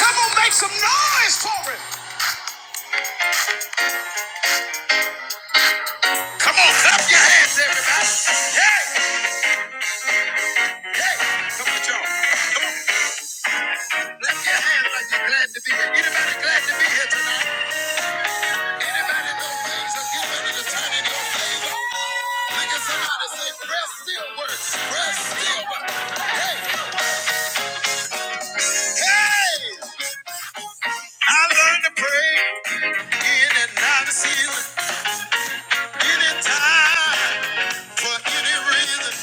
Come on, make some noise for it. Come on, clap your hands, everybody. Hey, hey, come on, y'all. Clap your hands like you're glad to be here. Anybody glad to be here tonight? Anybody know things are getting ready to turn in your favor? Look at somebody say, "Prayer still works. Prayer still works." Hey, hey. I learned to pray in and out of season, anytime, for any reason.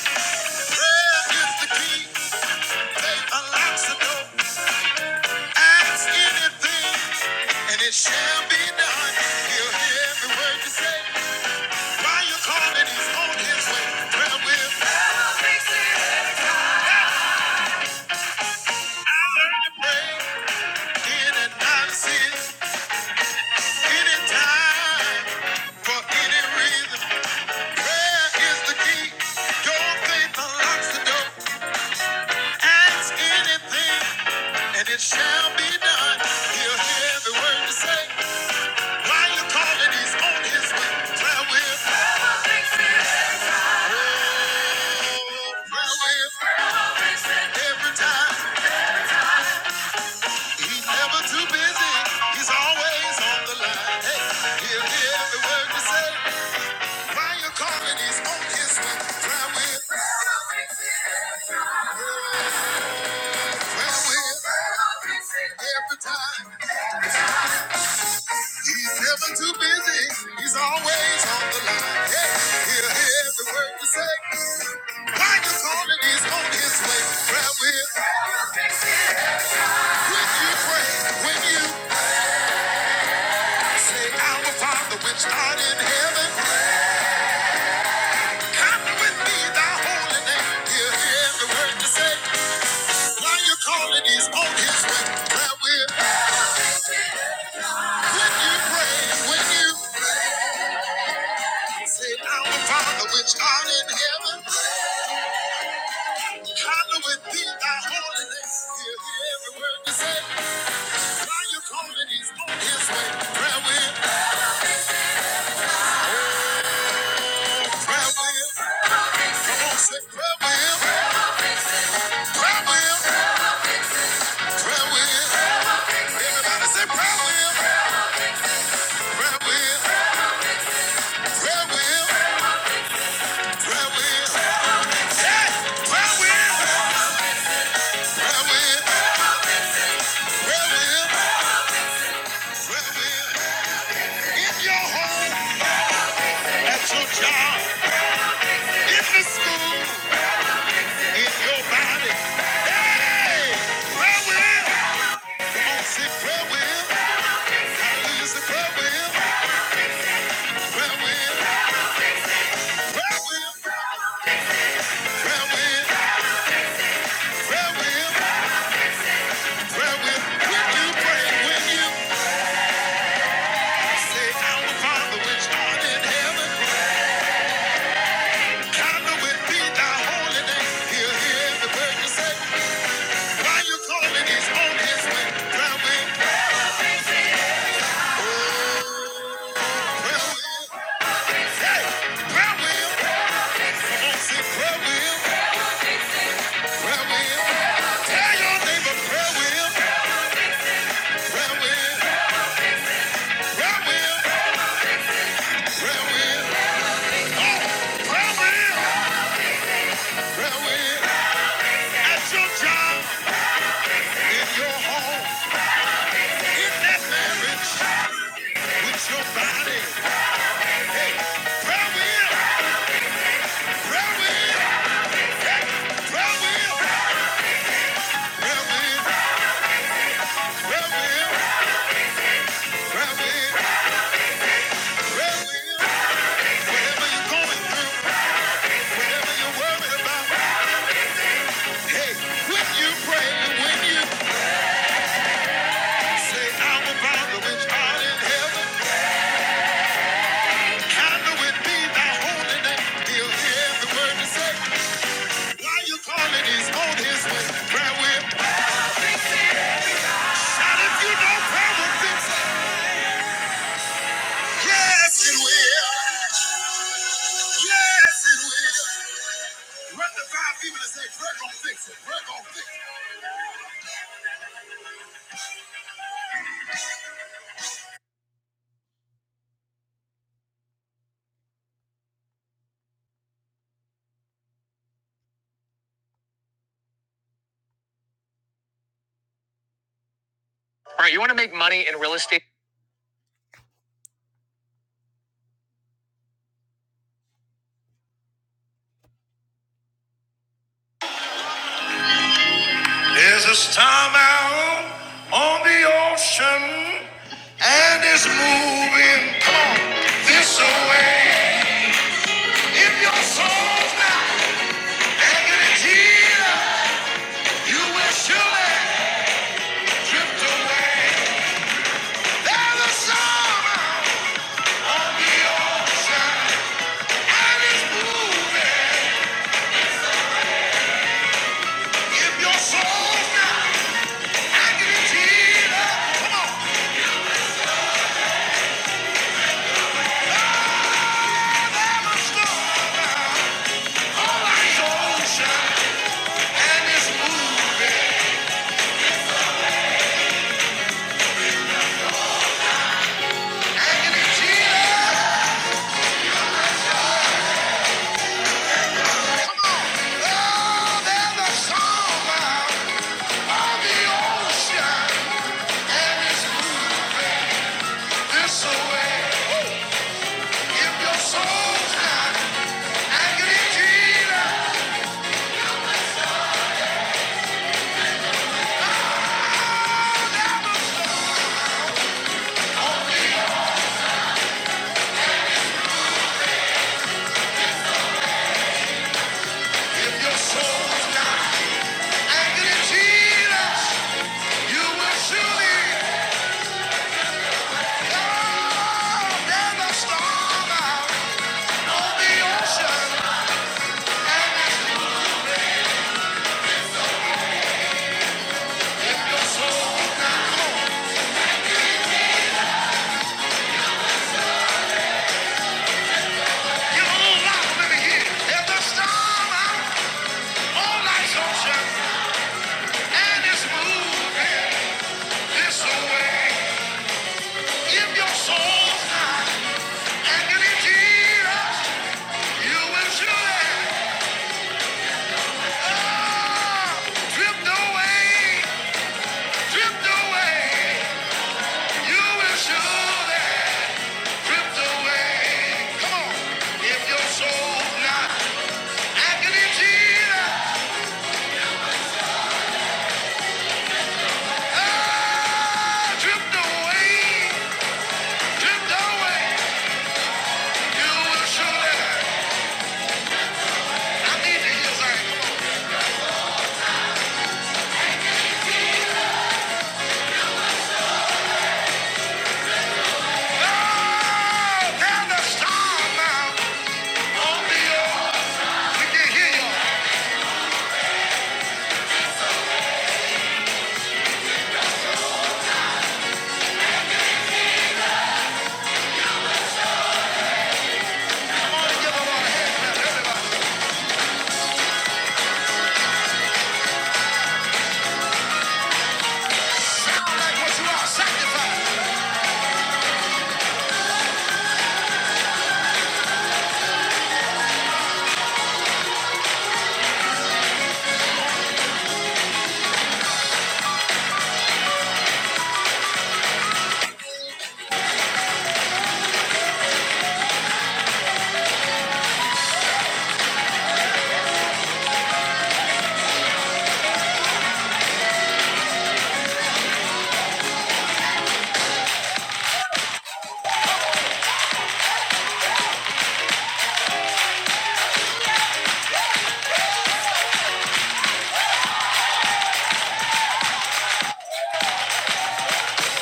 Prayer is the key. Faith unlocks the door. Ask anything, and it shall be done. He'll hear every word you say. While you're calling, he's on his way. Well, we're to pray in and out of sin, anytime, for any reason. Prayer is the key. Your faith unlocks the door. Ask anything, and it shall be done. He'll hear every word you say. While you're calling, he's on his way. Well, we're Every time he's never too busy, he's always on the line. Hey, he'll hear every word you say. While you're calling, he's on his way. Try with, try with. Every time he's never too busy, he's always on the line. Hey, he'll hear every word you say. While you're calling, he's on his way. Try with. When you pray, when you say, Our Father which art in heaven, hallowed be thy holy name. Hear every word you say. Now you calling is on his way. That will when you pray, when you say, Our Father which art in heaven, hallowed be thy holy name. Hear every word you say. Now you calling is on his way. Prayer will, prayer will, come on, say prayer will, prayer will, prayer will. Everybody say prayer wheel, prayer wheel, prayer wheel, prayer wheel. Hey, prayer wheel, prayer wheel, prayer wheel, prayer wheel. In your home, at your job, in the school, in your body. Hey, prayer wheel. Come on, say prayer wheel. Hallelujah, say prayer wheel, prayer wheel, prayer wheel, prayer wheel, prayer wheel, prayer wheel. When you pray, when you say, Our Father which art in heaven. Your body, hey, prayer wheel. prayer wheel. Why you calling his on his way? Prayer will. Not if you know prayer will fix it. Yes, it will. Yes, it will. Run the five people and say, "Greg gonna fix it. Greg gonna fix it." All right, you want to make money in real estate? There's a storm out on the ocean and it's moving. Come on, this away. If your soul's not anchored in Jesus, you will surely drift away. There's a storm out on the ocean. This away, if your soul's not agony, Jesus. If your soul's got Jesus, you will surely come the storm out on the ocean. And you don't like here. There's a storm out on life's ocean, and it's moving this way. If your soul's got Jesus, you will surely drift away, drift away. You will surely drift away. Come on. If your soul's not anchored Jesus, ah, drift away, drift away. You will surely- I need to hear something. Oh, there's a storm now on the ocean. We can hear you. Come on and give 'em all everybody. Sound like what you are, sanctified.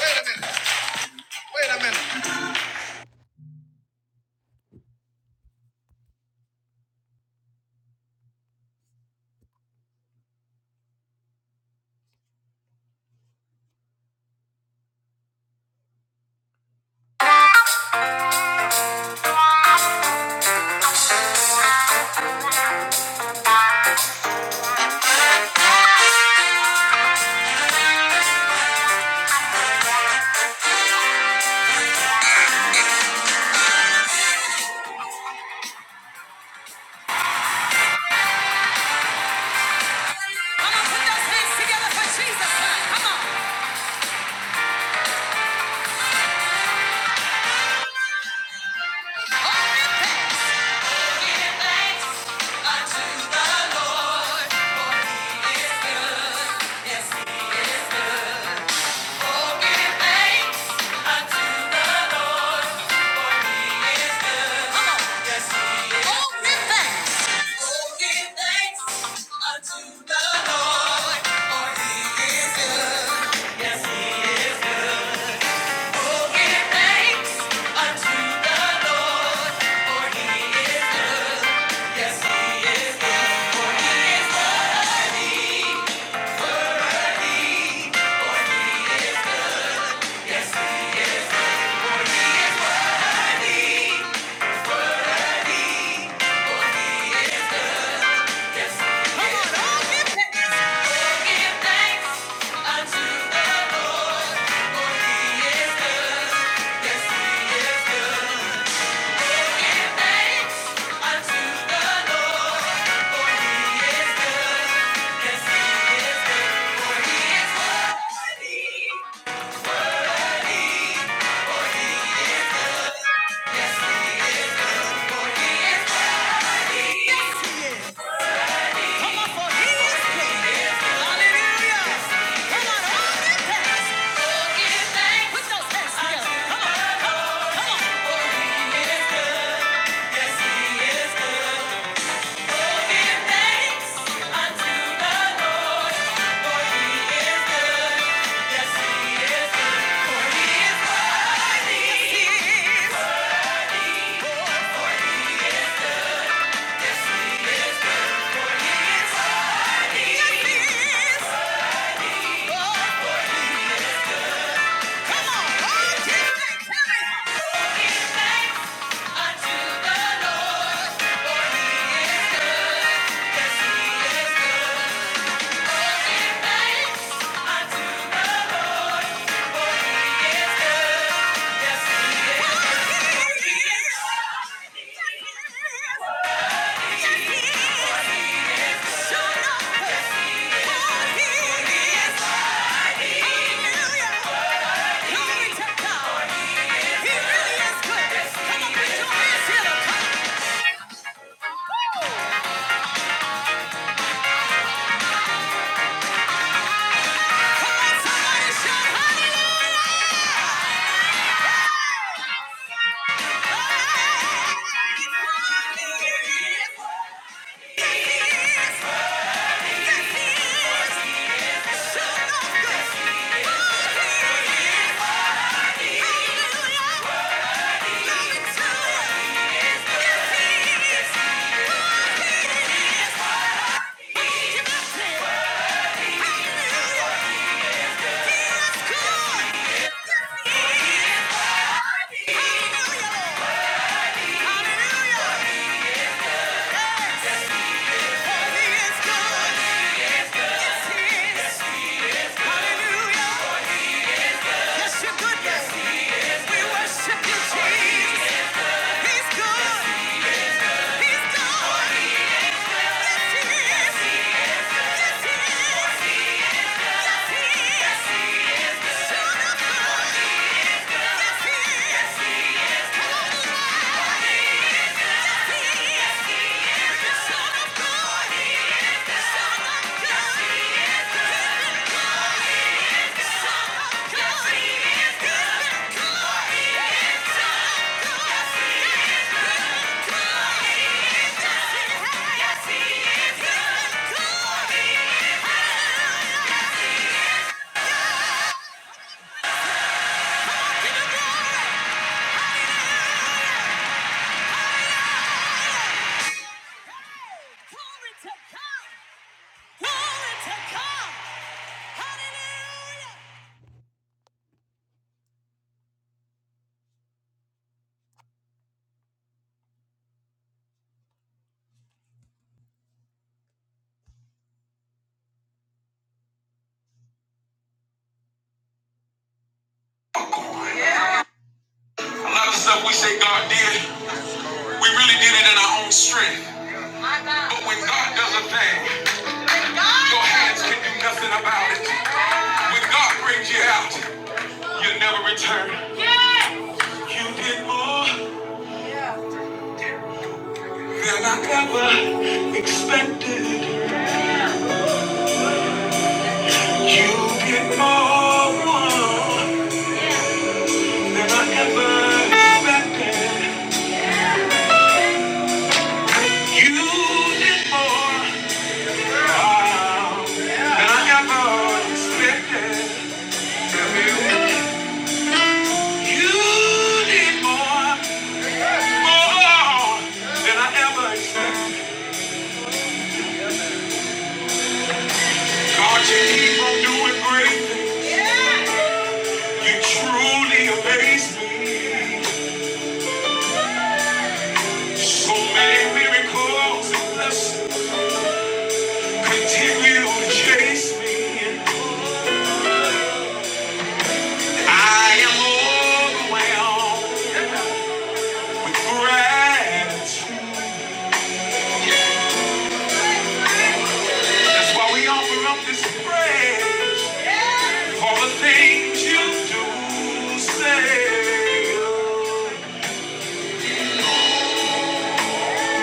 Wait a minute. Wait a minute. Yes, he is. Yes, he is. He is good. Yes, he is. He really is good. Hallelujah. Glory to him. He is Yes, he is. A lot of stuff we say God did, we really did it in our own strength. But when God does a thing, your hands can do nothing about it. When God brings you out, you never return. You did more than I ever expected. You did more than I ever expected. You did more. Continue to chase me. I am overwhelmed with gratitude. That's why we offer up this prayer. For the things you do, say,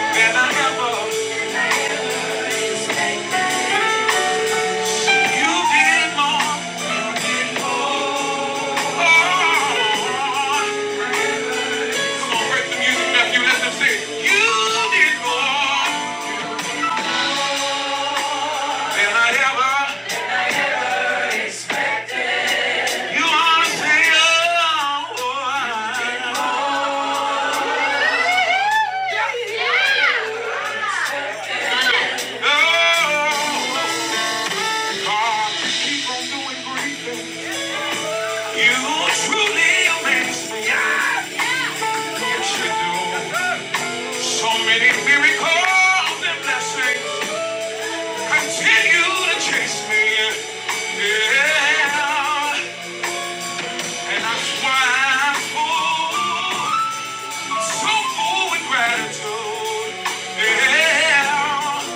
than I ever. You did more. Oh, come on, break the music, Matthew. Let them sing. You did more than I ever. You are a savior. Oh, You truly amaze me. Yes, you do. So many miracles and blessings. Continue to chase me, yeah. And that's why I'm so full with gratitude, yeah.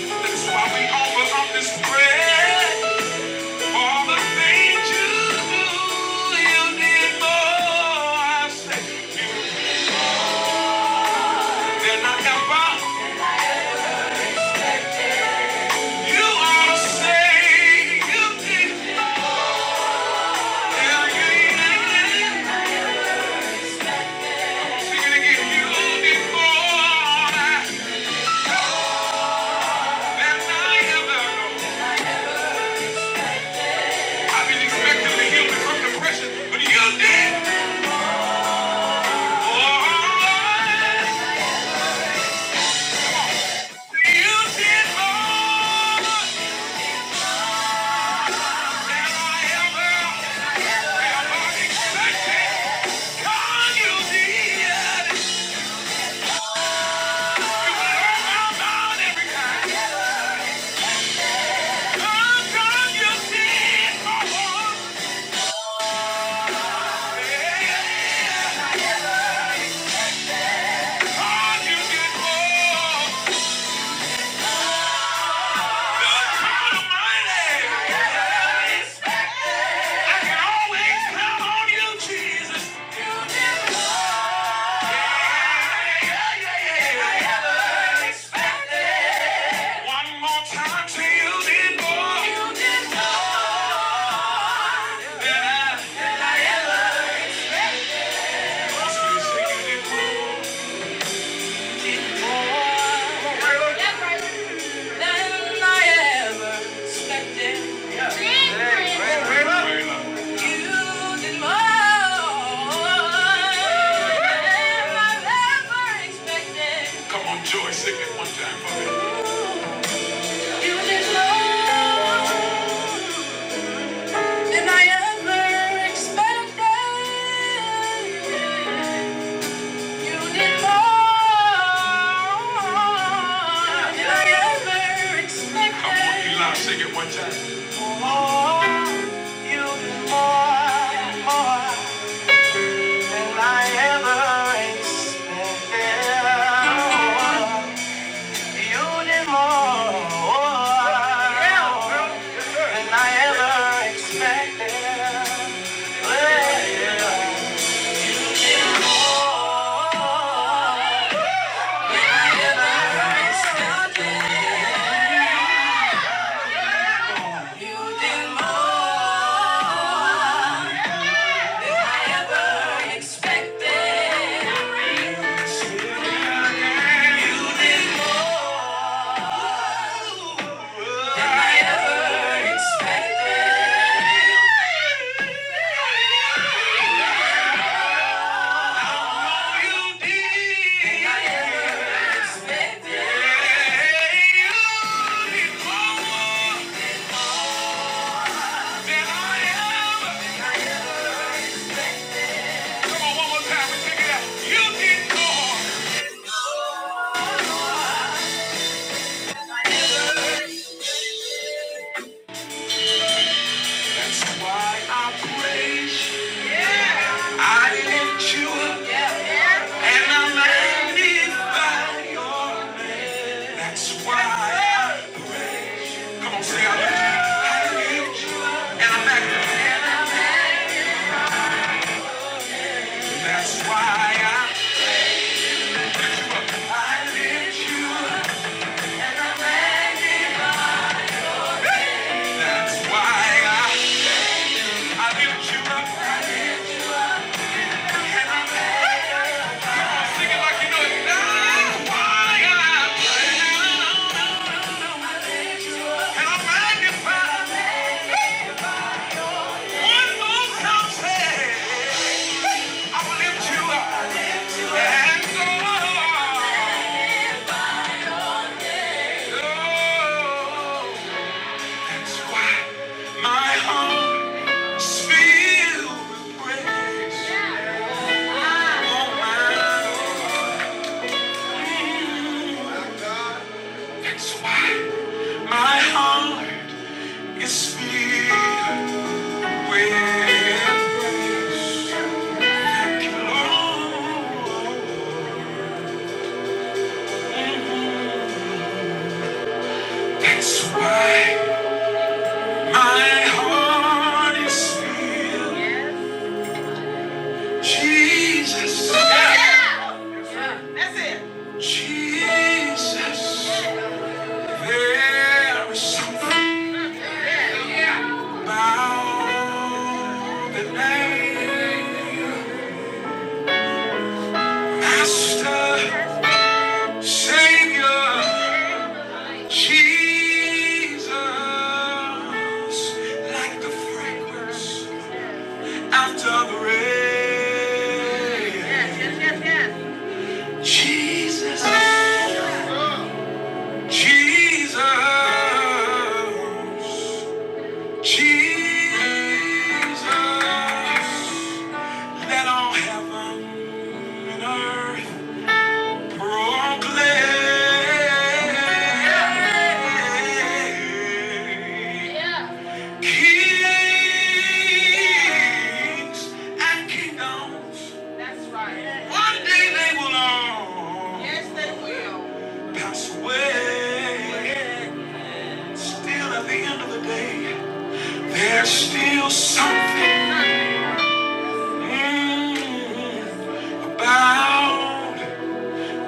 That's why we offer up this prayer. All the things you do, you did more. I say, you did not ever. You ought to say, you did. Yeah, you did. Yeah. I can always count on you, Jesus. Yeah, yeah, yeah. One more time till you more. Than I ever expected. Yeah. Hey, You did more than I ever expected. Come on, Joy, sing it one time for me. Come on, Eli, sing it one time. I ever That's why I I lift you up. That's why I, lift you up. Sing it like you know it. That's why I praise. And i magnify one more time. I lift you up. And oh, oh, that's why my heart is filled That's why my heart is filled. That's why my heart is Jesus. Yeah. Jesus. There is something about the name. Master, Savior, Jesus. Like the fragrance. After the rain. Jesus. Jesus. Jesus. Let all heaven and earth proclaim. Kings and kingdoms, they, they will all. Pass away. still at the end of the day, there's still something mm, about.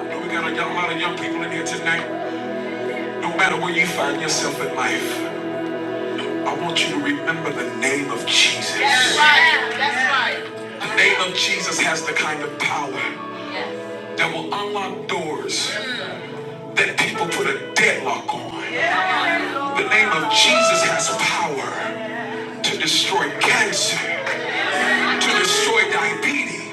Lord, we got a young- lot of young people in here tonight. No matter where you find yourself in life, I want you to remember the name of Jesus. right. The name of Jesus has the kind of power that will unlock doors that people put a deadlock on. The name of Jesus has power to destroy cancer. to destroy diabetes,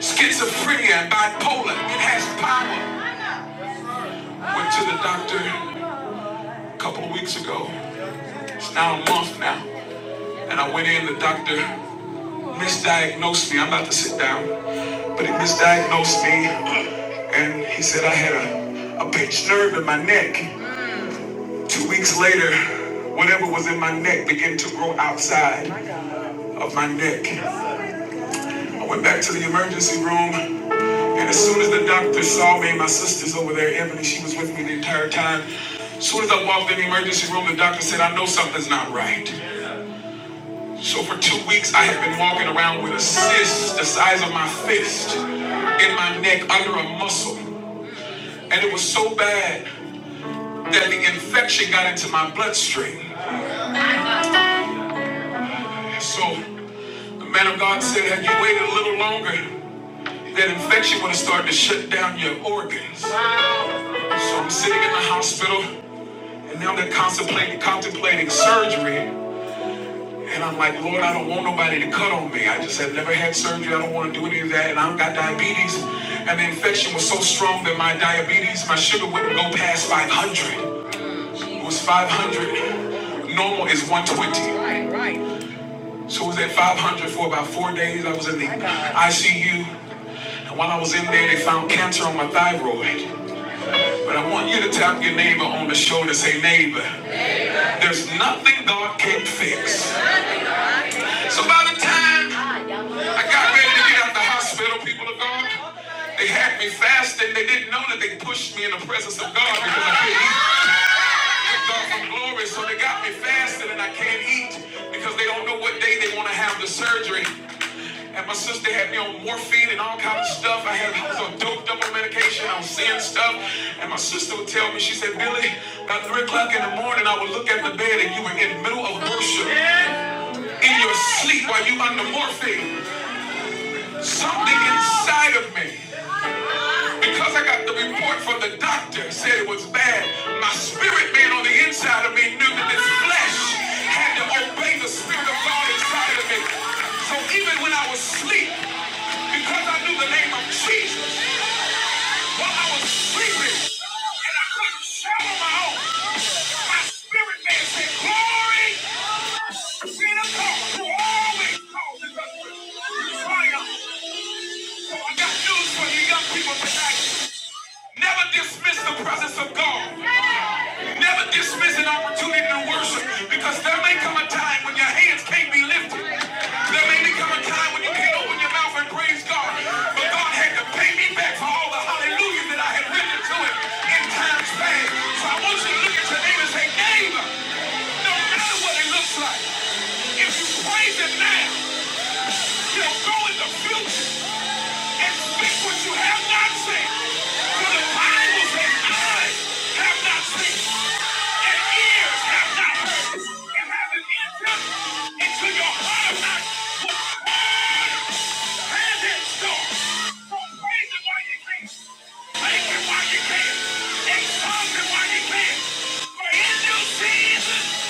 schizophrenia, and bipolar. It has power. Went to the doctor a couple of weeks ago. It's now a month now. And I went in, the doctor misdiagnosed me. I'm about to sit down. But he misdiagnosed me. And he said I had a, a pinched nerve in my neck. Two weeks later, Whatever was in my neck began to grow outside of my neck. I went back to the emergency room. And as soon as the doctor saw me, my sister's over there, Ebony, she was with me the entire time. As soon as I walked in the emergency room, the doctor said, I know something's not right. So for two weeks, I had been walking around with a cyst the size of my fist in my neck under a muscle. And it was so bad that the infection got into my bloodstream. So the man of God said, had you waited a little longer, that infection would have started to shut down your organs. So I'm sitting in the hospital. And now they're contemplating, contemplating surgery. And I'm like, Lord, I don't want nobody to cut on me. I just have never had surgery. I don't want to do any of that. And I've got diabetes. And the infection was so strong that my diabetes, my sugar wouldn't go past 500. It was 500. Normal is 120. Right, right. So I was at 500 for about four days. I was in the ICU. And while I was in there, they found cancer on my thyroid. But I want you to tap your neighbor on the shoulder, say, neighbor. There's nothing God can't fix. So by the time I got ready to get out the hospital, people of God, they had me fasting. They didn't know that they pushed me in the presence of God because I couldn't eat. God some glory. So they got me fasting and I can't eat because they don't know what day they want to have the surgery. And my sister had me on morphine and all kind of stuff. I had I was on doped up on medication. I was seeing stuff. And my sister would tell me, she said, Billy, about three o'clock in the morning, I would look at the bed and you were in the middle of worship. in your sleep while you under morphine. Something inside of me, because I got the report from the doctor, said it was bad. My spirit man on the inside of me knew that this flesh had to obey the spirit of God inside of me. So even when I was asleep, because I knew the name of Jesus, while I was sleeping and I couldn't shout on my own, my spirit man said, Glory! So Never dismiss the presence of God. Never dismiss an opportunity to worship because there may come a time when your hands can't be lifted. There may become a time when you can't open your mouth and praise God. But God had to pay me back for all the hallelujahs that I had written to him in times past. So I want you to look at your neighbor and say, neighbor, no matter what what it looks like. If you praise it now, you'll go in the future and speak what you have not seen. For the Bible says, eyes have not seen, and ears have not heard, and haven't entered into your heart of hearts what God has in store. So praise it while you can. Thank it while you can. Exalt it while you can. For in due season,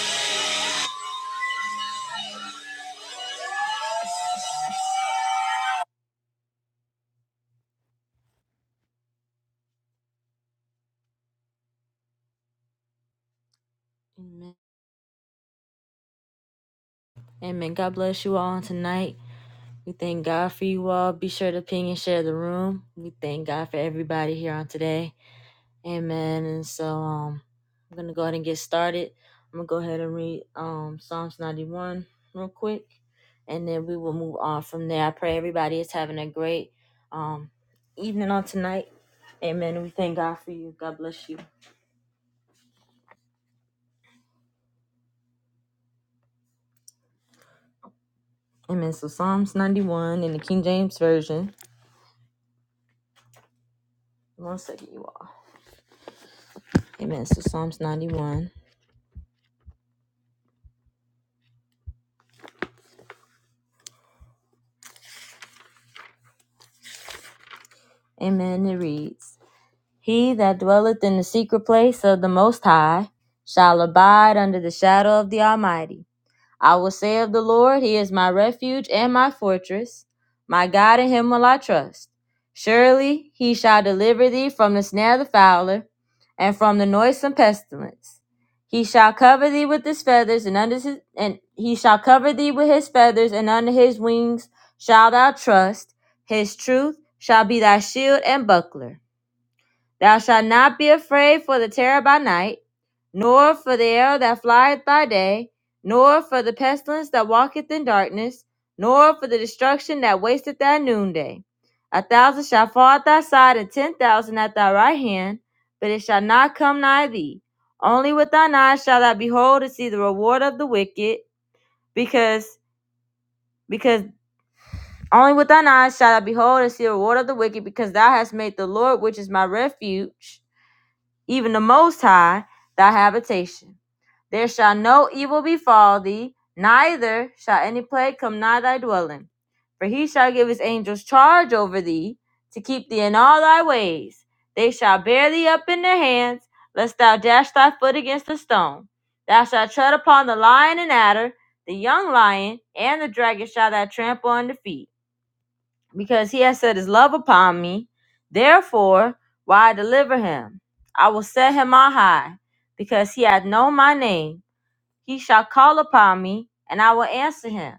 Amen. God bless you all on tonight. We thank God for you all. Be sure to ping and share the room. We thank God for everybody here on today. Amen. And so um, I'm gonna go ahead and get started. I'm gonna go ahead and read um Psalms 91 real quick, and then we will move on from there. I pray everybody is having a great um evening on tonight. Amen. And we thank God for you. God bless you. Amen. So Psalms 91 in the King James Version. One second, you all. Amen. So Psalms 91. Amen. It reads He that dwelleth in the secret place of the Most High shall abide under the shadow of the Almighty. I will say of the Lord, He is my refuge and my fortress. My God, in Him will I trust. Surely He shall deliver thee from the snare of the fowler and from the noisome pestilence. He shall cover thee with his feathers, and under his, and he shall cover thee with his feathers, and under his wings shalt thou trust. His truth shall be thy shield and buckler. Thou shalt not be afraid for the terror by night, nor for the arrow that flieth by day, nor for the pestilence that walketh in darkness, nor for the destruction that wasteth at noonday. A thousand shall fall at thy side, and ten thousand at thy right hand, but it shall not come nigh thee. Only with thine eyes shalt thou behold and see the reward of the wicked, because because only with thine eyes shalt thou behold and see the reward of the wicked, because thou hast made the Lord, which is my refuge even the Most High, thy habitation. There shall no evil befall thee, neither shall any plague come nigh thy dwelling. For he shall give his angels charge over thee, to keep thee in all thy ways. They shall bear thee up in their hands, lest thou dash thy foot against a stone. Thou shalt tread upon the lion and adder, the young lion, and the dragon shall thou trample under feet because he has set his love upon me. Therefore, will I deliver him? I will set him on high, because he hath known my name. He shall call upon me, and I will answer him.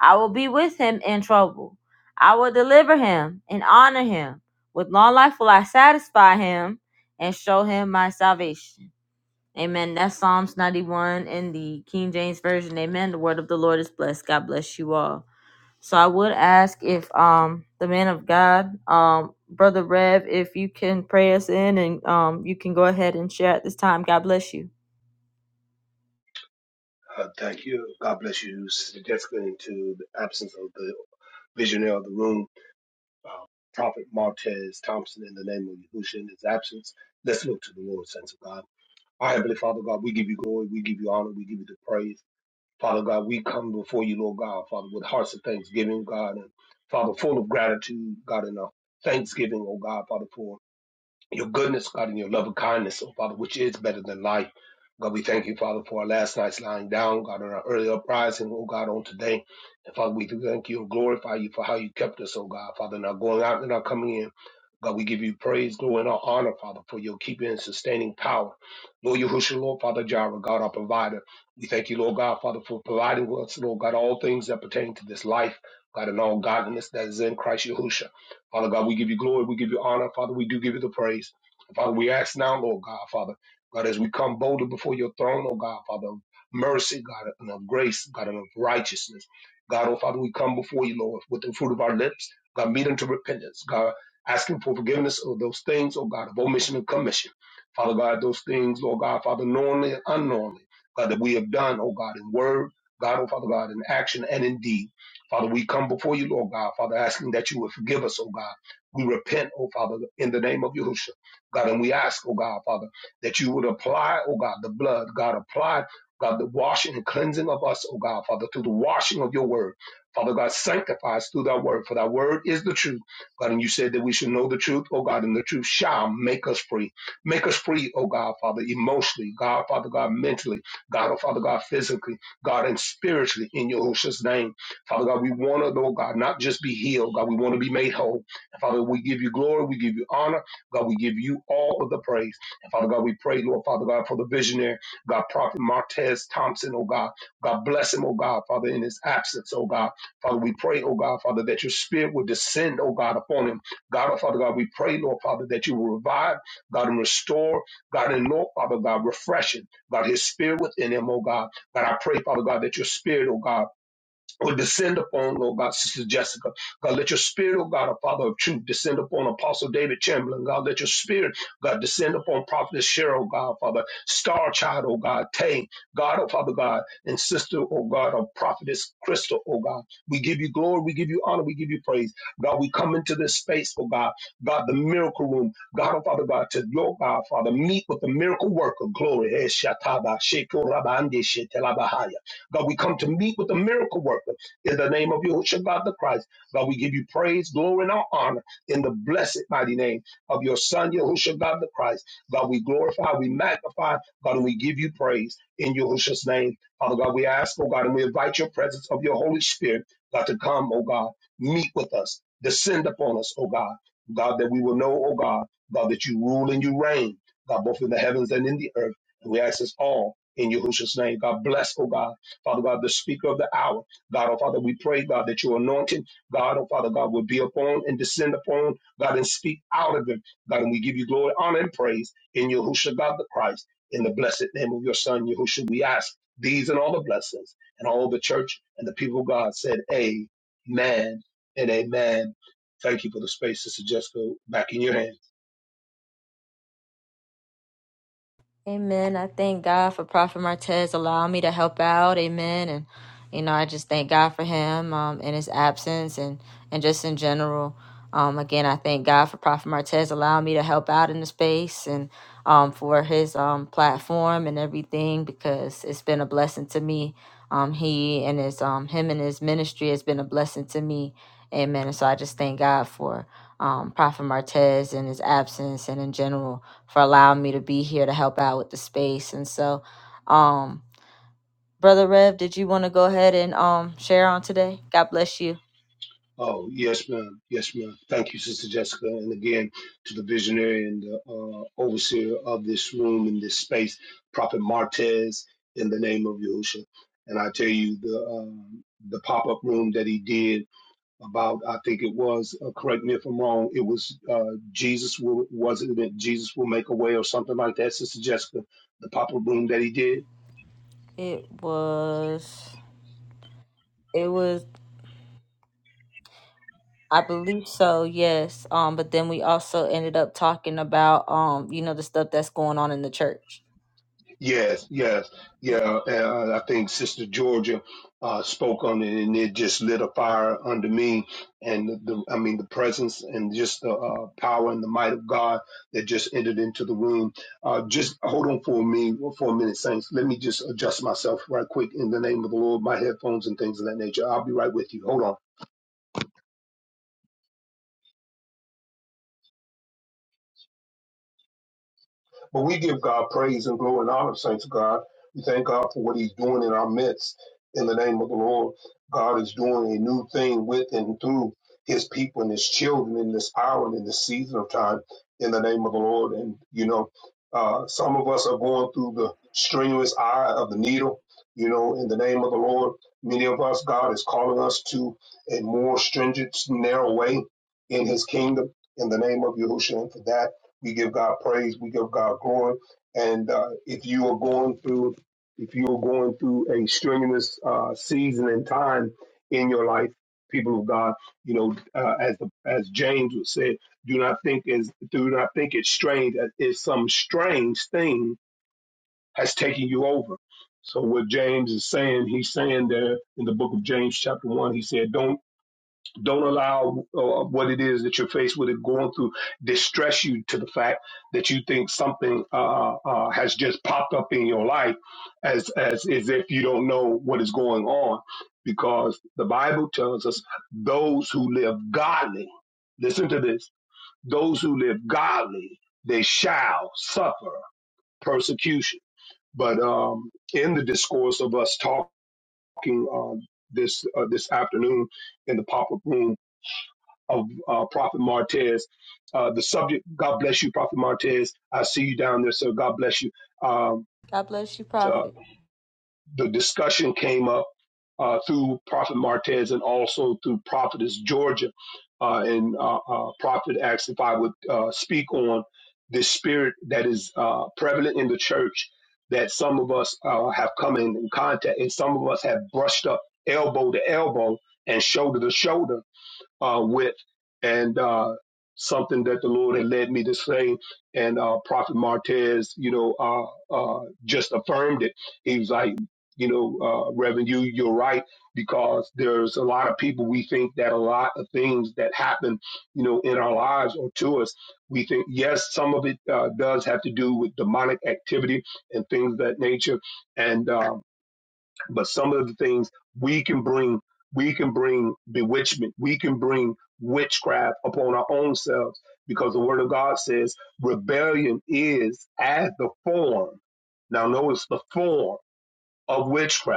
I will be with him in trouble. I will deliver him and honor him. With long life will I satisfy him and show him my salvation. Amen. That's Psalms 91 in the King James Version. Amen. The word of the Lord is blessed. God bless you all. So I would ask if um the man of God, um brother Rev, if you can pray us in and um you can go ahead and share at this time. God bless you. Uh, thank you. God bless you, significantly to the absence of the visionary of the room, uh, Prophet Martez Thompson, in the name of Yahushua in his absence. Let's look to the Lord, Saints of God. Our Heavenly Father God, we give you glory, we give you honor, we give you the praise. Father God, we come before you, Lord God, Father, with hearts of thanksgiving, God, and Father, full of gratitude, God, and uh, thanksgiving, oh God, Father, for your goodness, God, and your love and kindness, oh Father, which is better than life. God, we thank you, Father, for our last night's lying down, God, and our early uprising, oh God, on today. And Father, we do thank you and glorify you for how you kept us, oh God, Father, and our going out and our coming in. God, we give you praise, glory, and honor, Father, for your keeping and sustaining power. Lord Yahushua, Lord Father Jireh, God, our provider. We thank you, Lord God, Father, for providing for us, Lord God, all things that pertain to this life, God, and all godliness that is in Christ Yahushua. Father God, we give you glory, we give you honor, Father, we do give you the praise. Father, we ask now, Lord God, Father, God, as we come boldly before your throne, oh God, Father, of mercy, God, and of grace, God, and of righteousness. God, oh Father, we come before you, Lord, with the fruit of our lips. God, meet unto repentance. God, asking for forgiveness of those things, oh God, of omission and commission. Father God, those things, Lord God, Father, knowingly and unknowingly, God, that we have done, oh God, in word, God, oh Father God, in action and in deed. Father, we come before you, Lord God, Father, asking that you would forgive us, oh God. We repent, oh Father, in the name of Yahushua. God, and we ask, oh God, Father, that you would apply, oh God, the blood, God, apply, God, the washing and cleansing of us, oh God, Father, through the washing of your word. Father God, sanctify us through thy word, for thy word is the truth. God, and you said that we should know the truth, oh God, and the truth shall make us free. Make us free, oh God, Father, emotionally, God, Father, God, mentally, God, oh Father, God, physically, God, and spiritually in Your Yahushua's name. Father God, we want to, oh God, not just be healed, God, we want to be made whole. And Father, we give you glory, we give you honor, God, we give you all of the praise. And Father God, we pray, Lord, Father God, for the visionary, God, Prophet Martez Thompson, oh God, God bless him, oh God, Father, in his absence, oh God. Father, we pray, oh God, Father, that your spirit will descend, oh God, upon him. God, oh Father God, we pray, Lord Father, that you will revive, God, and restore, God, and Lord Father God, refreshing, God, his spirit within him, oh God. God, I pray, Father God, that your spirit, oh God, will descend upon, Lord God, Sister Jessica. God, let your spirit, oh God, a Father of truth, descend upon Apostle David Chamberlain. God, let your spirit, God, descend upon Prophetess Cheryl, God, Father, Star Child, oh God, Tay, God, oh Father God, and Sister, oh God, of Prophetess Crystal, oh God. We give you glory, we give you honor, we give you praise. God, we come into this space, oh God, God, the miracle room, God, oh Father God, to your God, Father, meet with the miracle worker, glory, Eh, Shataba, Shekorabande, Shetelabahaya. God, we come to meet with the miracle worker in the name of Yahushua God the Christ. God, we give you praise, glory, and honor in the blessed mighty name of your Son, Yahushua God the Christ. God, we glorify, we magnify, God, and we give you praise in Yahushua's name. Father God, we ask, oh God, and we invite your presence of your Holy Spirit, God, to come, oh God, meet with us, descend upon us, oh God. God, that we will know, oh God, God, that you rule and you reign, God, both in the heavens and in the earth. And we ask this all in Yahushua's name. God bless, oh God. Father God, the speaker of the hour. God, oh Father, we pray, God, that your anointing, God, oh Father, God, will be upon and descend upon, God, and speak out of him. God, and we give you glory, honor, and praise in Yahushua, God the Christ, in the blessed name of your Son, Yahushua. We ask these and all the blessings, and all the church and the people of God said, Amen and Amen. Thank you for the space, Sister Jessica. Back in your hands. Amen. I thank God for Prophet Martez allowing me to help out. Amen. And you know, I just thank God for him um, in his absence and and just in general. Um, again, I thank God for Prophet Martez allowing me to help out in the space and um, for his um, platform and everything because it's been a blessing to me. Um, he and his um, him and his ministry has been a blessing to me. Amen. And so I just thank God for um, Prophet Martez in his absence and in general for allowing me to be here to help out with the space. And so, um, Brother Rev, did you want to go ahead and um, share on today? God bless you. Oh, yes, ma'am. Yes, ma'am. Thank you, Sister Jessica. And again, to the visionary and the uh, overseer of this room and this space, Prophet Martez, in the name of Yahushua. And I tell you, the um, the pop up room that he did about, I think it was, uh, correct me if I'm wrong, it was uh, Jesus will, was it that Jesus will make a way or something like that, Sister Jessica, the pop up room that he did? It was. It was. I believe so, yes. Um, but then we also ended up talking about um, you know, the stuff that's going on in the church. Yes, yes, Yeah. yeah. And I think Sister Georgia uh, spoke on it, and it just lit a fire under me. And the, I mean, the presence and just the uh, power and the might of God that just entered into the room. Uh, just hold on for me for a minute, saints. Let me just adjust myself right quick in the name of the Lord, my headphones and things of that nature. I'll be right with you. Hold on. But we give God praise and glory and honor, saints of God. We thank God for what He's doing in our midst. In the name of the Lord, God is doing a new thing with and through His people and His children in this hour and in this season of time. In the name of the Lord, and you know, uh, some of us are going through the strenuous eye of the needle. You know, in the name of the Lord, many of us, God is calling us to a more stringent, narrow way in His kingdom. In the name of Yahushua, and for that. We give God praise. We give God glory. And uh, if you are going through, if you are going through a strenuous uh, season and time in your life, people of God, you know, uh, as the, as James would say, do not think is do not think it's strange that if some strange thing has taken you over. So what James is saying, he's saying there in the book of James, chapter one, he said, "Don't." Don't allow uh, what it is that you're faced with and going through distress you to the fact that you think something uh, uh, uh, has just popped up in your life, as as as if you don't know what is going on, because the Bible tells us those who live godly. Listen to this: those who live godly, they shall suffer persecution. But um, in the discourse of us talking um, this uh, this afternoon in the pop up room of uh, Prophet Martez. Uh, the subject, God bless you, Prophet Martez. I see you down there, sir. God bless you. Um, God bless you, uh, Prophet. the discussion came up uh, through Prophet Martez and also through Prophetess Georgia. Uh, and uh, uh, Prophet asked if I would uh, speak on this spirit that is uh, prevalent in the church that some of us uh, have come in in contact, and some of us have brushed up elbow to elbow and shoulder to shoulder uh, with, and uh, something that the Lord had led me to say. And uh, Prophet Martez, you know, uh, uh, just affirmed it. He was like, you know, uh, Reverend, you you're right because there's a lot of people we think that a lot of things that happen, you know, in our lives or to us, we think yes, some of it uh, does have to do with demonic activity and things of that nature, and uh, but some of the things we can bring we can bring bewitchment we can bring witchcraft upon our own selves because the word of god says rebellion is as the form now notice the form of witchcraft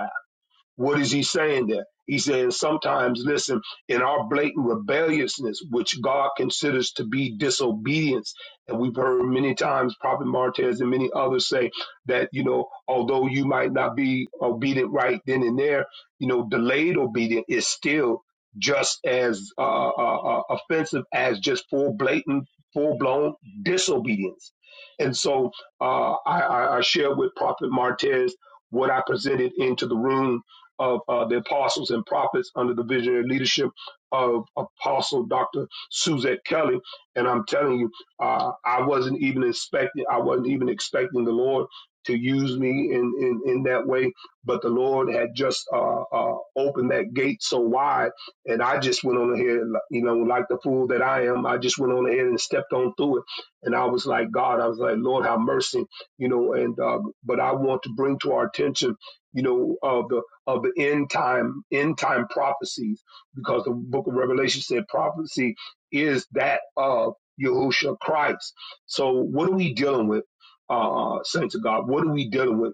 what is he saying there? He says, sometimes, listen, in our blatant rebelliousness, which God considers to be disobedience, and we've heard many times Prophet Martez and many others say that, you know, although you might not be obedient right then and there, you know, delayed obedience is still just as uh, uh, uh, offensive as just full blatant, full blown disobedience. And so uh, I, I, I share with Prophet Martez what I presented into the room of uh, the apostles and prophets under the visionary leadership of Apostle Dr. Suzette Kelly. And I'm telling you, uh, I wasn't even expecting, I wasn't even expecting the Lord to use me in, in, in that way. But the Lord had just uh, uh, opened that gate so wide. And I just went on ahead, you know, like the fool that I am, I just went on ahead and stepped on through it. And I was like, God, I was like, Lord, have mercy, you know, and, uh, but I want to bring to our attention, you know, of uh, the of the end time end time prophecies because the book of revelation said prophecy is that of yahushua christ so what are we dealing with uh saints of god what are we dealing with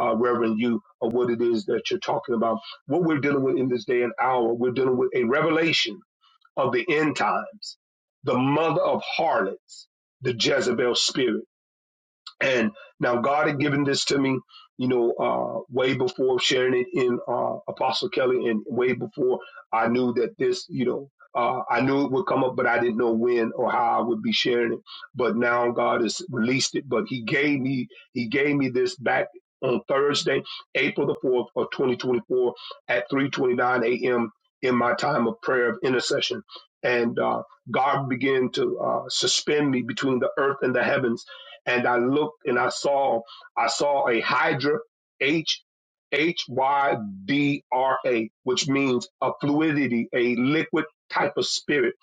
uh, Reverend, you or what it is that you're talking about. What we're dealing with in this day and hour, we're dealing with a revelation of the end times, the mother of harlots, the Jezebel spirit and now God had given this to me, you know, uh, way before sharing it in uh, Apostle Kelly and way before I knew that this, you know, uh, I knew it would come up, but I didn't know when or how I would be sharing it. But now God has released it. But He gave me, He gave me this back on Thursday, April the 4th of 2024 at 3.29 a.m. in my time of prayer of intercession. And uh, God began to uh, suspend me between the earth and the heavens and I looked and I saw I saw a hydra H H Y D R A, which means a fluidity, a liquid type of spirit.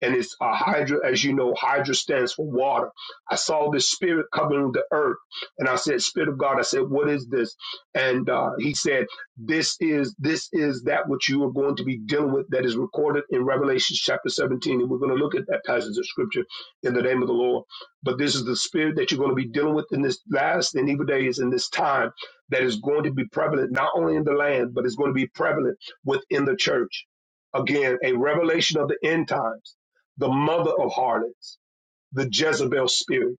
And it's a hydra, as you know, hydra stands for water. I saw this spirit covering the earth. And I said, Spirit of God, I said, what is this? And uh, he said, This is this is that which you are going to be dealing with that is recorded in Revelation chapter 17. And we're going to look at that passage of scripture in the name of the Lord. But this is the spirit that you're going to be dealing with in this last and evil days in this time that is going to be prevalent not only in the land, but it's going to be prevalent within the church. Again, a revelation of the end times, the mother of harlots, the Jezebel spirit.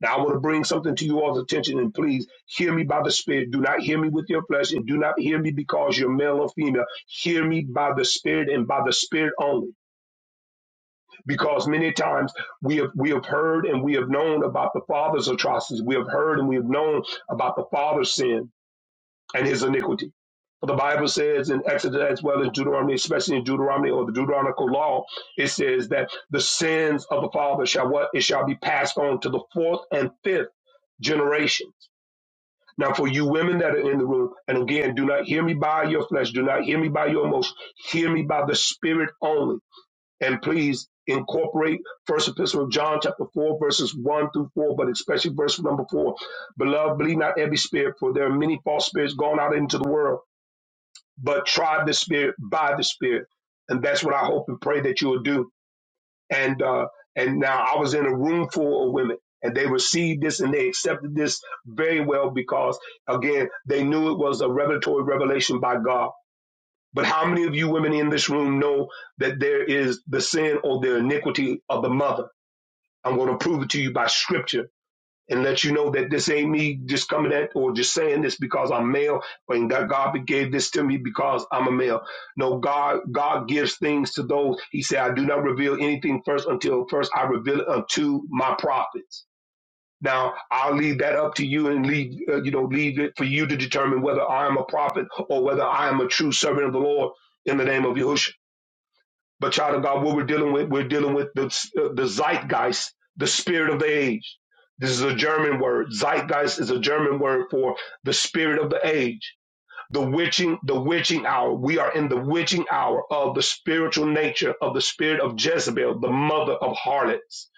Now, I want to bring something to you all's attention, and please hear me by the Spirit. Do not hear me with your flesh, and do not hear me because you're male or female. Hear me by the Spirit and by the Spirit only because many times we have we have heard and we have known about the father's atrocities. We have heard and we have known about the father's sin and his iniquity. For the Bible says in Exodus as well as Deuteronomy, especially in Deuteronomy or the Deuteronomical law, it says that the sins of the father shall what it shall be passed on to the fourth and fifth generations. Now, for you women that are in the room, and again, do not hear me by your flesh, do not hear me by your emotions, hear me by the spirit only and please incorporate First Epistle of John, chapter four, verses one through four, but especially verse number four. Beloved, believe not every spirit, for there are many false spirits going out into the world. But try the spirit by the spirit, and that's what I hope and pray that you will do. And uh, and now I was in a room full of women, and they received this and they accepted this very well because again they knew it was a revelatory revelation by God but how many of you women in this room know that there is the sin or the iniquity of the mother? I'm going to prove it to you by scripture and let you know that this ain't me just coming at or just saying this because I'm male and that God gave this to me because I'm a male. No, God, God gives things to those. He said, I do not reveal anything first until first I reveal it unto my prophets. Now, I'll leave that up to you and leave, uh, you know, leave it for you to determine whether I am a prophet or whether I am a true servant of the Lord in the name of Yahushua. But child of God, what we're dealing with, we're dealing with the, uh, the zeitgeist, the spirit of the age. This is a German word. Zeitgeist is a German word for the spirit of the age the witching the witching hour we are in the witching hour of the spiritual nature of the spirit of jezebel the mother of harlots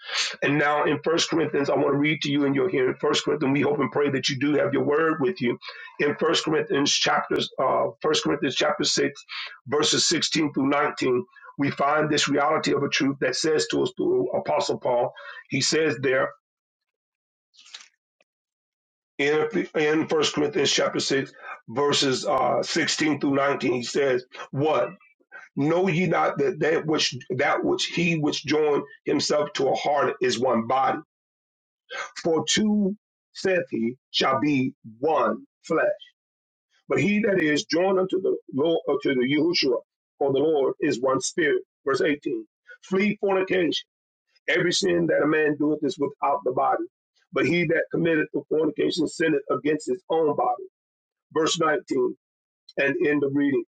and now in first corinthians i want to read to you in your hearing first corinthians we hope and pray that you do have your word with you in first corinthians chapters uh first corinthians chapter 6 verses 16 through 19 we find this reality of a truth that says to us through apostle paul he says there in, in 1 Corinthians chapter 6, verses uh, 16 through 19, he says, What? Know ye not that that which, that which he which joined himself to a heart is one body? For two, saith he, shall be one flesh. But he that is joined unto the Lord, unto the Yahushua, or the Lord, is one spirit. Verse 18. Flee fornication. Every sin that a man doeth is without the body. But he that committeth the fornication sinneth against his own body verse 19 and end of reading.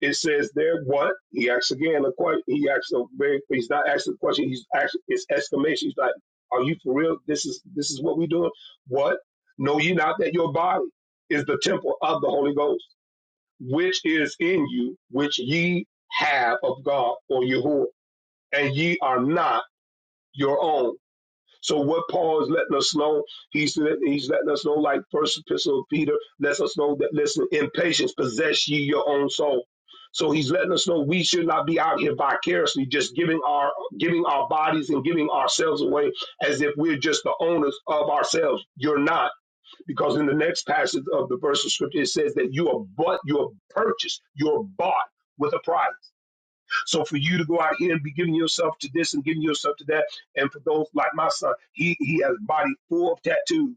It says there what? He asks again a question. He asks a very he's not asking a question, he's actually it's exclamation. He's like, Are you for real? This is this is what we doing? What? Know ye not that your body is the temple of the Holy Ghost, which is in you, which ye have of God or Yahuwah, and ye are not your own so what Paul is letting us know, he's he's letting us know, like First Epistle of Peter lets us know that listen, in patience possess ye your own soul. So he's letting us know we should not be out here vicariously just giving our giving our bodies and giving ourselves away as if we're just the owners of ourselves. You're not, because in the next passage of the verse of scripture it says that you are but you're purchased, you're bought with a price. So for you to go out here and be giving yourself to this and giving yourself to that, and for those like my son, he he has a body full of tattoos.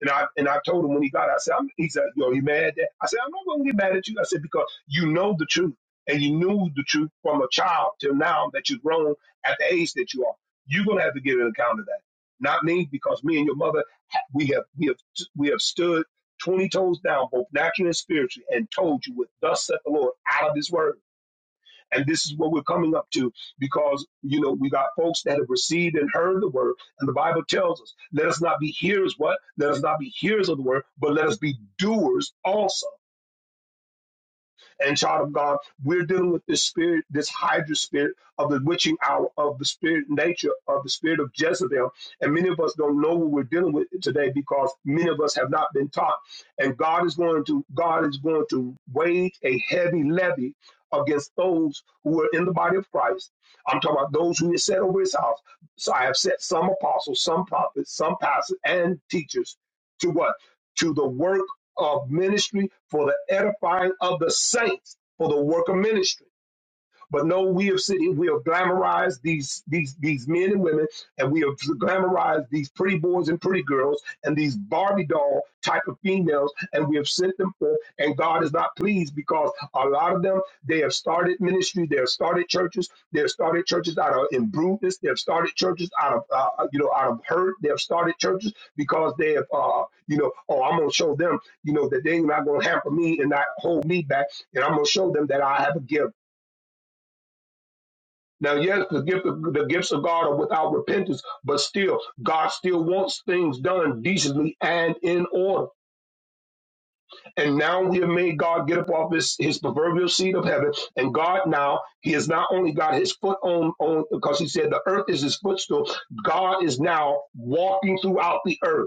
And I and I told him when he got, out, I said, I'm, he said, yo, you mad at that? I said, I'm not gonna get mad at you. I said because you know the truth, and you knew the truth from a child till now that you've grown at the age that you are. You're gonna have to give an account of that. Not me, because me and your mother, ha- we have we have we have stood twenty toes down, both naturally and spiritually, and told you what thus said the Lord out of His word. And this is what we're coming up to because, you know, we got folks that have received and heard the word. And the Bible tells us, let us not be hearers, what? Let us not be hearers of the word, but let us be doers also. And child of God, we're dealing with this spirit, this Hydra spirit of the witching hour, of the spirit nature, of the spirit of Jezebel. And many of us don't know what we're dealing with today because many of us have not been taught. And God is going to, God is going to wage a heavy levy against those who are in the body of Christ. I'm talking about those who are set over his house. So I have set some apostles, some prophets, some pastors, and teachers to what? To the work of ministry for the edifying of the saints, for the work of ministry. But no, we have sitting, we have glamorized these these these men and women, and we have glamorized these pretty boys and pretty girls and these Barbie doll type of females, and we have sent them forth. And God is not pleased because a lot of them they have started ministry, they have started churches, they have started churches out of imprudence, they have started churches out of uh, uh, you know out of hurt, they have started churches because they have uh, you know oh I'm gonna show them you know that they're not gonna hamper me and not hold me back, and I'm gonna show them that I have a gift now, yes, the gift of, the gifts of God are without repentance, but still, God still wants things done decently and in order. And now we have made God get up off his, his proverbial seat of heaven. And God now, He has not only got his foot on, on because he said the earth is his footstool, God is now walking throughout the earth.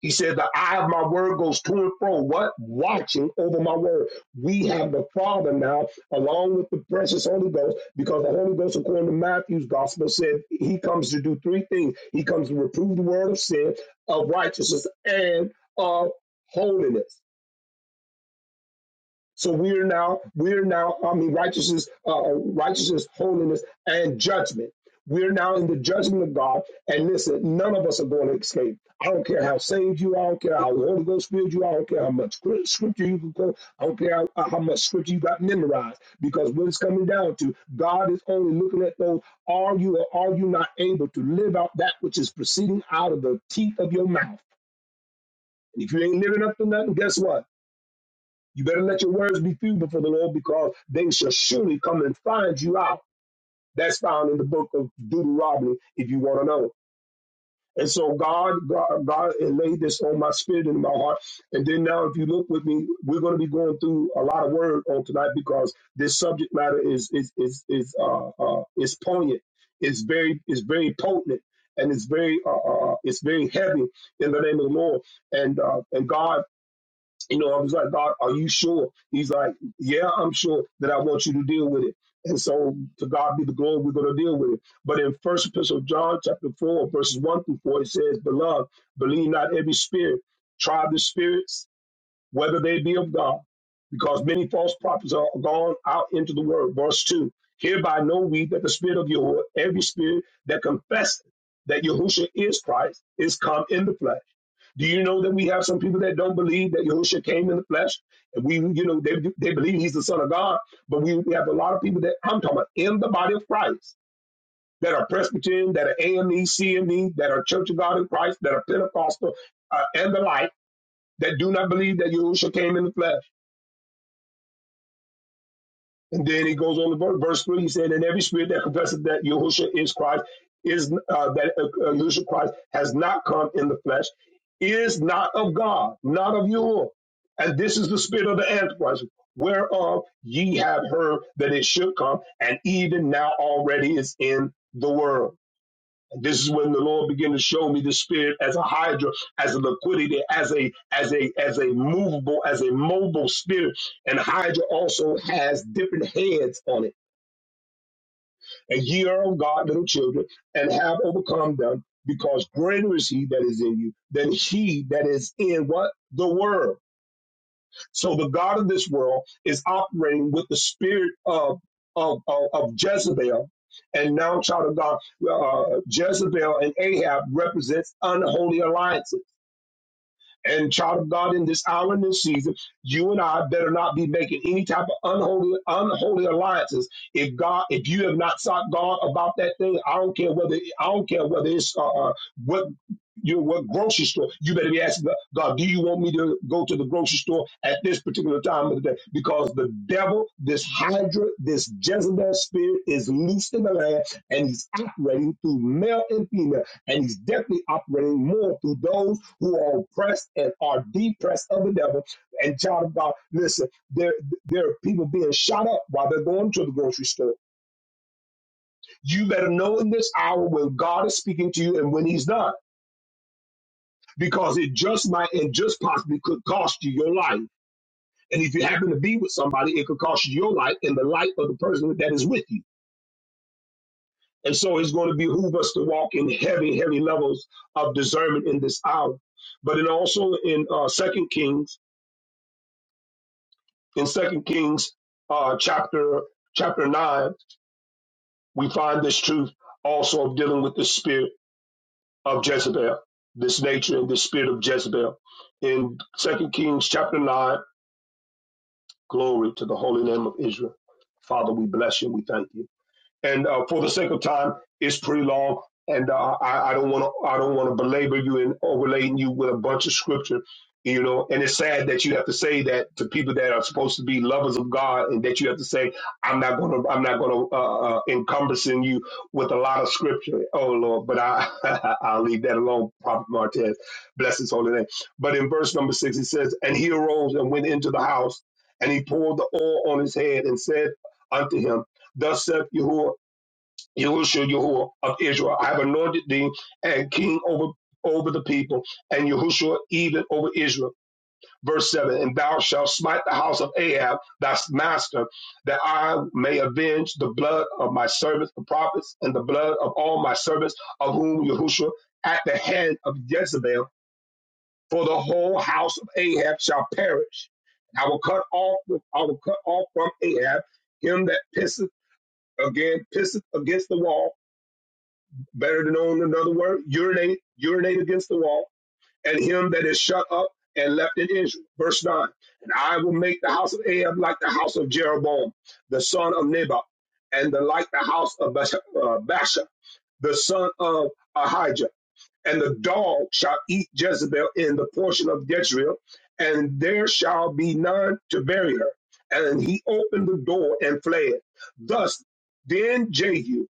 He said, The eye of my word goes to and fro. What? Watching over my word. We have the Father now, along with the precious Holy Ghost, because the Holy Ghost, according to Matthew's gospel, said he comes to do three things He comes to reprove the word of sin, of righteousness, and of holiness. So we are now, we are now, I mean, righteousness, uh, uh, righteousness, holiness, and judgment. We're now in the judgment of God. And listen, none of us are going to escape. I don't care how saved you are. I don't care how Holy Ghost filled you are. I don't care how much scrip- scripture you can quote. I don't care how, uh, how much scripture you got memorized. Because what it's coming down to, God is only looking at those, are you or are you not able to live out that which is proceeding out of the teeth of your mouth? And if you ain't living up to nothing, guess what? You better let your words be few before the Lord because they shall surely come and find you out. That's found in the book of Deuteronomy if you want to know. And so God, God, God laid this on my spirit and in my heart. And then now, if you look with me, we're going to be going through a lot of word on tonight because this subject matter is is is is uh, uh is poignant. It's very it's very potent and it's very uh, uh uh, it's very heavy in the name of the Lord. And uh, and God you know, I was like, God, are you sure? He's like, Yeah, I'm sure that I want you to deal with it. And so to God be the glory, we're going to deal with it. But in First Epistle of John, chapter 4, verses 1 through 4, it says, Beloved, believe not every spirit, try the spirits, whether they be of God, because many false prophets are gone out into the world. Verse 2 Hereby know we that the spirit of Yahuwah, every spirit that confesseth that Yahushua is Christ, is come in the flesh. Do you know that we have some people that don't believe that Yahushua came in the flesh? And we, you know, they, they believe he's the son of God, but we, we have a lot of people that I'm talking about in the body of Christ that are Presbyterian, that are A.M.E.C.M.E, that are Church of God in Christ, that are Pentecostal, uh, and the like, that do not believe that Yahushua came in the flesh. And then he goes on to verse, 3. He said, And every spirit that confesses that Yahushua is Christ, is uh, that uh, uh, Yahushua Christ has not come in the flesh, is not of God, not of Yahuwah. And this is the spirit of the Antichrist, whereof ye have heard that it should come, and even now already is in the world this is when the Lord began to show me the spirit as a hydra, as a liquidity, as a as a as a movable, as a mobile spirit. And hydra also has different heads on it. And ye are of God, little children, and have overcome them, because greater is he that is in you than he that is in what? The world. So the God of this world is operating with the spirit of of, of, of Jezebel. And now, child of God, uh, Jezebel and Ahab represents unholy alliances and child of God, in this hour and this season, you and I better not be making any type of unholy, unholy alliances. If God, if you have not sought God about that thing, I don't care whether I don't care whether it's uh, uh, what you what grocery store. You better be asking God, God, do you want me to go to the grocery store at this particular time of the day? Because the devil, this Hydra, this Jezebel spirit is loose in the land, and he's operating through male and female, and he's definitely operating more through those who are oppressed and are depressed of the devil. And child of God, listen, there, there are people being shot up while they're going to the grocery store. You better know in this hour when God is speaking to you and when he's not, because it just might and just possibly could cost you your life. And if you happen to be with somebody, it could cost you your life and the life of the person that is with you. And so it's going to behoove us to walk in heavy, heavy levels of discernment in this hour. But then also in uh, Second Kings in Second Kings uh, chapter chapter nine, we find this truth also of dealing with the spirit of Jezebel, this nature and the spirit of Jezebel. In Second Kings chapter nine, glory to the holy name of Israel. Father, we bless you and we thank you. And uh, for the sake of time, it's pretty long, and uh, I, I don't want to I don't want to belabor you and overlaying you with a bunch of scripture, you know. And it's sad that you have to say that to people that are supposed to be lovers of God, and that you have to say, "I'm not going to I'm not going to uh, uh, encompassing you with a lot of scripture." Oh Lord, but I I'll leave that alone, Prophet Martez. Bless his holy name. But in verse number six, it says, "And he arose and went into the house, and he poured the oil on his head and said unto him." Thus saith Yahuwah, Yahushua, Yahuwah of Israel. I have anointed thee and king over over the people, and Yahushua even over Israel. Verse 7 And thou shalt smite the house of Ahab, thy master, that I may avenge the blood of my servants, the prophets, and the blood of all my servants, of whom Yahushua at the hand of Jezebel, for the whole house of Ahab shall perish. I will cut off I will cut off from Ahab him that pisseth again pisseth against the wall better than on another word, urinate, urinate against the wall, and him that is shut up and left in Israel. Verse 9, and I will make the house of Ahab like the house of Jeroboam, the son of Nebat, and the, like the house of Basha, uh, Baasha, the son of Ahijah. And the dog shall eat Jezebel in the portion of Jezreel, and there shall be none to bury her. And he opened the door and fled. Thus, then Jehu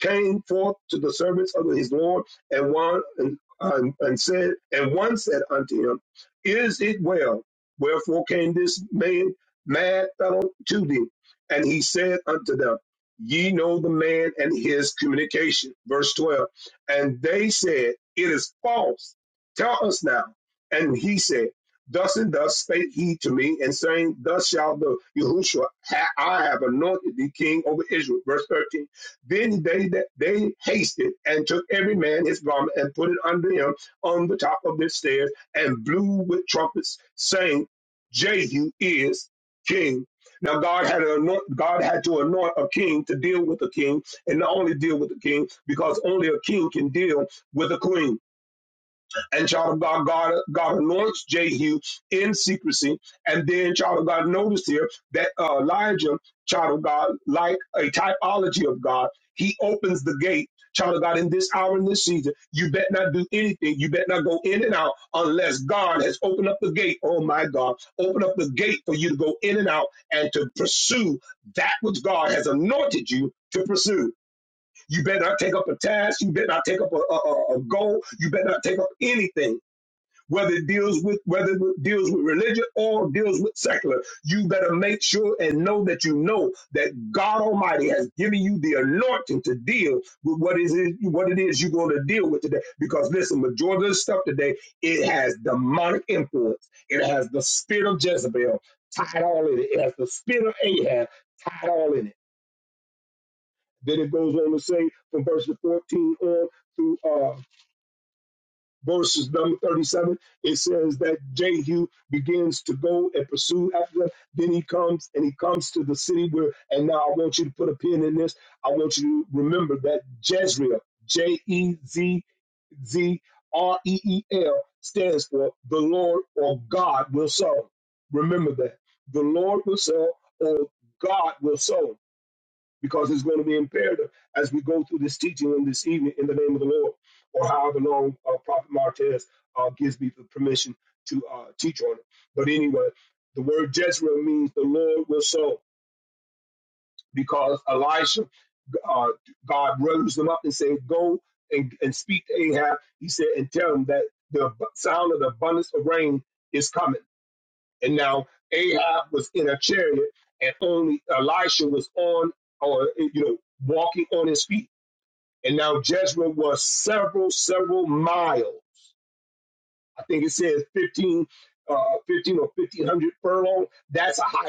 came forth to the servants of his lord, and one and, and, and said, and one said unto him, Is it well? Wherefore came this man mad fellow to thee? And he said unto them, Ye know the man and his communication. Verse twelve. And they said, It is false. Tell us now. And he said, Thus and thus spake he to me, and saying, Thus shall the Yahushua, ha- I have anointed thee king over Israel. Verse 13. Then they they hasted and took every man his garment and put it under him on the top of the stairs and blew with trumpets, saying, Jehu is king. Now God had to anoint, God had to anoint a king to deal with a king, and not only deal with a king, because only a king can deal with a queen and child of God, God, God anoints Jehu in secrecy. And then child of God, notice here that uh, Elijah, child of God, like a typology of God, he opens the gate. Child of God, in this hour and this season, you bet not do anything. You bet not go in and out unless God has opened up the gate. Oh my God, open up the gate for you to go in and out and to pursue that which God has anointed you to pursue. You better not take up a task. You better not take up a, a, a a goal. You better not take up anything whether it deals with whether it deals with religion or deals with secular you better make sure and know that you know that god almighty has given you the anointing to deal with what is it what it is you're going to deal with today because listen majority of the stuff today it has demonic influence it has the spirit of jezebel tied all in it it has the spirit of ahab tied all in it then it goes on to say from verse 14 on through. uh, verses number 37, it says that Jehu begins to go and pursue after them. Then he comes and he comes to the city where, and now I want you to put a pin in this. I want you to remember that Jezreel, J E Z Z R E E L, stands for the Lord or God will sow. Remember that. The Lord will sow or God will sow because it's going to be imperative as we go through this teaching and this evening in the name of the Lord, or however long uh, Prophet Martez uh, gives me the permission to uh, teach on it. But anyway, the word Jezreel means the Lord will sow because Elisha, uh, God rose him up and said, Go and, and speak to Ahab. He said, and tell him that the sound of the abundance of rain is coming. And now Ahab was in a chariot and only Elisha was on or you know walking on his feet and now Jezreel was several, several miles. I think it says 15, uh, 15 or 1500 furlong. That's a hike.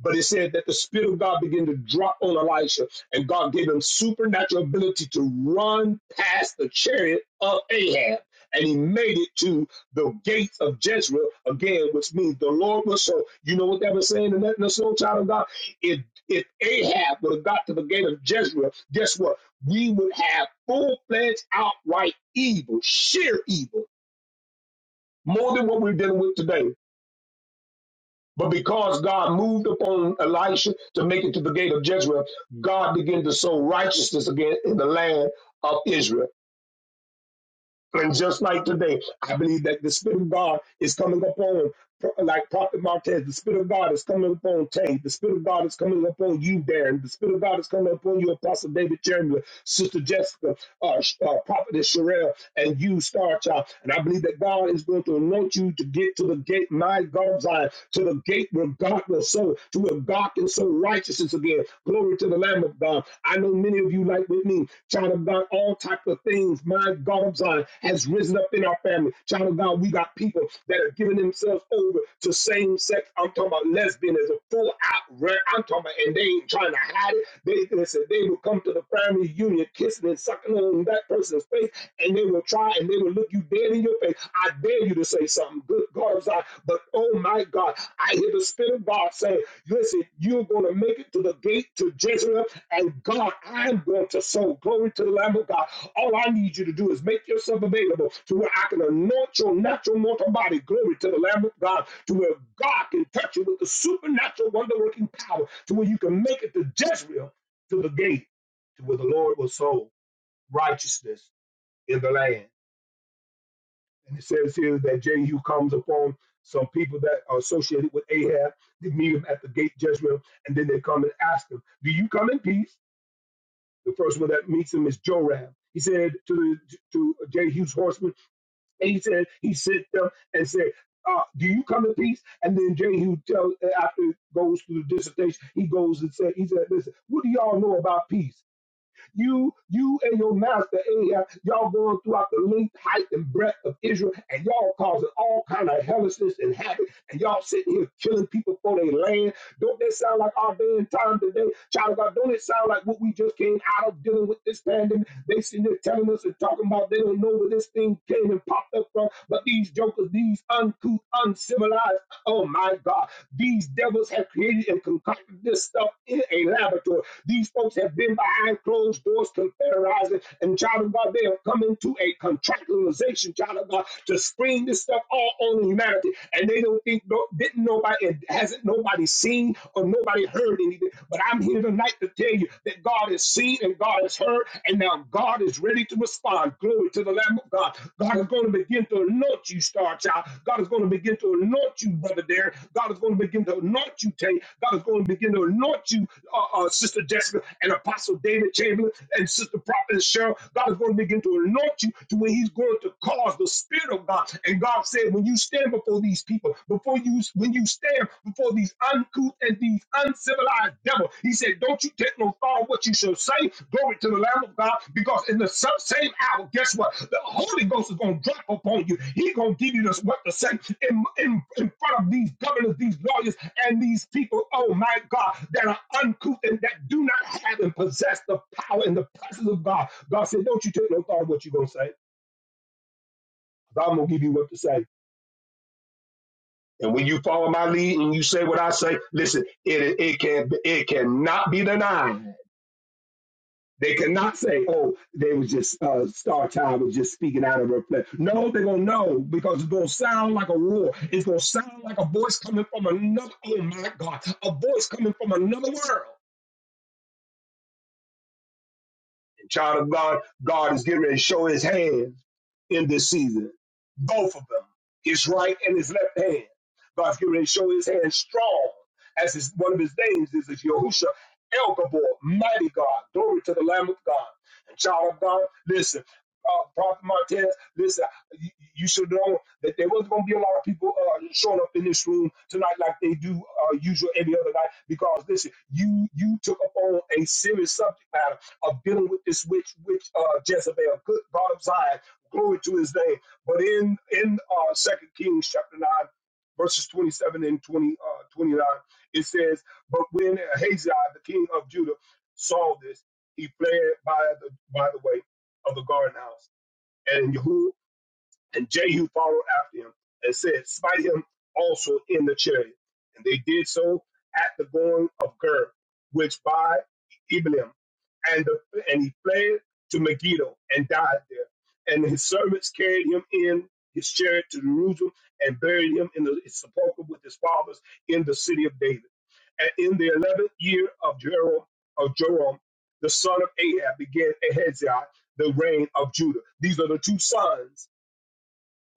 But it said that the Spirit of God began to drop on Elisha, and God gave him supernatural ability to run past the chariot of Ahab. And he made it to the gates of Jezreel again, which means the Lord was so. You know what that was saying in that in the soul child of God? If if Ahab would have got to the gate of Jezreel, guess what? We would have full fledged, outright evil, sheer evil, more than what we're dealing with today. But because God moved upon Elisha to make it to the gate of Jezreel, God began to sow righteousness again in the land of Israel. And just like today, I believe that the Spirit of God is coming upon, like Prophet Martez, the Spirit of God is coming upon Tay, the Spirit of God is coming upon you, Darren, the Spirit of God is coming upon you, Apostle David Chandler, Sister Jessica, uh, Sh- uh, Prophetess Sherelle, and you, Star Child. And I believe that God is going to anoint you to get to the gate, my God's eye, to the gate where God will sow, to where God can sow righteousness again. Glory to the Lamb of God. I know many of you like with me. Child of God, all type of things. My God of Zion has risen up in our family. Child of God, we got people that have given themselves over to same sex. I'm talking about lesbianism, full out rare. I'm talking about, and they ain't trying to hide it. They listen, they will come to the family union, kissing and sucking on that person's face, and they will try and they will look you dead in your face. I dare you to say something. Good God of Zion. But oh my God, I hear the Spirit of God say, listen, you're going to make it to the gate to Jezreel and God, I'm going to sow glory to the Lamb of God. All I need you to do is make yourself available to where I can anoint your natural mortal body, glory to the Lamb of God, to where God can touch you with the supernatural wonder working power, to where you can make it to Jezreel, to the gate, to where the Lord will sow righteousness in the land. And it says here that Jehu comes upon some people that are associated with Ahab. They meet him at the gate Jezreel, and then they come and ask him, Do you come in peace? The first one that meets him is Joram. He said to the, to Jehu's horseman, and he said he sent them and said, uh, "Do you come in peace?" And then Jehu tells after he goes through the dissertation, he goes and said, "He said, listen, what do y'all know about peace?" You, you and your master, AI, y'all going throughout the length, height, and breadth of Israel, and y'all causing all kind of hellishness and havoc, and y'all sitting here killing people for their land. Don't that sound like our day and time today? Child of God, don't it sound like what we just came out of dealing with this pandemic? They sitting there telling us and talking about they don't know where this thing came and popped up from, but these jokers, these uncouth, uncivilized Oh my God. These devils have created and concocted this stuff in a laboratory. These folks have been behind closed doors conspiralizing, and child of God, they have come into a contractualization, child of God, to screen this stuff all on humanity. And they don't think, no, didn't nobody, and hasn't nobody seen or nobody heard anything. But I'm here tonight to tell you that God is seen and God is heard, and now God is is ready to respond. Glory to the Lamb of God. God is going to begin to anoint you, Star Child. God is going to begin to anoint you, Brother Derek. God is going to begin to anoint you, Tay. God is going to begin to anoint you, uh, uh, Sister Jessica and Apostle David Chamberlain and Sister Prophet Cheryl. God is going to begin to anoint you to where He's going to cause the Spirit of God. And God said, when you stand before these people, before you, when you stand before these uncouth and these uncivilized devil. He said, Don't you take no thought of what you shall say. Glory to the Lamb of God, because in the sub- same hour, guess what? The Holy Ghost is going to drop upon you. He going to give you this, what to say in, in, in front of these governors, these lawyers, and these people, oh my God, that are uncouth and that do not have and possess the power and the presence of God. God said, Don't you take no thought of what you're going to say. 'cause I'm going to give you what to say. And when you follow my lead and you say what I say, listen, it it can it cannot be denied. They cannot say, "Oh, they was just uh, Star Child was just speaking out of her flesh." No, they're gonna know because it's gonna sound like a roar. It's gonna sound like a voice coming from another. Oh my God, a voice coming from another world. Child of God, God is getting ready to show his hand in this season. Both of them, his right and his left hand. God's getting ready to show his hand strong, as his, one of his names is is Yahusha El Gabor, mighty God. Glory to the Lamb of God. And child of God, listen, uh, Prophet Martez, listen, you, you should know that there wasn't going to be a lot of people uh, showing up in this room tonight like they do uh, usual every other night because, listen, you you took up on a serious subject matter of dealing with this witch, witch uh, Jezebel. Good God of Zion, glory to His name. But in in uh, Second Kings chapter nine, verses twenty seven and 20, uh, 29, it says, "But when Ahaziah, the king of Judah, saw this, he fled by the by the way of the garden house, and Yehu." And Jehu followed after him and said, Smite him also in the chariot. And they did so at the going of Ger, which by Ebelim. And, the, and he fled to Megiddo and died there. And his servants carried him in his chariot to Jerusalem and buried him in the, his sepulchre with his fathers in the city of David. And in the eleventh year of Jeroboam, of Joram, the son of Ahab, began Ahaziah, the reign of Judah. These are the two sons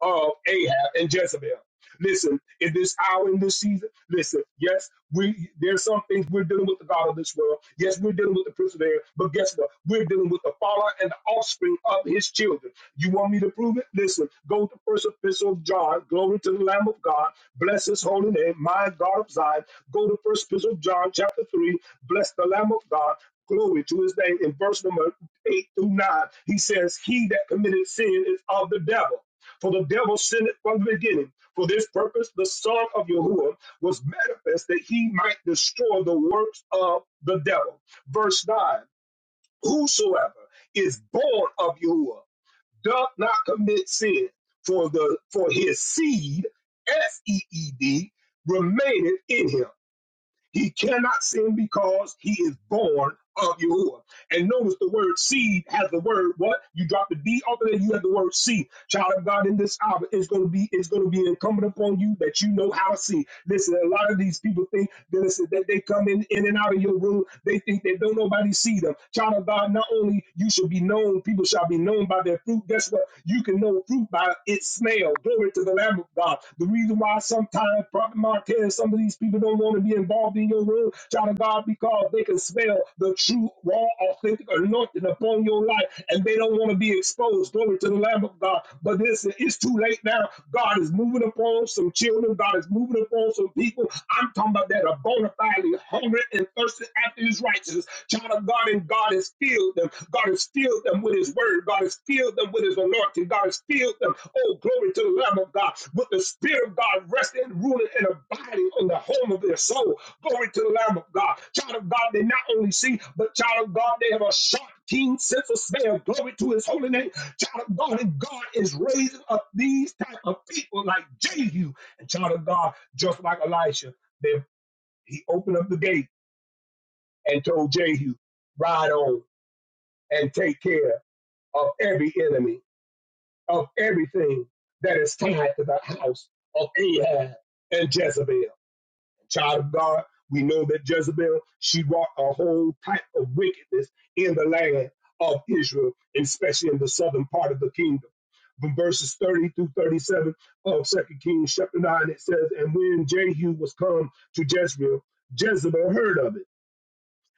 of Ahab and Jezebel. Listen, in this hour, in this season, listen, yes, we there's some things we're dealing with the God of this world. Yes, we're dealing with the prince of the air, but guess what? We're dealing with the fallout and the offspring of his children. You want me to prove it? Listen, go to first epistle of John, glory to the Lamb of God, bless his holy name, my God of Zion. Go to first epistle of John, chapter 3, bless the Lamb of God. Glory to his name. In verse number 8 through 9, he says, He that committed sin is of the devil for the devil sinned from the beginning. For this purpose, the Son of Yahuwah was manifest that he might destroy the works of the devil. Verse 9 Whosoever is born of Yahuwah doth not commit sin, for, the, for his seed, S E E D, remaineth in him he cannot sin because he is born of Yahuwah. And notice the word seed has the word what? You drop the D off of there, you have the word seed. Child of God in this hour, it's gonna be it's gonna be incumbent upon you that you know how to see. Listen, a lot of these people think that, listen, that they come in, in and out of your room, they think that don't nobody see them. Child of God, not only you should be known, people shall be known by their fruit. Guess what? You can know fruit by its smell. Glory to the Lamb of God. The reason why sometimes Prophet Martez, some of these people don't want to be involved involved in your will, child of God, because they can smell the true, raw, authentic anointing upon your life, and they don't want to be exposed. Glory to the Lamb of God. But listen, it's too late now. God is moving upon some children. God is moving upon some people. I'm talking about that are bona fide hungry and thirsty after His righteousness. Child of God, and God has filled them. God has filled them with His word. God has filled them with His anointing. God has filled them. Oh, glory to the Lamb of God. With the Spirit of God resting, ruling, and abiding on the home of their soul. Glory to the Lamb of God. Child of God, they not only see, but child of God, they have a sharp, keen sense of smell. Glory to his holy name. Child of God, and God is raising up these type of people like Jehu. And child of God, just like Elisha, they, he opened up the gate and told Jehu, ride on and take care of every enemy, of everything that is tied to the house of Ahab and Jezebel. child of God, we know that Jezebel, she wrought a whole type of wickedness in the land of Israel, especially in the southern part of the kingdom. From verses 30 through 37 of Second Kings chapter 9, it says, And when Jehu was come to Jezreel, Jezebel heard of it,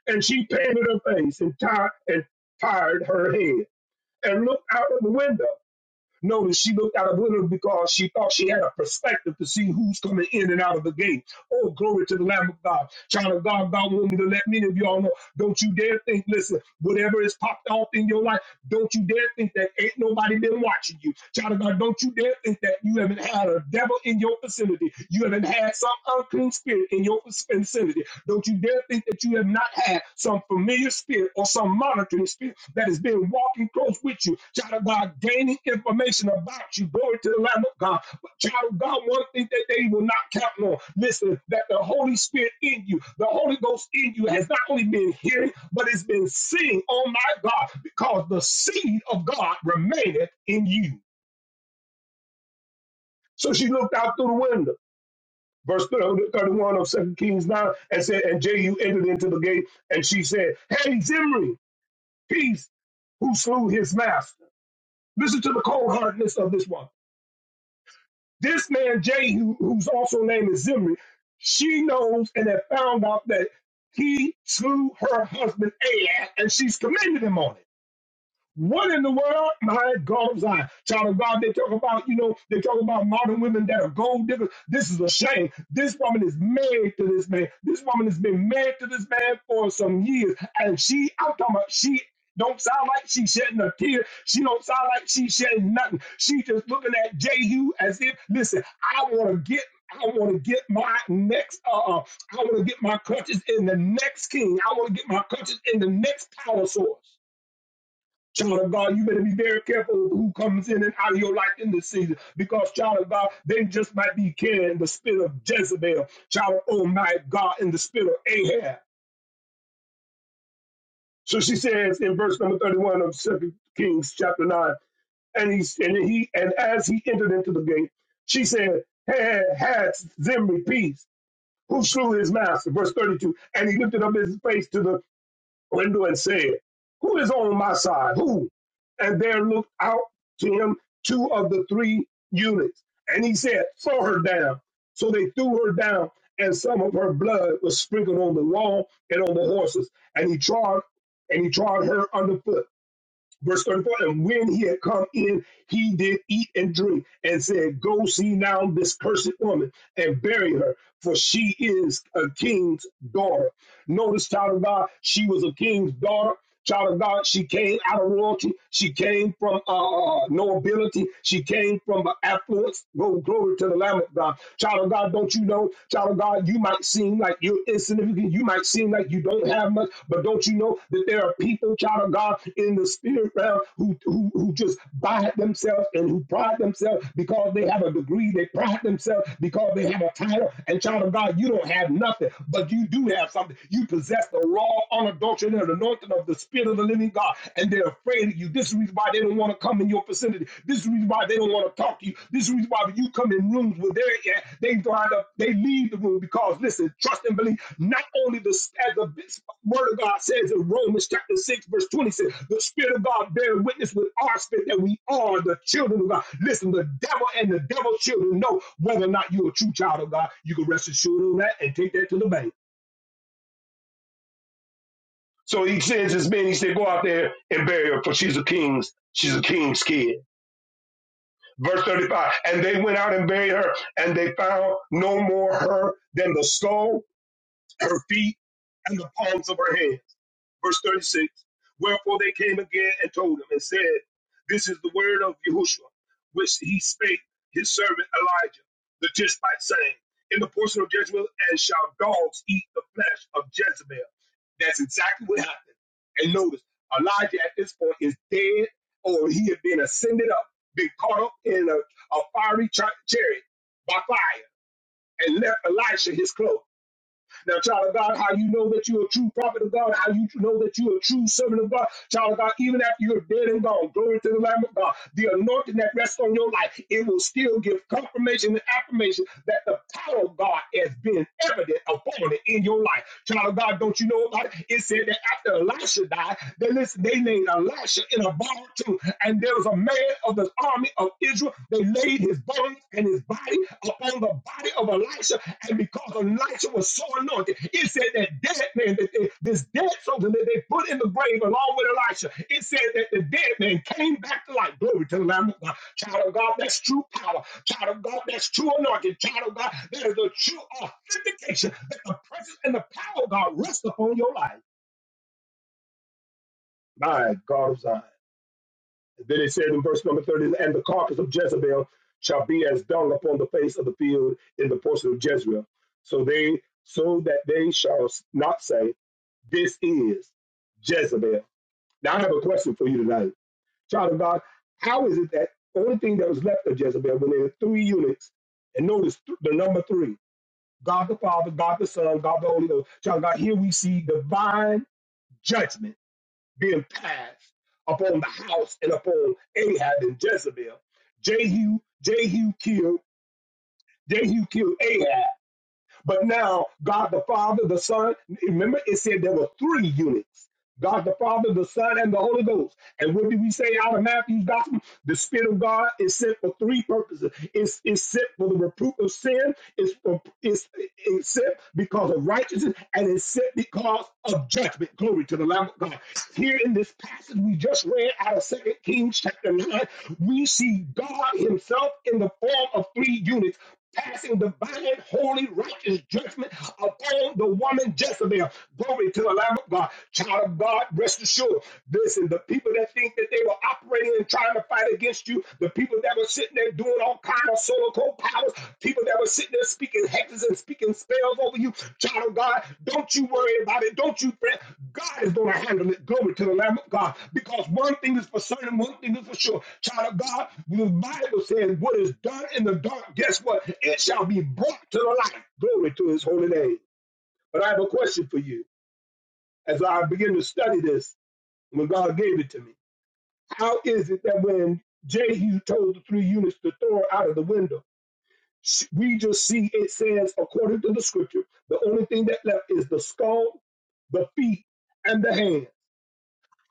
and she painted her face and tied and tired her head, and looked out of the window. Notice she looked out of window because she thought she had a perspective to see who's coming in and out of the gate. Oh, glory to the Lamb of God. Child of God, God want me to let many of y'all know. Don't you dare think, listen, whatever is popped off in your life, don't you dare think that ain't nobody been watching you. Child of God, don't you dare think that you haven't had a devil in your vicinity. You haven't had some unclean spirit in your vicinity. Don't you dare think that you have not had some familiar spirit or some monitoring spirit that has been walking close with you. Child of God, gaining information about you. Glory to the Lamb of God. But child of God, one thing that they will not count on. Listen, that the Holy Spirit in you, the Holy Ghost in you has not only been hearing, but it's been seeing, oh my God, because the seed of God remaineth in you. So she looked out through the window. Verse 31 of Second Kings 9 and said, And Jehu entered into the gate, and she said, Hey, Zimri, peace who slew his master. Listen to the cold hardness of this one. This man, Jehu, who's also named as Zimri, she knows and had found out that he slew her husband, Ahab, and she's commended him on it. What in the world? My God's eye. Child of God, they talk about, you know, they talk about modern women that are gold diggers. This is a shame. This woman is married to this man. This woman has been married to this man for some years. And she, I'm talking about, she don't sound like she's shedding a tear. She don't sound like she's shedding nothing. She just looking at Jehu as if, listen, I want to get I want to get my next, uh, uh, I want to get my crutches in the next king. I want to get my crutches in the next power source. Child of God, you better be very careful of who comes in and out of your life in this season because, child of God, they just might be carrying the spirit of Jezebel, child of, oh my God, in the spirit of Ahab. So she says in verse number 31 of Second Kings chapter 9, and he and he and as he entered into the gate, she said, "Had had Zimri peace, who slew his master." Verse thirty-two. And he lifted up his face to the window and said, Who is on my side? Who? And there looked out to him two of the three eunuchs. And he said, Throw her down. So they threw her down, and some of her blood was sprinkled on the wall and on the horses. And he trod and he trod her underfoot Verse 34, and when he had come in, he did eat and drink and said, Go see now this cursed woman and bury her, for she is a king's daughter. Notice, child of God, she was a king's daughter. Child of God, she came out of royalty. She came from uh, uh, uh, nobility. She came from affluence. Go glory to the Lamb of God. Child of God, don't you know? Child of God, how you might seem like you're insignificant. You might seem like you don't have much, but don't you know that there are people, child of God, in the spirit realm who, who, who just buy themselves and who pride themselves because they have a degree. They pride themselves because they have a title. And child of God, you don't have nothing, but you do have something. You possess the raw, unadulterated anointing of the spirit of the living God, and they're afraid of you. This is the reason why they don't want want to come in your vicinity. This is the reason why they don't want to talk to you. This is the reason why when you come in rooms where they're at, they wind up, they leave the room because listen, trust and believe. Not only the as the word of God says in Romans chapter 6, verse 26, the Spirit of God bear witness with our spirit that we are the children of God. Listen, the devil and the devil's children know whether or not you're a true child of God. You can rest assured on that and take that to the bank. So he sends his men, he said, Go out there and bury her, for she's a king's, she's a kid. Verse 35. And they went out and buried her, and they found no more her than the skull, her feet, and the palms of her hands. Verse 36 Wherefore they came again and told him and said, This is the word of Yahushua, which he spake his servant Elijah the Tishbite, saying, In the portion of Jezebel, and shall dogs eat the flesh of Jezebel. That's exactly what happened. And notice, Elijah at this point is dead, or he had been ascended up, been caught up in a, a fiery chariot by fire, and left Elisha his cloak. Now, child of God, how you know that you're a true prophet of God, how you know that you're a true servant of God, child of God, even after you're dead and gone, glory to the Lamb of God, the anointing that rests on your life, it will still give confirmation and affirmation that the power of God has been evident upon it in your life. Child of God, don't you know about it? It said that after Elisha died, they listen, they named Elisha in a bar too, and there was a man of the army of of Israel. They laid his bones and his body upon the body of Elisha. And because Elisha was so anointed, it said that dead man, that they, this dead soldier that they put in the grave along with Elisha, it said that the dead man came back to life. Glory to the Lamb of God. Child of God, that's true power. Child of God, that's true anointing. Child of God, that is the true authentication that the presence and the power of God rest upon your life. My God of Zion. Then it says in verse number 30, and the carcass of Jezebel shall be as dung upon the face of the field in the portion of Jezreel. So they so that they shall not say, This is Jezebel. Now I have a question for you tonight. Child of God, how is it that the only thing that was left of Jezebel when there were three eunuchs, and notice the number three, God the Father, God the Son, God the Holy Ghost. Child of God, here we see divine judgment being passed upon the house and upon Ahab and Jezebel. Jehu, Jehu killed, Jehu killed Ahab. But now, God the Father, the Son, remember it said there were three units God the Father, the Son, and the Holy Ghost. And what did we say out of Matthew's Gospel? The Spirit of God is sent for three purposes it's, it's sent for the reproof of sin, it's, for, it's, it's sent because of righteousness, and it's sent because of judgment. Glory to the Lamb of God. Here in this passage we just read out of Second Kings chapter 9, we see God Himself in the form of three units passing divine, holy, righteous judgment upon the woman Jezebel. Glory to the Lamb of God. Child of God, rest assured. Listen, the people that think that they were operating and trying to fight against you, the people that were sitting there doing all kind of solo powers, people that were sitting there speaking hex and speaking spells over you, child of God. Don't you worry about it. Don't you fret. God is going to handle it. Glory to the Lamb of God. Because one thing is for certain, one thing is for sure. Child of God, the Bible says, What is done in the dark, guess what? It shall be brought to the light. Glory to his holy name. But I have a question for you as I begin to study this when God gave it to me. How is it that when Jehu told the three eunuchs to throw her out of the window, we just see it says, according to the scripture, the only thing that left is the skull, the feet, and the hand.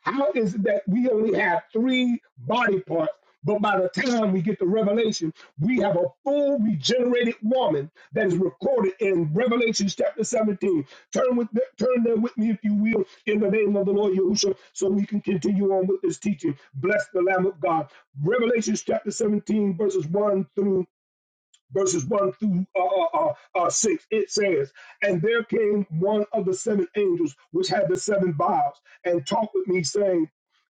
How is it that we only have three body parts? But by the time we get to Revelation, we have a full regenerated woman that is recorded in Revelation chapter 17. Turn with turn there with me, if you will, in the name of the Lord Yahushua, so we can continue on with this teaching. Bless the Lamb of God. Revelation chapter 17, verses 1 through verses 1 through uh, uh, uh, uh, 6, it says, And there came one of the seven angels which had the seven vials, and talked with me, saying,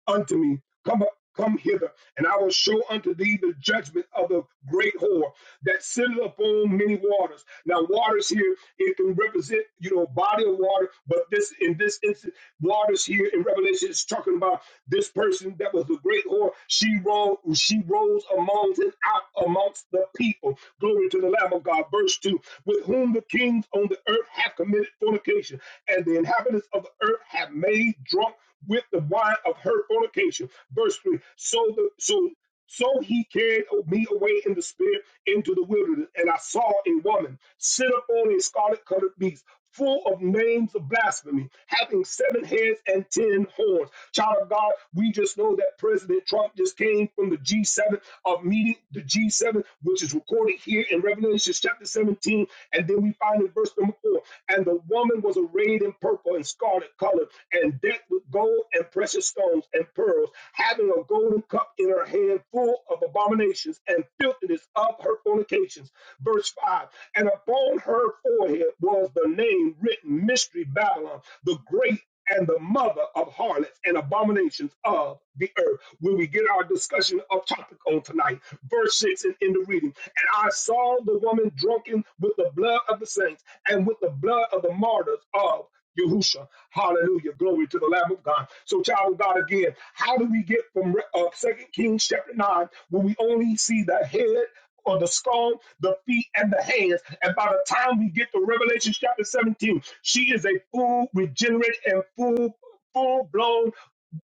unto me. Come up, come hither, and I will show unto thee the judgment of the great whore that sitteth upon many waters. Now, waters here it can represent you know a body of water, but this in this instance, waters here in Revelation is talking about this person that was the great whore. She rose, she rose amongst and out amongst the people. Glory to the Lamb of God. Verse two, with whom the kings on the earth have committed fornication, and the inhabitants of the earth have made drunk with the wine of her fornication. Verse 3. So the so so he carried me away in the spirit into the wilderness, and I saw a woman sit upon a scarlet colored beast, full of names of blasphemy, having seven heads and ten horns. Child of God, we just know that President Trump just came from the G7 of meeting, the G7, which is recorded here in Revelation chapter 17, and then we find in verse number four, and the woman was arrayed arrayed in purple and scarlet color, and decked with gold and precious stones and pearls, having a golden cup in her hand full of abominations and filthiness of her fornications. Verse 5 And upon her forehead was the name written Mystery Babylon, the great and the mother of harlots and abominations of the earth. When we get our discussion of topic on tonight, verse 6 and in the reading, and I saw the woman drunken with the blood of the saints and with the blood of the martyrs of Yahusha. Hallelujah. Glory to the Lamb of God. So, child of God, again, how do we get from uh, 2 Kings chapter 9 when we only see the head? on the skull, the feet, and the hands. And by the time we get to Revelation chapter 17, she is a full, regenerate, and full, full blown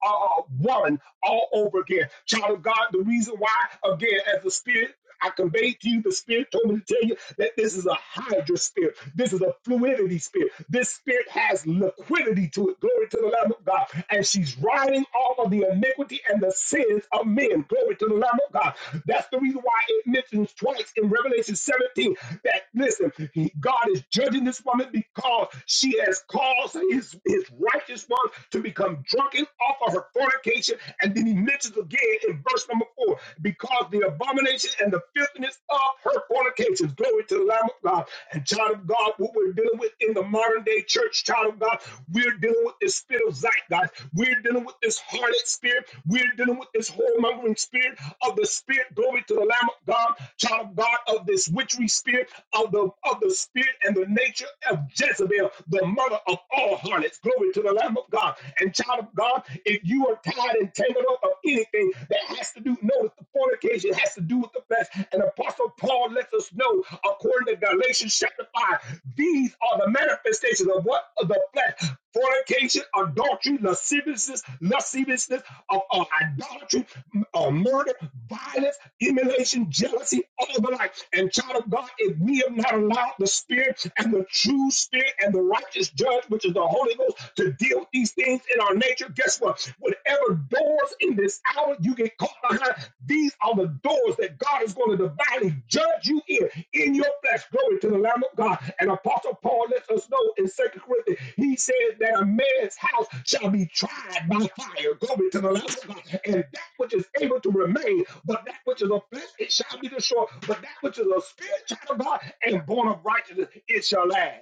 uh, woman all over again. Child of God, the reason why, again, as the Spirit, I conveyed to you, the Spirit told me to tell you that this is a hydra spirit. This is a fluidity spirit. This spirit has liquidity to it. Glory to the Lamb of God. And she's riding all of the iniquity and the sins of men. Glory to the Lamb of God. That's the reason why it mentions twice in Revelation 17 that, listen, he- God is judging this woman because she has caused his, his righteous one to become drunken off of her fornication. And then he mentions again in verse number four, because the abomination and the filthiness of her fornications. Glory to the Lamb of God. And child of God, what we're dealing with in the modern day church, child of God. We're dealing with this spirit of zeitgeist. We're dealing with this harlot spirit. We're dealing with this whoremongering spirit of the spirit. Glory to the Lamb of God, child of God, of this witchery spirit, of the of the spirit and the nature of Jezebel, the mother of all harlots. Glory to the Lamb of God. And child of God, if you are tied and tangled up of anything that has to do, notice the fornication has to do with the flesh past. And Apostle Paul lets us know, according to Galatians chapter 5, these are the manifestations of what? Of the flesh. Fornication, adultery, lasciviousness, lasciviousness, of, of idolatry, of murder, violence, emulation, jealousy, all the like. And child of God, if we have not allowed the Spirit and the true Spirit and the righteous judge, which is the Holy Ghost, to deal with these things in our nature, guess what? Whatever doors in this hour you get caught behind, these are the doors that God is going to divinely judge you in, in your flesh. Glory to the Lamb of God. And Apostle Paul lets us know in Second Corinthians, he says that a man's house shall be tried by fire. Glory to the Lamb of God. And that which is able to remain, but that which is of flesh, it shall be destroyed. But that which is a spirit, child of God, and born of righteousness, it shall last.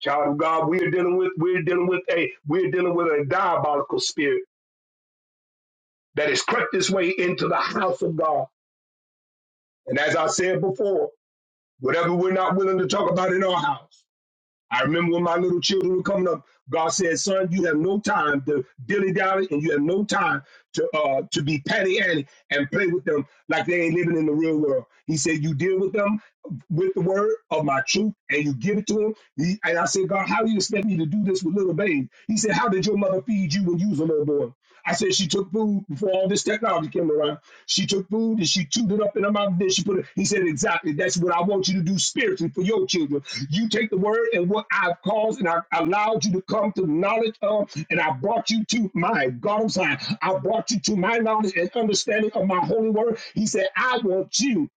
Child of God, we are dealing with we're dealing with a we're dealing with a diabolical spirit that has crept its way into the house of God. And as I said before, whatever we're not willing to talk about in our house. I remember when my little children were coming up, God said, son, you have no time to dilly dally and you have no time to uh, to be patty Annie and play with them like they ain't living in the real world. He said, you deal with them with the word of my truth and you give it to them. He- and I said, God, how do you expect me to do this with little babes? He said, how did your mother feed you when you was a little boy? I said she took food before all this technology came around. She took food and she chewed it up in her mouth. And Then she put it. He said, exactly. That's what I want you to do spiritually for your children. You take the word and what I've caused and I allowed you to come to knowledge of, and I brought you to my God's i I brought you to my knowledge and understanding of my holy word. He said, I want you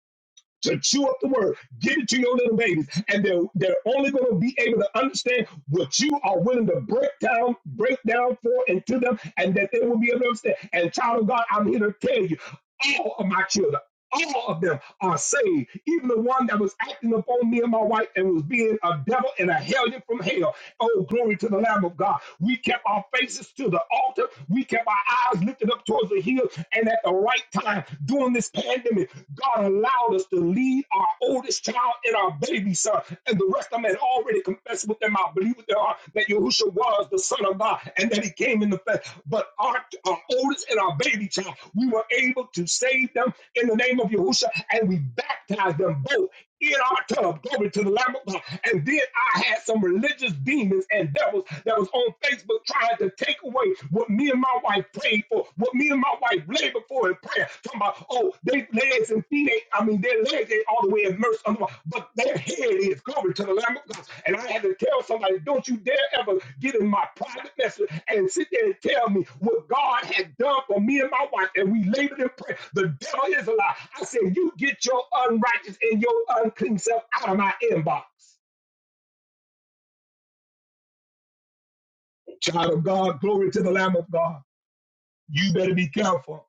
to chew up the word, give it to your little babies, and they're they're only going to be able to understand what you are willing to break down, break down for and to them, and that they will be able to understand. And child of God, I'm here to tell you. All of my children, all of them are saved. Even the one that was acting upon me and my wife and was being a devil and a hellion from hell. Oh, glory to the Lamb of God. We kept our faces to the altar. We kept our eyes lifted up towards the hills, And at the right time during this pandemic, God allowed us to lead our oldest child and our baby son. And the rest of them had already confessed with them. I believe believe with their heart that Yahushua was the Son of God and that He came in the flesh. But our, our oldest and our baby child, we were able to save them in the name of Yahushua, and we baptized them both in our tub, glory to the Lamb of God. And then I had some religious demons and devils that was on Facebook trying to take away what me and my wife prayed for, what me and my wife labored for forward in prayer. Talking about, oh, their legs and feet ain't, I mean, their legs ain't all the way immersed under water, but their head is glory to the Lamb of God. And I had to tell somebody, don't you dare ever get in my private message and sit there and tell me what God had done for me and my wife, and we labored in prayer. The devil is a lie. I said, you get your unrighteous and your unclean self out of my inbox. Child of God, glory to the Lamb of God. You better be careful.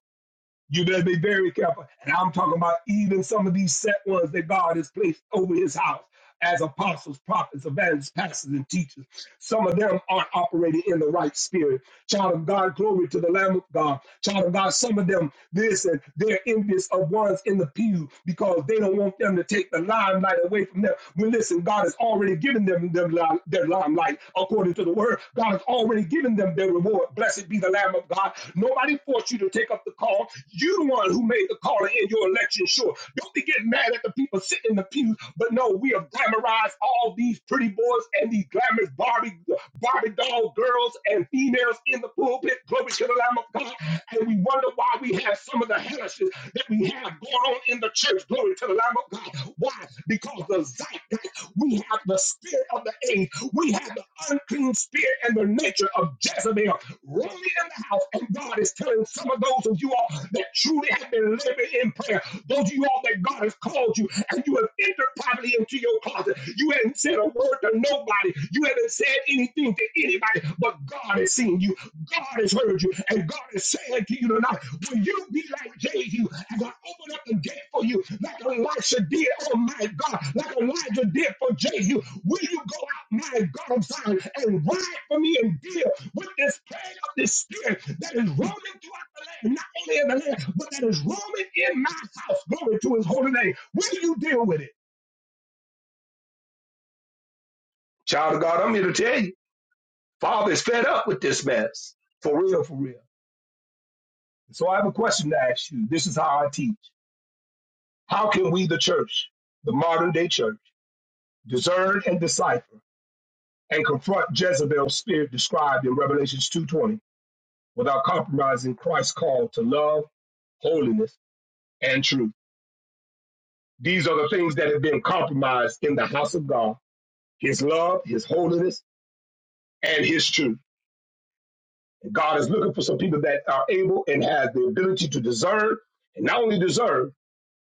You better be very careful. And I'm talking about even some of these set ones that God has placed over his house as apostles, prophets, evangelists, pastors, and teachers. Some of them aren't operating in the right spirit. Child of God, glory to the Lamb of God. Child of God, some of them, listen, they're envious of ones in the pew because they don't want them to take the limelight away from them. Well, listen, God has already given them, them li- their limelight according to the word. God has already given them their reward. Blessed be the Lamb of God. Nobody forced you to take up the call. You the one who made the call in your election. Sure, don't be getting mad at the people sitting in the pew. But no, we have glamorized all these pretty boys boys and these glamorous Barbie, Barbie doll girls and females in the pulpit. Glory to the Lamb of God. And we wonder why we have some of the hellishes that we have going on in the church. Glory to the Lamb of God. Why? Because the zeitgeist, we have the spirit of the age. We have the unclean spirit and the nature of Jezebel really in the house. And God is telling some of those of you all that truly have been living in prayer, those of you all that God has called you, and you have entered privately into your closet mouth. You haven't said a word to nobody. You haven't said anything to anybody, but God has seen you. God has heard you. And God is saying to you tonight, will you be like Jehu as I open up the gate for you, like Elisha did, oh my God, like Elijah did for Jehu? Will you go out, my God of Zion, and ride for me and deal with this plague of this spirit that is roaming throughout the land, not only in the land, but that is roaming in my house? Glory to his holy name. Will you deal with it? Child of God, I'm here to tell you, Father is fed up with this mess. For real, for real. So I have a question to ask you. This is how I teach. How can we, the church, the modern day church, discern and decipher and confront Jezebel's spirit described in Revelations 2.20 without compromising Christ's call to love, holiness, and truth? These are the things that have been compromised in the house of God, his love, his holiness, and his truth. God is looking for some people that are able and have the ability to discern, and not only discern.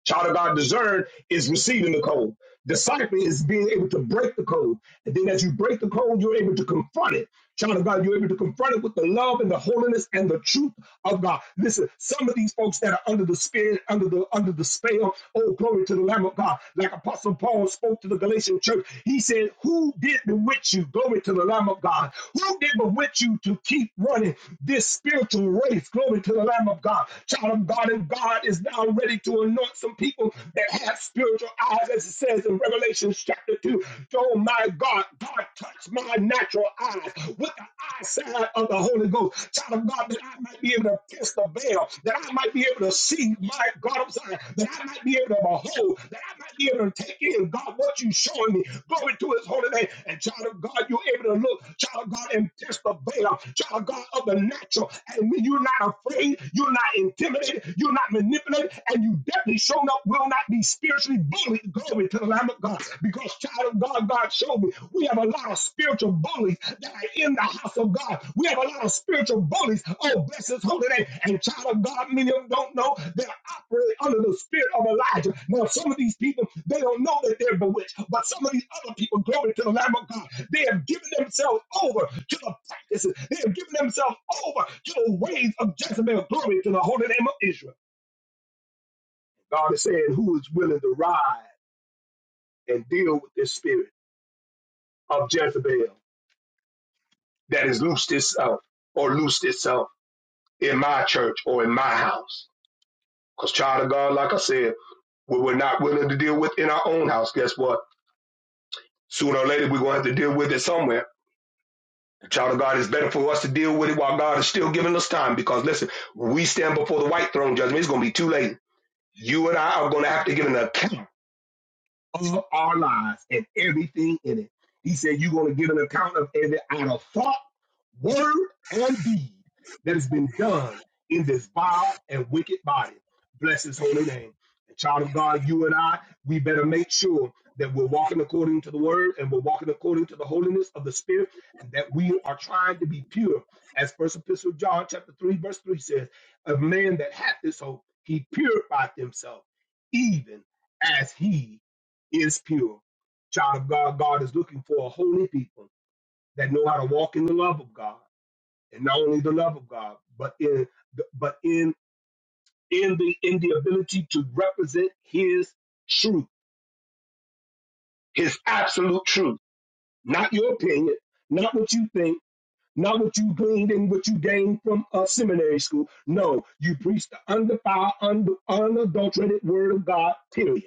Child of God, discern is receiving the code. Disciple is being able to break the code, and then as you break the code, you're able to confront it. Child of God, you're able to confront it with the love and the holiness and the truth of God. Listen, some of these folks that are under the spirit, under the under the spell, oh glory to the Lamb of God. Like Apostle Paul spoke to the Galatian church, he said, Who did bewitch you? Glory to the Lamb of God. Who did bewitch you to keep running this spiritual race? Glory to the Lamb of God. Child of God, and God is now ready to anoint some people that have spiritual eyes, as it says in Revelation chapter 2 oh my God, God, touch my natural eyes with the eyesight of the Holy Ghost. Child of God, that I might be able to pierce the veil, that I might be able to see my God of Zion, that I might be able to behold, that I might be able to take in God what you showing me. Glory to his holy name. And child of God, you're able to look, child of God, and pierce the veil, child of God of the natural. And when you're not afraid, you're not intimidated, you're not manipulated, and you definitely shown up will not be spiritual spiritually bullied. Glory to the Lamb of God. Because, child of God, God showed me we have a lot of spiritual bullies that are in the house of God. We have a lot of spiritual bullies. Oh, bless his holy name. And, child of God, many of them don't know they're operating under the spirit of Elijah. Now, some of these people, they don't know that they're bewitched. But some of these other people, glory to the Lamb of God, they have given themselves over to the practices. They have given themselves over to the ways of Jezebel. Glory to the holy name of Israel. God is saying, Who is willing to rise? and deal with this spirit of Jezebel that has loosed itself or loosed itself in my church or in my house. Because, child of God, like I said, we were not willing to deal with in our own house. Guess what? Sooner or later, we're going to have to deal with it somewhere. Child of God, it's better for us to deal with it while God is still giving us time. Because, listen, we stand before the white throne judgment. It's going to be too late. You and I are going to have to give an account of our lives and everything in it. He said, You're going to give an account of every idle thought, word, and deed that has been done in this vile and wicked body. Bless his holy name. And child of God, you and I, we better make sure that we're walking according to the word and we're walking according to the holiness of the spirit and that we are trying to be pure. As first epistle of John chapter 3, verse 3 says, A man that hath this hope, he purifieth himself, even as he is pure. Child of God, God is looking for a holy people that know how to walk in the love of God, and not only the love of God, but in the, but in in the in the ability to represent His truth, His absolute truth, not your opinion, not what you think. Not what you gleaned and what you gained from a seminary school. No, you preach the undefiled, under, unadulterated word of God, period.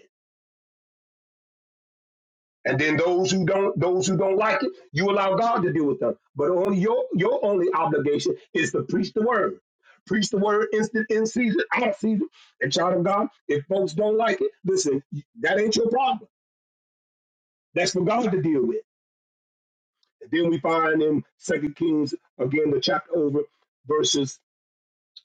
And then those who don't, those who don't like it, you allow God to deal with them. But only your your only obligation is to preach the word. Preach the word instant in season, out of season. And child of God, if folks don't like it, listen, that ain't your problem. That's for God to deal with. And then we find in Second Kings again, the chapter over, verses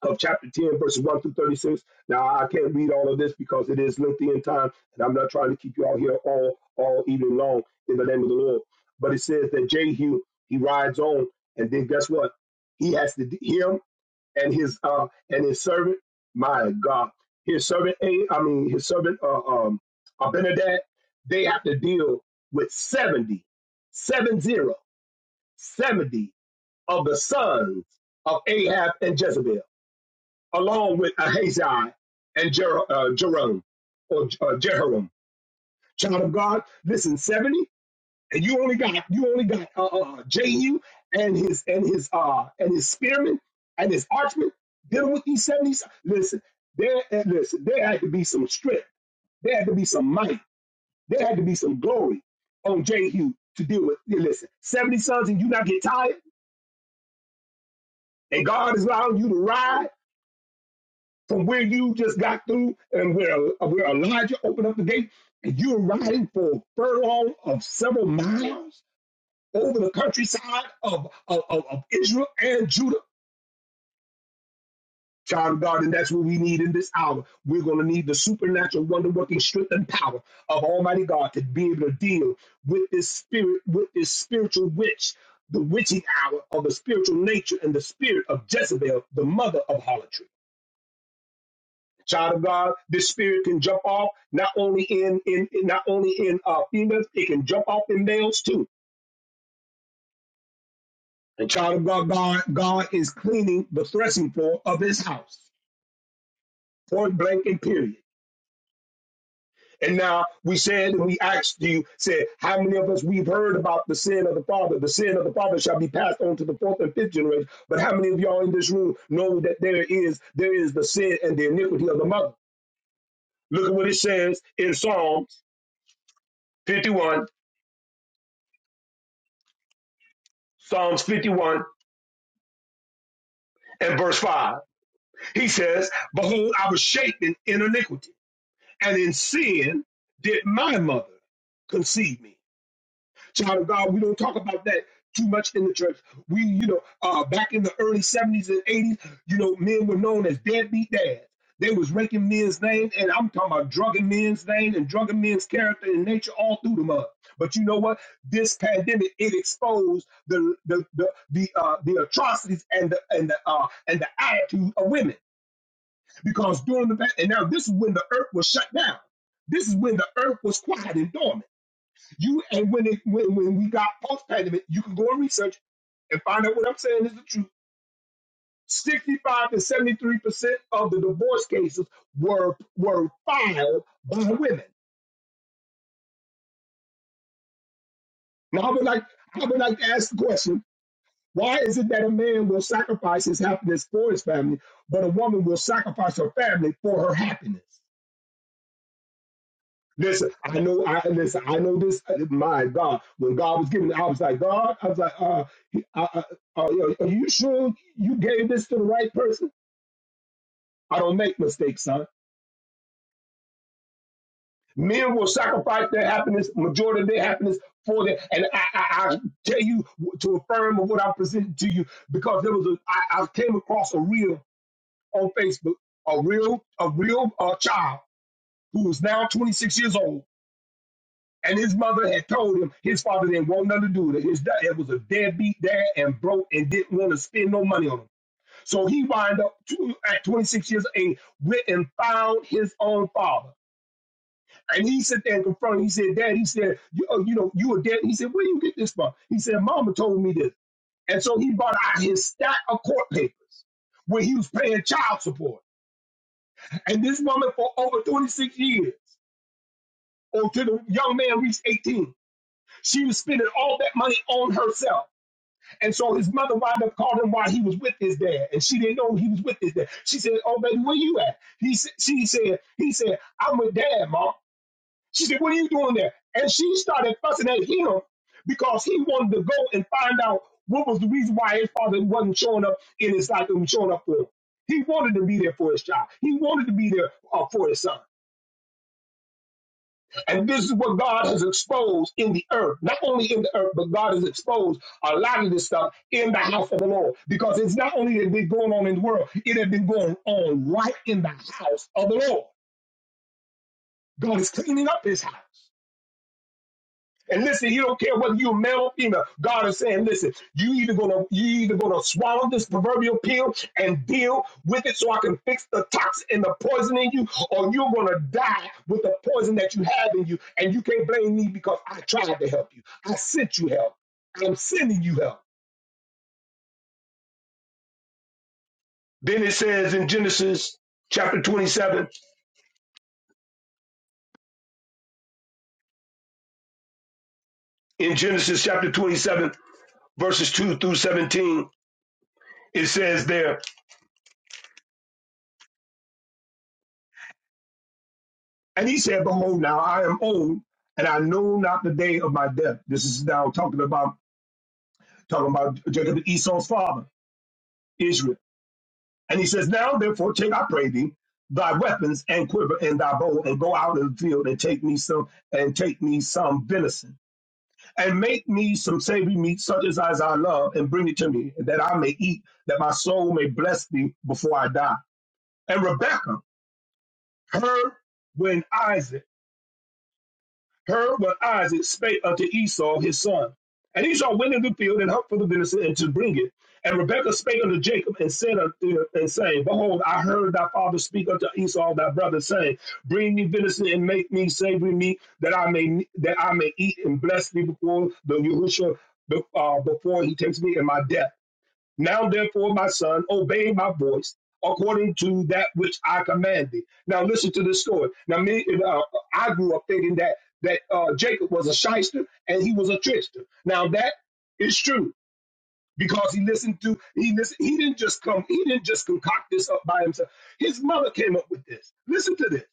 of chapter 10, verses 1 through 36. Now, I can't read all of this because it is lengthy in time, and I'm not trying to keep you all here all, all evening long in the name of the Lord. But it says that Jehu, he rides on, and then guess what? He has to, him and his, uh, and his servant, my God, his servant, A, I mean, his servant, uh, um, Abinadab, they have to deal with seventy, seven zero, seventy of the sons of Ahab and Jezebel along with Ahaziah and Jer- uh, Jerome or uh, Jehoram. Child of God, listen, 70, and you only got you only got uh, uh, Jehu and his and his uh and his spearmen and his archmen dealing with these 70s. Listen, there uh, listen, there had to be some strength, there had to be some might, there had to be some glory on Jehu to deal with. Listen, 70 sons and you not get tired, and God is allowing you to ride. from where you just got through and where, where Elijah opened up the gate, and you're riding for a furlong of several miles over the countryside of, of, of, of Israel and Judah. Child of God, and that's what we need in this hour. We're going to need the supernatural, wonder working strength and power of Almighty God to be able to deal with this spirit, with this spiritual witch, the witching hour of the spiritual nature and the spirit of Jezebel, the mother of harlotry. child of God, this spirit can jump off not only in in not only in uh, females, it can jump off in males too. And child of God, God, God is cleaning the threshing floor of His house, point blank and period. And now we said, and we asked you, said, how many of us we've heard about the sin of the father? The sin of the father shall be passed on to the fourth and fifth generation. But how many of y'all in this room know that there is there is the sin and the iniquity of the mother? Look at what it says in Psalm 51, Psalm 1, and verse 5. He says, Behold, I was shapen in iniquity, and in sin did my mother conceive me. Child of God, we don't talk about that too much in the church. We, you know, uh, back in the early 70s and 80s, you know, men were known as deadbeat dads. They was raking men's names, and I'm talking about drugging men's name and drugging men's character and nature all through the mud. But you know what? This pandemic it exposed the the the the, uh, the atrocities and the and the uh, and the attitude of women. Because during the bat, and now this is when the earth was shut down. This is when the earth was quiet and dormant. You and when it when, when we got post pandemic, you can go and research and find out what I'm saying is the truth. 65 to 73 percent of the divorce cases were were filed by women. Now I would like I would like to ask the question: Why is it that a man will sacrifice his happiness for his family, but a woman will sacrifice her family for her happiness? Listen, I know. I listen. I know this. uh, My God, when God was giving, it, I was like, God, I was like, uh, I, I, uh, are you sure you gave this to the right person? I don't make mistakes, son. Men will sacrifice their happiness, majority of their happiness, for that. And I, I, I tell you to affirm of what I presented to you because there was a. I, I came across a reel on Facebook, a real, a real uh, child who is now 26 years old And his mother had told him his father didn't want nothing to do with it. His dad was a deadbeat dad and broke and didn't want to spend no money on him. So he wound up to, at 26 years of age, went and found his own father. And he sat there and confronted. him. He said, Dad, he said, you, oh, you know, you a dead. He said, Where you get this from? He said, Mama told me this. And so he brought out his stack of court papers where he was paying child support. And this woman for over 26 years, or till the young man reached 18, she was spending all that money on herself. And so his mother wound up calling him while he was with his dad, and she didn't know he was with his dad. She said, "Oh baby, where you at?" He s- she said, "He said I'm with dad, mom." She said, "What are you doing there?" And she started fussing at him because he wanted to go and find out what was the reason why his father wasn't showing up in his life and was showing up for him. He wanted to be there for his child. He wanted to be there uh, for his son. And this is what God has exposed in the earth. Not only in the earth, but God has exposed a lot of this stuff in the house of the Lord. Because it's not only it been going on in the world, it had been going on right in the house of the Lord. God is cleaning up his house. And listen, he don't care whether you're male or female. God is saying, listen, you either gonna you either gonna swallow this proverbial pill and deal with it so I can fix the toxin and the poison in you, or you're gonna die with the poison that you have in you. And you can't blame me because I tried to help you. I sent you help. I'm sending you help. Then it says in Genesis chapter 27, in Genesis chapter 27, verses 2 through 17, it says there, And he said, Behold, now I am old, and I know not the day of my death. This is now talking about talking about Jacob and Esau's father, Israel. And he says, Now therefore take, I pray thee, thy weapons and quiver and thy bow, and go out in the field and take me some and take me some venison, and make me some savory meat, such as I love, and bring it to me, that I may eat, that my soul may bless thee before I die. And Rebekah heard when Isaac Her but Isaac spake unto Esau his son. And Esau went into the field and hunt for the venison and to bring it. And Rebekah spake unto Jacob and said unto and saying, Behold, I heard thy father speak unto Esau thy brother, saying, Bring me venison and make me savory meat, that I may that I may eat and bless thee before the Yahushua uh, before he takes me in my death. Now, therefore, my son, obey my voice according to that which I command thee. Now, listen to this story. Now, me, uh, I grew up thinking that that uh, Jacob was a shyster and he was a trickster. Now, that is true because he listened to he listened, he didn't just come he didn't just concoct this up by himself. His mother came up with this. Listen to this.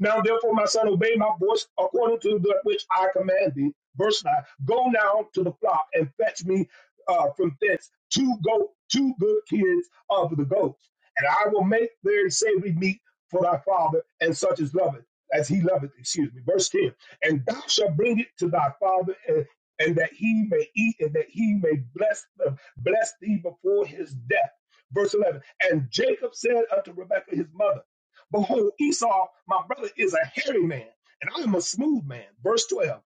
Now, therefore, my son, obey my voice according to that which I command thee. Verse 9 Go now to the flock and fetch me uh, from thence two, goat, two good kids of the goats, and I will make their savory meat for thy father, and such as loveth, as he loveth, excuse me. Verse 10 And thou shalt bring it to thy father, and, and that he may eat, and that he may bless, them, bless thee before his death. Verse 11 And Jacob said unto Rebekah his mother, Behold, Esau, my brother, is a hairy man, and I am a smooth man. Verse 12.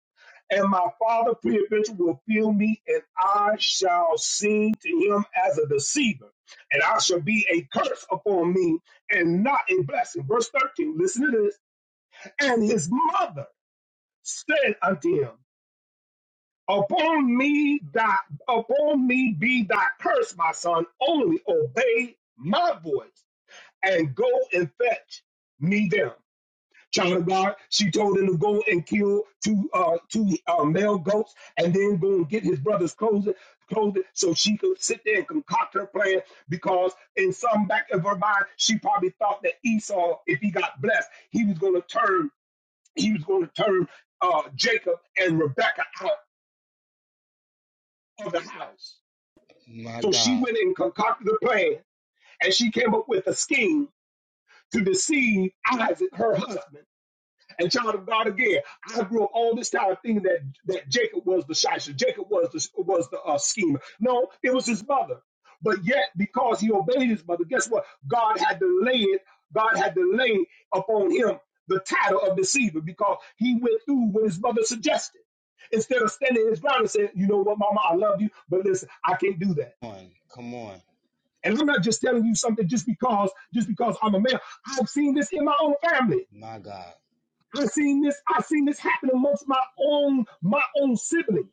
And my father peradventure will feel me, and I shall seem to him as a deceiver, and I shall be a curse upon me, and not a blessing. Verse 13, listen to this. And his mother said unto him, Upon me thy upon me be thy curse, my son, only obey my voice, and go and fetch me them. child of God. She told him to go and kill two uh, two uh, male goats and then go and get his brother's clothes, clothes so she could sit there and concoct her plan because in some back of her mind, she probably thought that Esau, if he got blessed, he was going to turn he was going to turn uh, Jacob and Rebecca out of the house. My So she God. went and concocted a plan and she came up with a scheme to deceive Isaac, her husband And child of God again, I grew up all this time thinking that that Jacob was the shyster, Jacob was the was the uh, schemer. No, it was his mother. But yet, because he obeyed his mother, guess what? God had delayed. God had delayed upon him the title of deceiver because he went through what his mother suggested instead of standing his ground and saying, "You know what, Mama, I love you, but listen, I can't do that." Come on. Come on. And I'm not just telling you something just because just because I'm a male. I've seen this in my own family. My God. I seen this. I seen this happen amongst my own my own sibling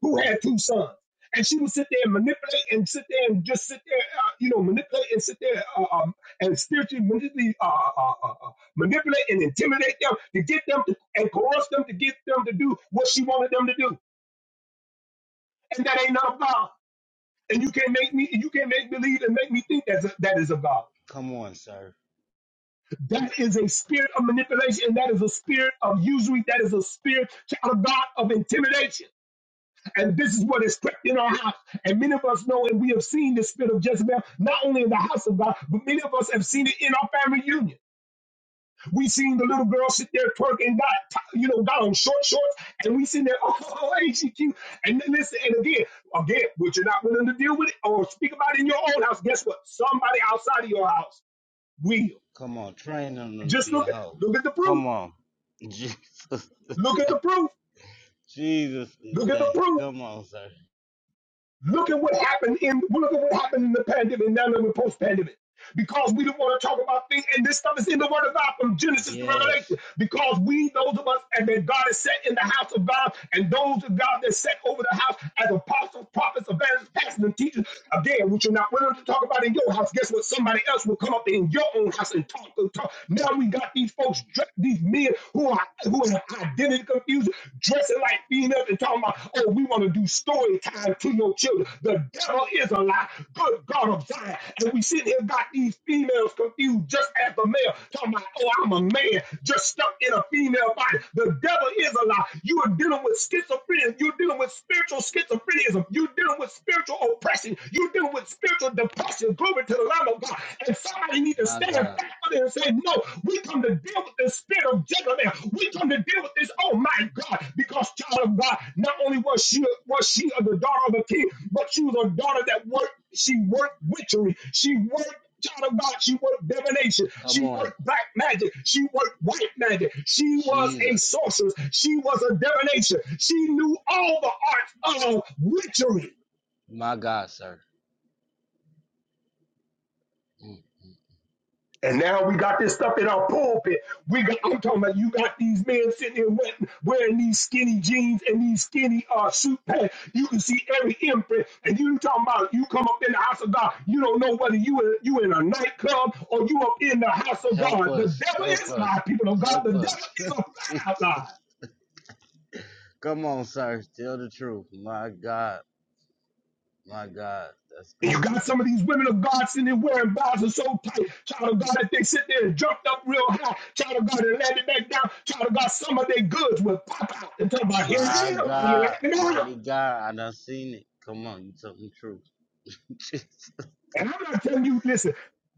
who had two sons, and she would sit there and manipulate and sit there and just sit there, uh, you know, manipulate and sit there uh, um, and spiritually manipulate, uh, uh, uh, uh, manipulate and intimidate them to get them to and coerce them to get them to do what she wanted them to do, and that ain't not of God. And you can't make me, you can't make believe and make me think that's a, that is of God. Come on, sir. That is a spirit of manipulation, and that is a spirit of usury. That is a spirit, child of God, of intimidation. And this is what is trapped in our house. And many of us know and we have seen the spirit of Jezebel, not only in the house of God, but many of us have seen it in our family union. we seen the little girl sit there twerking, and got, you know, got on short shorts, and we seen that, oh, ain't she cute? And then listen, and again, again, what you're not willing to deal with it or speak about it in your own house, guess what? Somebody outside of your house will. Come on. Train them to Just be a look at, hoe. look at the proof. Come on. Jesus. Look at the proof. Jesus Look at the today. proof. Come on, sir. Look at what happened in look at what happened in the pandemic. Now that we're post-pandemic. Because we don't want to talk about things, and this stuff is in the Word of God from Genesis to Revelation. Yes. Because we, those of us, and that God is set in the house of God, and those of God that set over the house as apostles, prophets, evangelists, pastors and teachers are there, which you're not willing to talk about in your house. Guess what? Somebody else will come up in your own house and talk and talk. Now we got these folks, dre- these men who are who are identity confused, dressing like females and talking about, oh, we want to do story time to your children. The devil is a lie. Good God of Zion. And we sit here got these females confused just as the male, talking about, oh, I'm a man, just stuck in a female body. The devil is a lie. You are dealing with schizophrenia. You're dealing with spiritual schizophrenia. You're dealing with with spiritual oppression. You're dealing with spiritual depression. Glory to the Lamb of God. And somebody needs to My stand back God. for this and say, no, we come to deal with the spirit of Jezebel. We come to deal with this, oh my God, because child of God, not only was she was she a the daughter of a king, but she was a daughter that worked, she worked witchery. She worked child of God, she worked divination, she Come worked on. black magic, she worked white magic, she was a Jesus. sorceress, she was a divination, she knew all the arts of witchery. My God, sir. Mm. And now we got this stuff in our pulpit. We got I'm talking about you got these men sitting there wearing, wearing these skinny jeans and these skinny uh suit pants. You can see every imprint, and you talking about you come up in the house of God. You don't know whether you in, you in a nightclub or you up in the house of Help God. The us. devil is Help a lie, us. people of God. The Help devil us. is a flat out lie. Jesus. Come on, sir. Tell the truth. My God. My God. That's And you good, got sir. some of these women of God sitting there wearing blouses so tight, child of God, that they sit there and jumped up real high, child of God, and landed back down, child of God, some of their goods will pop out and talk about, here My I am, how you God, like me now? mighty God, I done seen it. Come on, you tell the truth. And I'm not telling you, listen,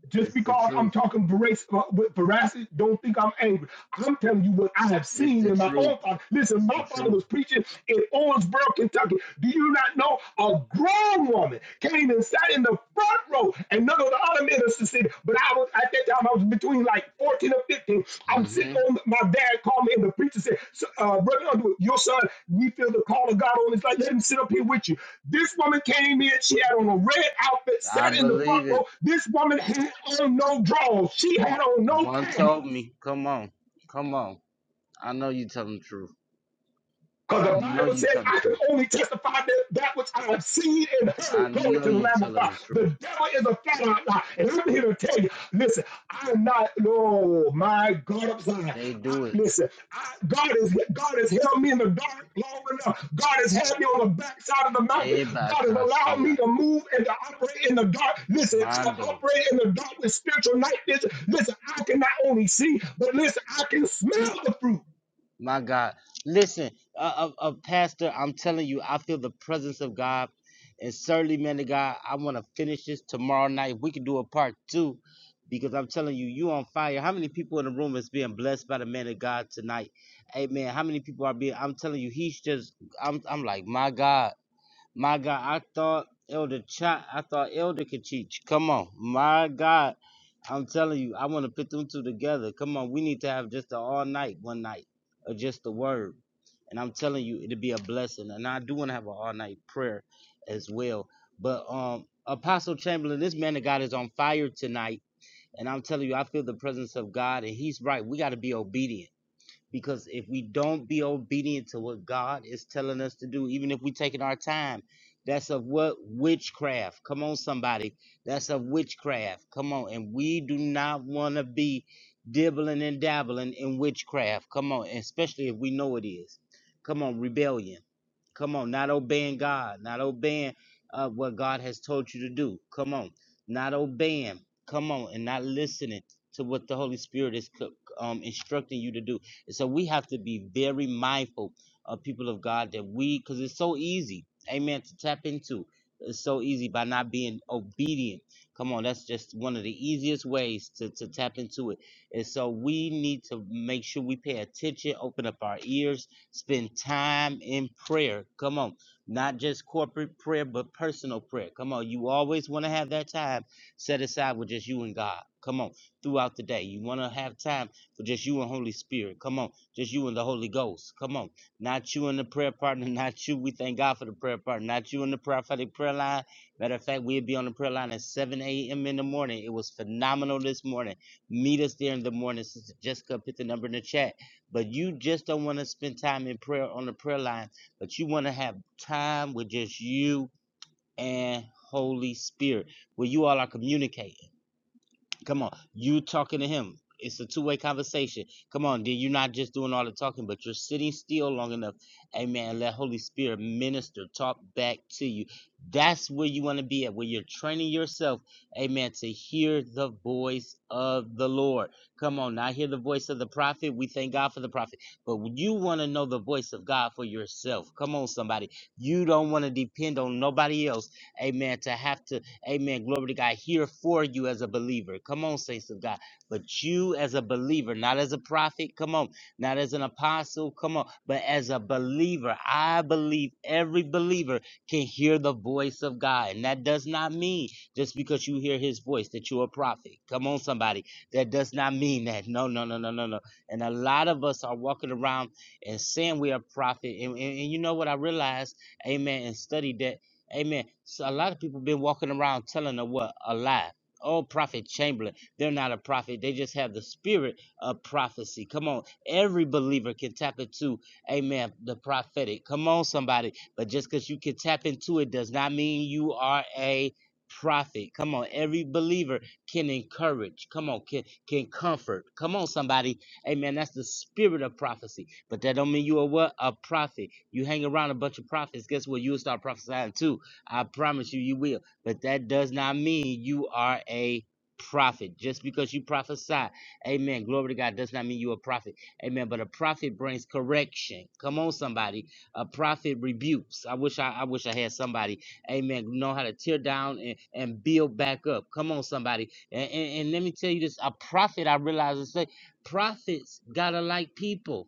just it's the because I'm truth. talking verac- uh, with veracity, don't think I'm angry. I'm telling you what I have It's seen the in my own truth. father. Listen, It's my the father truth. was preaching in Owensboro, Kentucky. Do you not know a grown woman came and sat in the front row, and none of the other ministers said, but I was at that time. I was between like 14 or 15. I'm sitting hmm on my dad called me and the preacher said, "So, uh, brother Underwood, your son, we feel the call of God on his life. Let him sit up here with you. This woman came in. She had on a red outfit, I sat in the front believe it. row. This woman had on no drawers. She had on no One told panties. me. Come on. Come on. I know you telling the truth. Because the I know Bible you says, telling the I can truth. only testify that, that which I have seen and I heard. Glory know to the you Lamb of telling God. the truth. The devil is a fat out lie. And I'm here to tell you, listen, I'm not, no, my God, I'm sorry. They I, do it. listen, I, God, is, God has held me in the dark long enough. God has had me on the backside of the mountain. Everybody God has can allowed see ya. me to move and to operate in the dark. Listen, I Mondo. operate in the dark with spiritual night vision. Listen, I can not only see, but listen, I can smell the fruit. My God. Listen, uh, uh, uh, Pastor, I'm telling you, I feel the presence of God. And certainly, man of God, I want to finish this tomorrow night. We can do a part two because I'm telling you, you on fire. How many people in the room is being blessed by the man of God tonight? Amen. How many people are being, I'm telling you, he's just, I'm, I'm like, my God. My God, I thought Elder Chat, I thought Elder could teach. Come on, my God, I'm telling you, I want to put them two together. Come on, we need to have just an all night, one night, or just the word. And I'm telling you, it'll be a blessing. And I do want to have an all night prayer as well. But um, Apostle Chamberlain, this man of God is on fire tonight. And I'm telling you, I feel the presence of God, and he's right. We got to be obedient. Because if we don't be obedient to what God is telling us to do, even if we taking our time, that's of what witchcraft. Come on, somebody. That's of witchcraft. Come on. And we do not want to be dibbling and dabbling in witchcraft. Come on. Especially if we know it is. Come on, rebellion. Come on, not obeying God, not obeying uh, what God has told you to do. Come on, not obeying. Come on, and not listening to what the Holy Spirit is um, instructing you to do. And so we have to be very mindful of people of God that we, because it's so easy, amen, to tap into. It's so easy by not being obedient. Come on, that's just one of the easiest ways to, to tap into it. And so we need to make sure we pay attention, open up our ears, Spend time in prayer. Come on. Not just corporate prayer, but personal prayer. Come on. You always want to have that time set aside with just you and God. Come on. Throughout the day, you want to have time for just you and Holy Spirit. Come on. Just you and the Holy Ghost. Come on. Not you and the prayer partner. Not you. We thank God for the prayer partner. Not you and the prophetic prayer line. Matter of fact, we'll be on the prayer line at 7 a.m. in the morning. It was phenomenal this morning. Meet us there in the morning. Sister Jessica put the number in the chat but you just don't want to spend time in prayer on the prayer line, but you want to have time with just you and Holy Spirit where you all are communicating. Come on, you talking to him. It's a two-way conversation. Come on, dude. You're not just doing all the talking, but you're sitting still long enough. Amen. Let Holy Spirit minister, talk back to you. That's where you want to be at, where you're training yourself, amen, to hear the voice of the Lord. Come on, now hear the voice of the prophet. We thank God for the prophet, but you want to know the voice of God for yourself. Come on, somebody. You don't want to depend on nobody else, amen, to have to Amen. Glory to God. Here for you as a believer. Come on, saints of God. But you as a believer, not as a prophet. Come on. Not as an apostle. Come on. But as a believer, I believe every believer can hear the voice of God. And that does not mean just because you hear his voice that you're a prophet. Come on, somebody. That does not mean that. No, no, no, no, no, no. And a lot of us are walking around and saying we are prophet. And, and, and you know what I realized? Amen. And studied that Amen. So a lot of people been walking around telling them what a lie. Oh, prophet Chamberlain, they're not a prophet. They just have the spirit of prophecy. Come on, every believer can tap into, Amen, the prophetic. Come on, somebody. But just because you can tap into it does not mean you are a prophet. Come on, every believer can encourage. Come on, can can comfort. Come on, somebody. Amen. That's the spirit of prophecy. But that don't mean you are what a prophet. You hang around a bunch of prophets. Guess what? You'll start prophesying too I promise you, you will. But that does not mean you are a prophet. Just because you prophesy, amen, glory to God, does not mean you're a prophet. Amen. But a prophet brings correction. Come on, somebody. A prophet rebukes. I wish I, I wish I had somebody, amen, know how to tear down and, and build back up. Come on, somebody. And, and, and let me tell you this, a prophet, I realize, is like prophets gotta like people.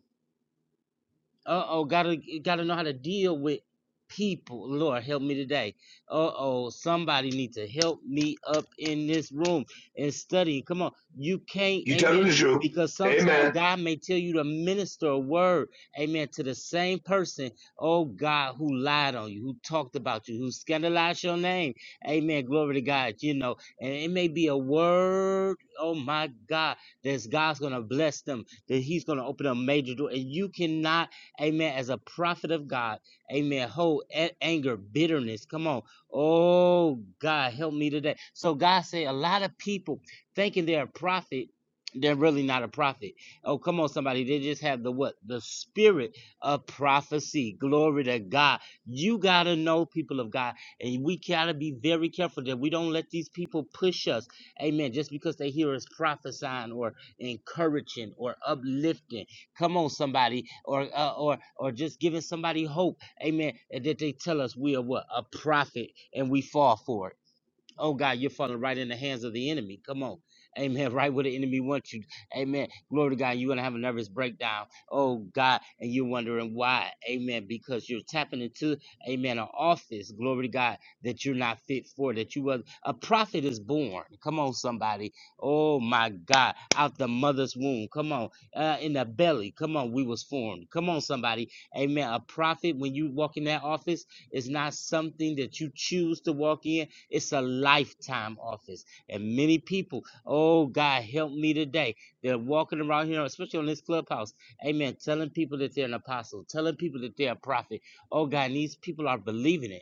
Uh oh, gotta gotta know how to deal with people. Lord, help me today. Uh oh, somebody need to help me up in this room and study. Come on, you can't, You telling amen. the truth. Because Amen. sometimes God may tell you to minister a word, amen, to the same person, oh God, who lied on you, who talked about you, who scandalized your name. Amen. Glory to God, you know. And it may be a word, oh my God, that God's gonna bless them, that He's gonna open a major door. And you cannot Amen. As a prophet of God, amen. Hold anger, bitterness. Come on. Oh, God, help me today. So, God said, a lot of people thinking they're a prophet. They're really not a prophet. Oh, come on, somebody. They just have the what? The spirit of prophecy. Glory to God. You got to know, people of God. And we got to be very careful that we don't let these people push us. Amen. Just because they hear us prophesying or encouraging or uplifting. Come on, somebody, or uh, or or just giving somebody hope, amen. that they tell us we are what a prophet, and we fall for it. Oh God, you're falling right in the hands of the enemy. Come on. Amen. Right where the enemy wants you. Amen. Glory to God. You're going to have a nervous breakdown. Oh God. And you're wondering why. Amen. Because you're tapping into, amen, an office. Glory to God that you're not fit for, that you was a prophet is born. Come on, somebody. Oh my God. Out the mother's womb. Come on. Uh, in the belly. Come on. We was formed. Come on, somebody. Amen. A prophet, when you walk in that office, is not something that you choose to walk in it's a lifetime office. And many people, oh God, help me today. They're walking around here, especially on this clubhouse. Amen. Telling people that they're an apostle, telling people that they're a prophet. Oh God, and these people are believing it.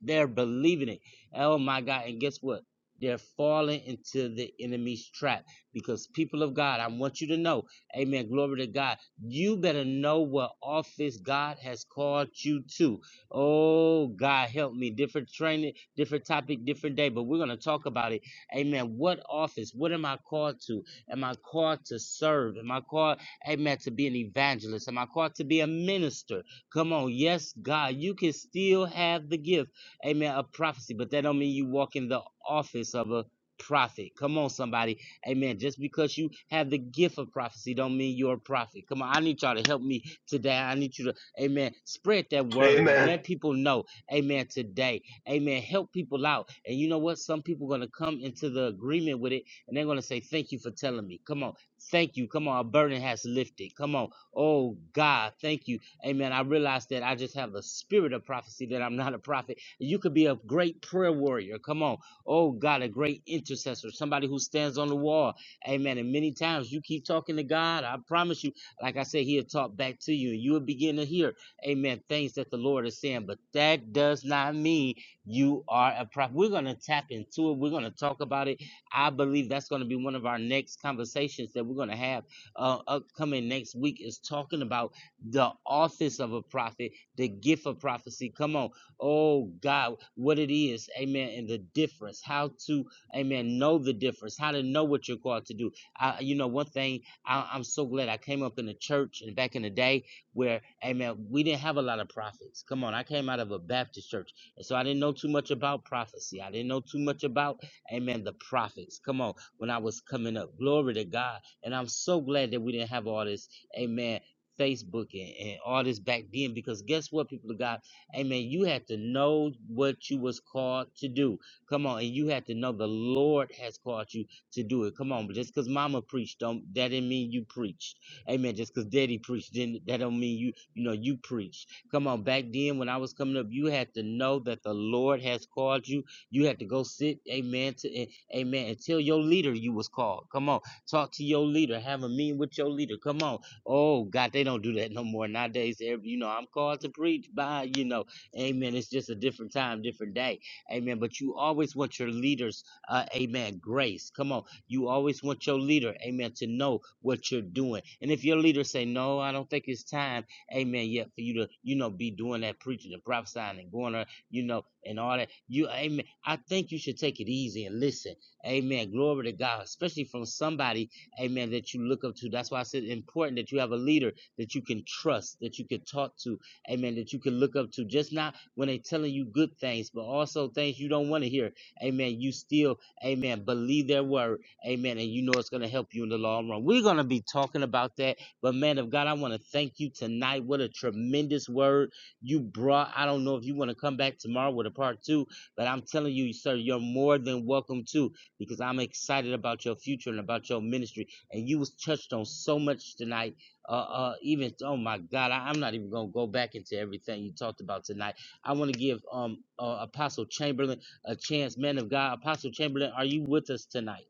They're believing it. Oh my God. And guess what? They're falling into the enemy's trap because people of God, I want you to know, amen, glory to God. You better know what office God has called you to. Oh, God, help me. Different training, different topic, different day, but we're going to talk about it. Amen. What office? What am I called to? Am I called to serve? Am I called, amen, to be an evangelist? Am I called to be a minister? Come on. Yes, God, you can still have the gift amen, of prophecy, but that don't mean you walk in the office of a prophet. Come on, somebody. Amen. Just because you have the gift of prophecy don't mean you're a prophet. Come on, I need y'all to help me today. I need you to, amen, spread that word. Amen. Let people know, amen, today. Amen. Help people out. And you know what? Some people are going to come into the agreement with it and they're going to say, thank you for telling me. Come on. Thank you. Come on. A burden has lifted. Come on. Oh, God. Thank you. Amen. I realize that I just have a spirit of prophecy that I'm not a prophet you could be a great prayer warrior. Come on. Oh God, a great intercessor, somebody who stands on the wall. Amen. And many times you keep talking to God. I promise you, like I said, He'll talk back to you and you will begin to hear, Amen, things that the Lord is saying. But that does not mean you are a prophet. We're going to tap into it. We're going to talk about it. I believe that's going to be one of our next conversations that we're going to have uh, upcoming next week is talking about the office of a prophet, the gift of prophecy. Come on. Oh God, what it is, amen, and the difference, how to, amen, know the difference, how to know what you're called to do. I, you know, one thing, I, I'm so glad I came up in the church and back in the day where, amen, we didn't have a lot of prophets. Come on, I came out of a Baptist church, and so I didn't know too much about prophecy. I didn't know too much about, amen, the prophets. Come on, when I was coming up, glory to God. And I'm so glad that we didn't have all this, amen. Facebook and, and all this back then because guess what, people of God? Amen. You had to know what you was called to do. Come on, and you had to know the Lord has called you to do it. Come on, but just because Mama preached, don't that didn't mean you preached. Amen. Just because Daddy preached, didn't that don't mean you you know you preached. Come on, back then when I was coming up, you had to know that the Lord has called you. You had to go sit, Amen, to eh, Amen, and tell your leader you was called. Come on, talk to your leader, have a meeting with your leader. Come on, oh God, they don't do that no more nowadays. Every- You know, I'm called to preach. Bye. You know. Amen. It's just a different time, different day. Amen. But you always want your leaders, uh, amen, grace. Come on. You always want your leader, amen, to know what you're doing. And if your leader say, no, I don't think it's time, amen, yet for you to, you know, be doing that preaching and prophesying and going on, you know, and all that. You, amen. I think you should take it easy and listen. Amen. Glory to God, especially from somebody, amen, that you look up to. That's why I said it's important that you have a leader that you can trust, that you can talk to, amen, that you can look up to. Just not when they're telling you good things, but also things you don't want to hear, amen. You still, amen, believe their word, amen, and you know it's going to help you in the long run. We're going to be talking about that, but man of God, I want to thank you tonight. What a tremendous word you brought. I don't know if you want to come back tomorrow with a part two, but I'm telling you, sir, you're more than welcome to because I'm excited about your future and about your ministry. And you was touched on so much tonight uh, uh, even oh my God, I, I'm not even gonna go back into everything you talked about tonight. I want to give um uh, Apostle Chamberlain a chance, man of God. Apostle Chamberlain, are you with us tonight?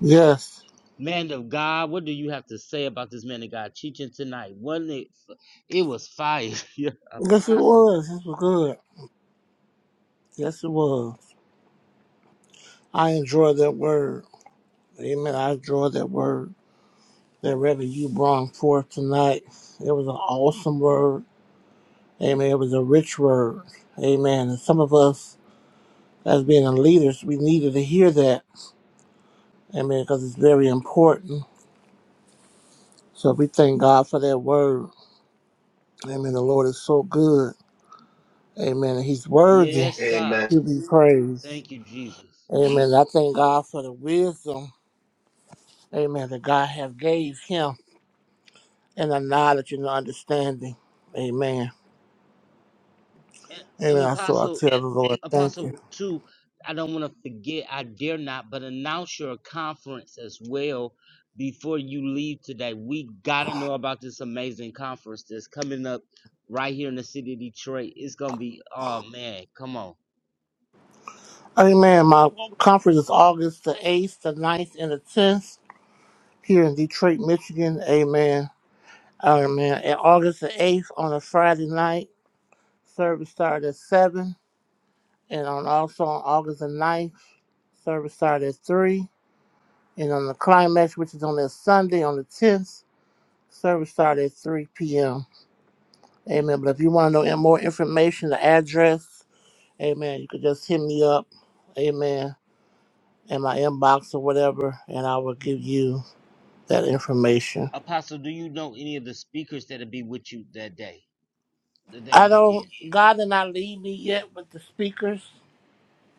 Yes. Man of God, what do you have to say about this man of God teaching tonight? Wasn't it? f- It was fire, Yeah, Yes, it Apostle. was. This was good. Yes, it was. I enjoyed that word. Amen. I enjoyed that word that Reverend you brought forth tonight. It was an awesome word. Amen. It was a rich word. Amen. And some of us, as being the leaders, we needed to hear that. Amen. Because it's very important. So we thank God for that word. Amen. The Lord is so good. Amen. He's worthy Yes, Amen. God. to be praised. Thank you, Jesus. Amen. I thank God for the wisdom. Amen. That God have gave him and the knowledge and the understanding. Amen. And, and Amen. I so I Apostle, tell the Lord, thank Apostle, you. too, I don't want to forget, I dare not, but announce your conference as well before you leave today. We got to know about this amazing conference that's coming up right here in the city of Detroit. It's going to be, oh man, come on. Amen. My conference is August the 8th, the ninth, and the 10th here in Detroit, Michigan. Amen. Amen. And August the 8th on a Friday night, service started at 7. And on also on August the ninth, service started at 3. And on the climax, which is on that Sunday on the 10th, service started at 3 p.m. Amen. But if you want to know more information, the address, amen, you could just hit me up, amen, in my inbox or whatever, and I will give you that information. Apostle, do you know any of the speakers that'll be with you that day, th- that I don't, weekend? God did not lead me yet with the speakers,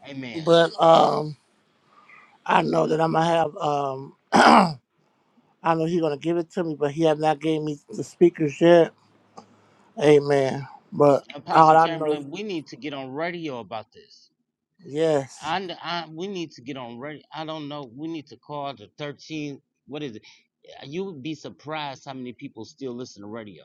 Amen. but um, I know that I'm going to have, um, I know He's going to give it to me, but He has not gave me the speakers yet. Amen. But all Apostle I know is, Chamberlain, we need to get on radio about this. yes, I, I we need to get on ready. I don't know. We need to call the 13. What is it? you would be surprised how many people still listen to radio.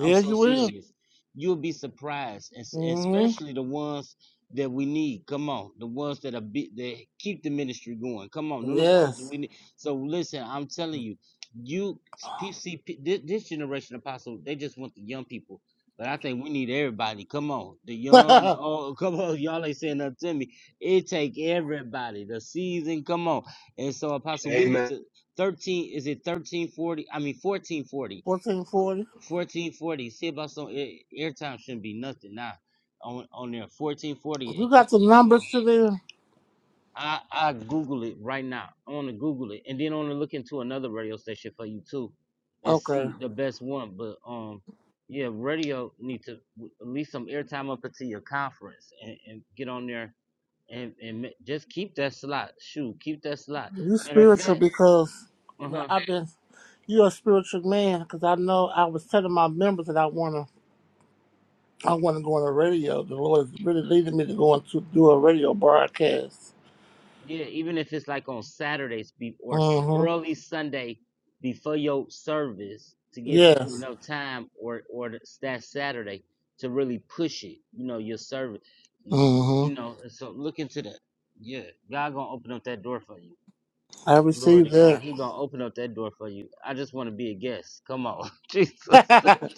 I'm so you will. serious. You'll be surprised, and s- and hmm especially the ones that we need. Come on, the ones that are be, that keep the ministry going. Come on, none of the ones Yes. we need. So listen, I'm telling you, you PC this, this generation apostle, they just want the young people. But I think we need everybody. Come on, the young, the old. Come on, y'all ain't saying nothing to me. It take everybody. The season. Come on. And so, Apostle, we need Amen. to. Thirteen is it thirteen forty? I mean fourteen forty. 1440. Fourteen forty. See about some air, airtime shouldn't be nothing now. On on there fourteen forty. You come got the come on. numbers to do? I I Google it right now. I want to Google it and then I want to look into another radio station for you too, and Okay. see the best one. But um, yeah, radio need to w- at least some airtime up until your conference and, and get on there and and ma- just keep that slot. Shoot, keep that slot. You Matter of spiritual fact, because uh huh. I've been. You're a spiritual man because I know I was telling my members that I wanna. I wanna go on the radio. The Lord is really leading me to go on to do a radio broadcast. Yeah, even if it's like on Saturdays be, or s- Mm-hmm. early Sunday before your service to give people Yes. enough time or or th- that Saturday to really push it. You know your service. You, you Mm-hmm. know, and so look into that. Yeah, God gonna open up that door for you. I Glory received to that. God. He gonna open up that door for you. I just want to be a guest. Come on, Jesus.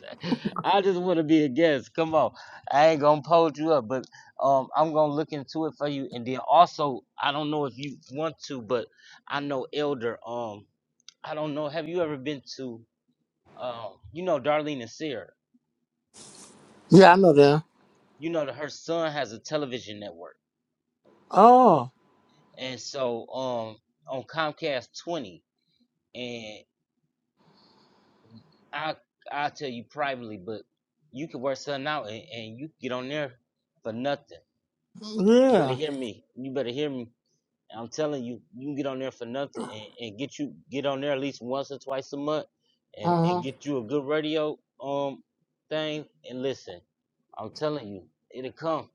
I just want to be a guest. Come on. I ain't gonna hold you up, but um, I'm gonna look into it for you. And then also, I don't know if you want to, but I know Elder. Um, I don't know. Have you ever been to um, you know, Darlene and Sarah? yeah, I know that. You know that her son has a television network, Oh, and so um, on Comcast 20. and. I'll I'll tell you privately, but you can work something out and, and you get on there for nothing. You better yeah. hear me. You better hear me. I'm telling you, you can get on there for nothing and, and get you get on there at least once or twice a month and, Uh-huh. and get you a good radio um thing and listen. I'm telling you, it'll come.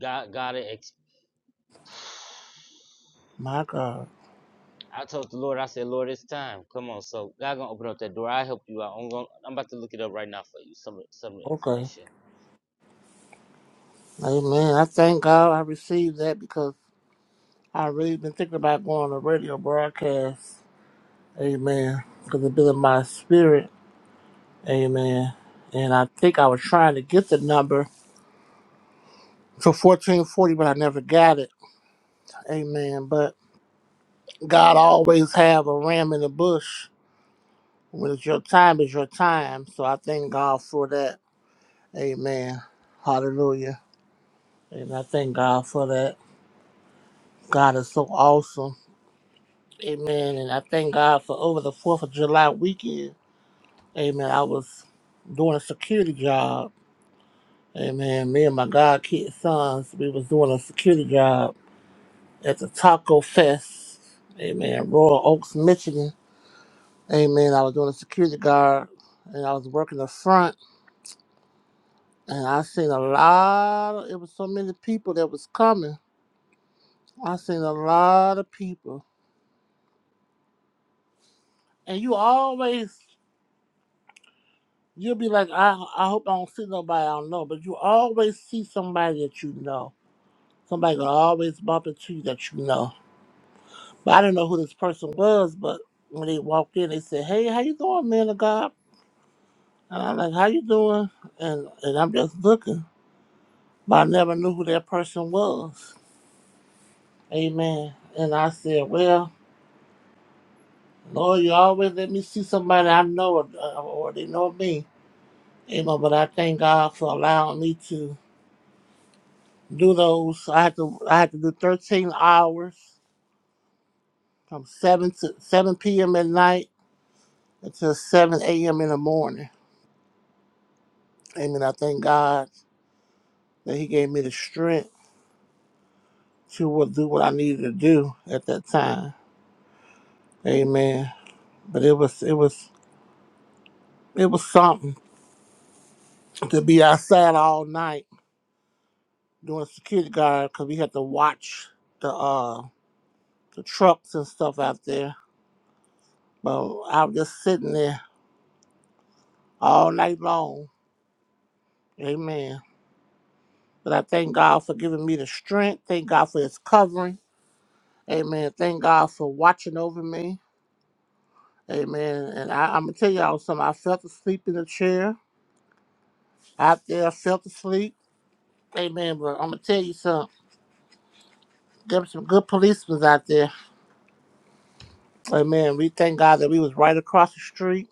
God gotta ex- My God. I told the Lord, I said, Lord, it's time. Come on, so God gonna open up that door. I help you out. I'm going I'm about to look it up right now for you. Some some Okay. information. Amen. I thank God I received that because I really been thinking about going on a radio broadcast. Amen. Because it's been in my spirit. Amen. And I think I was trying to get the number for 1440, but I never got it. Amen. But God always have a ram in the bush. When it's your time, it's your time. So I thank God for that. Amen. Hallelujah. And I thank God for that. God is so awesome. Amen. And I thank God for over the 4th of July weekend. Amen. I was doing a security job Amen. Me and my godkid sons, we was doing a security job at the Taco Fest. Amen. Royal Oaks, Michigan. Amen. I was doing a security guard and I was working the front and I seen a lot of it was so many people that was coming. I seen a lot of people. And you always you'll be like, I I hope I don't see nobody I don't know, but you always see somebody that you know. Somebody will always bump into you that you know. But I didn't know who this person was, but when they walked in, they said, "Hey, how you doing, man of God?" And I'm like, "How you doing?" And and I'm just looking, but I never knew who that person was. Amen. And I said, "Well, Lord, you always let me see somebody I know uh, or they know me." Amen. But I thank God for allowing me to do those. I had to I had to do 13 hours from seven to 7 p.m. at night until 7 a.m. in the morning. Amen. I thank God. that he gave me the strength to do what I needed to do at that time. Amen. But it was it was it was something to be outside all night doing security guard because we had to watch the uh the trucks and stuff out there. But I was just sitting there all night long. Amen. But I thank God for giving me the strength. Thank God for His covering. Amen. Thank God for watching over me. Amen. And I, I'm gonna tell y'all something. I fell asleep in the chair out there self asleep. Amen. But I'm gonna tell you something. There were some good policemen out there. Amen. We thank God that we was right across the street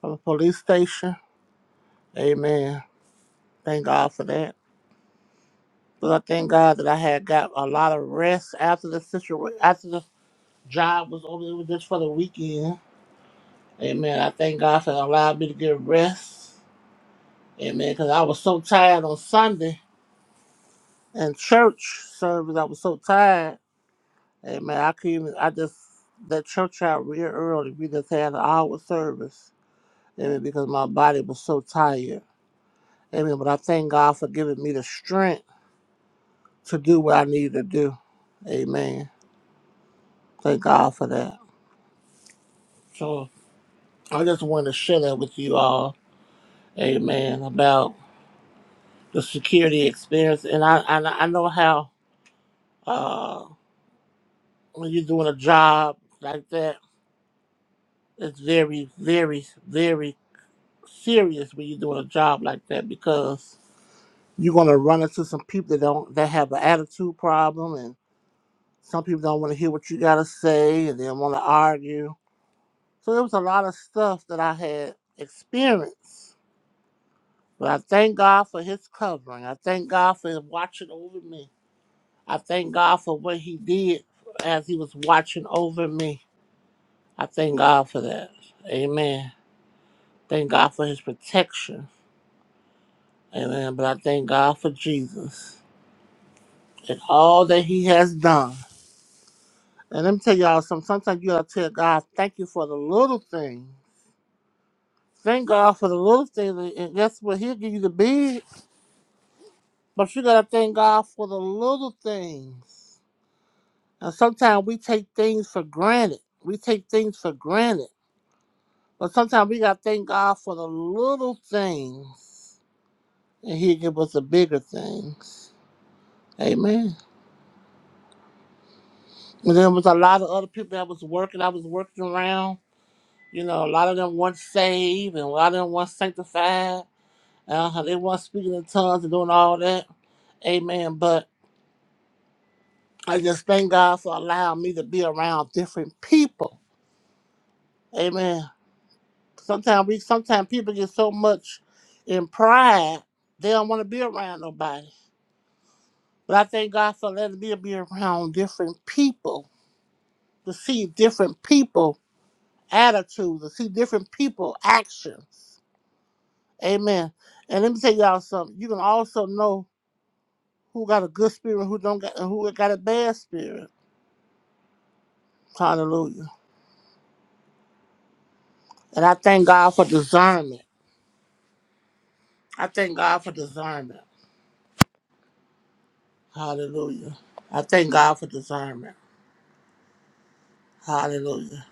from a police station. Amen. Thank God for that. But I thank God that I had got a lot of rest after the situation, after the job was over. It was just for the weekend. Amen. I thank God for allowing me to get rest. Amen. Because I was so tired on Sunday and church service. I was so tired. Amen. I could not I just, that church out real early. We just had an hour service. Amen. Because my body was so tired. Amen. But I thank God for giving me the strength to do what I need to do. Amen. Thank God for that. So I just want to share that with you all. Amen. About the security experience. And I, I, I know how, uh, when you're doing a job like that, it's very, very, very serious when you're doing a job like that because you're gonna run into some people that don't that have an attitude problem and some people don't want to hear what you gotta say and they want to argue so there was a lot of stuff that i had experienced but i thank god for his covering i thank god for watching over me i thank god for what he did as he was watching over me i thank god for that amen thank god for his protection amen but i thank god for jesus and all that he has done And let me tell y'all some sometimes you gotta tell God, thank you for the little thing. Thank God for the little things, and and guess what? He'll give you the big, but you gotta thank God for the little things. And sometimes we take things for granted. We take things for granted. But sometimes we gotta thank God for the little things. And he'll give us the bigger things. Amen. And there was a lot of other people that was working, I was working around. You know, a lot of them weren't saved and a lot of them weren't sanctified. Uh, how they want speaking in tongues and doing all that. Amen. But I just thank God for allowing me to be around different people. Amen. Sometimes we sometimes people get so much in pride they don't want to be around nobody. But I thank God for letting me be around different people to see different people attitudes, to see different people actions. Amen. And let me tell y'all something. You can also know who got a good spirit, who don't got, and who got a bad spirit Hallelujah. And I thank God for discernment. I thank God for discernment. Hallelujah. I thank God for discernment. Hallelujah.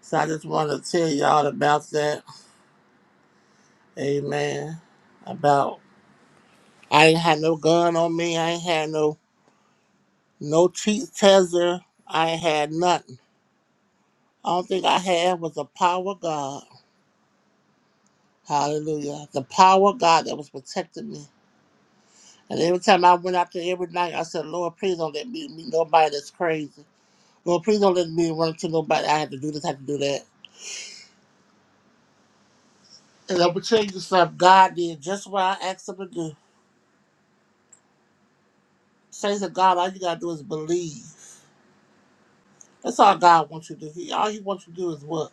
So I just want to tell y'all about that. Amen. About I ain't had no gun on me. I ain't had no no cheat taser. I ain't had nothing. All thing I had was the power of God. Hallelujah. The power of God that was protecting me. And every time I went out there every night, I said, Lord, please don't let me meet nobody that's crazy. Lord, please don't let me run to nobody. I have to do this, I have to do that. And I'm going to tell you something. God did just what I asked him to do. Say to God, all you got to do is believe. That's all God wants you to do. He, all he wants you to do is what?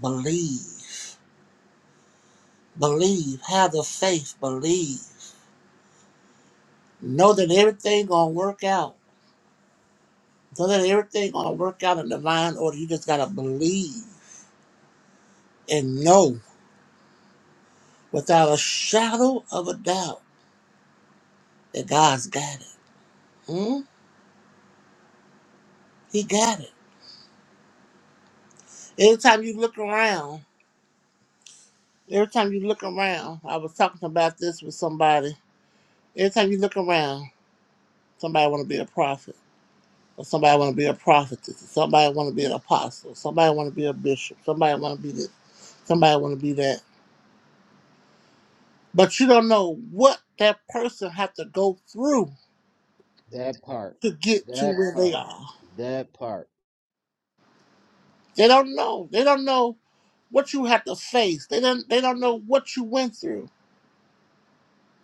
Believe. Believe. Have the faith. Believe. Know that everything going to work out. Know that everything going to work out in divine order. You just got to believe and know without a shadow of a doubt that God's got it. Hmm? He got it. Anytime you look around, Every time you look around, I was talking about this with somebody. Every time you look around, somebody want to be a prophet, or somebody want to be a prophetess, or somebody want to be an apostle, somebody want to be a bishop, somebody want to be this, somebody want to be that. But you don't know what that person had to go through That part. to get to That where they part. are. That part. They don't know. They don't know what you had to face. They don't. They don't know what you went through.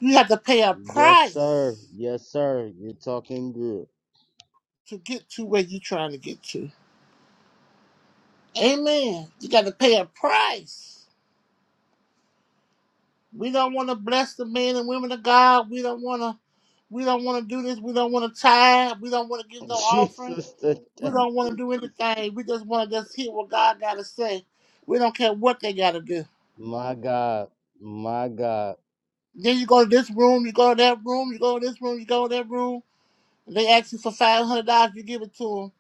You had to pay a Yes, sir. price Yes, sir. You're talking good. to get to where you're trying to get to. Amen. You got to pay a price. We don't want to bless the men and women of God. We don't want to. We don't want to do this. We don't want to tithe. We don't want to give no offerings. Jesus, the- We the- don't want to do anything. We just want to just hear what God got to say. We don't care what they got to do. my God. My God. Then you go to this room. You go to that room. You go to this room. You go to that room. And they ask you for five hundred dollars. You give it to them.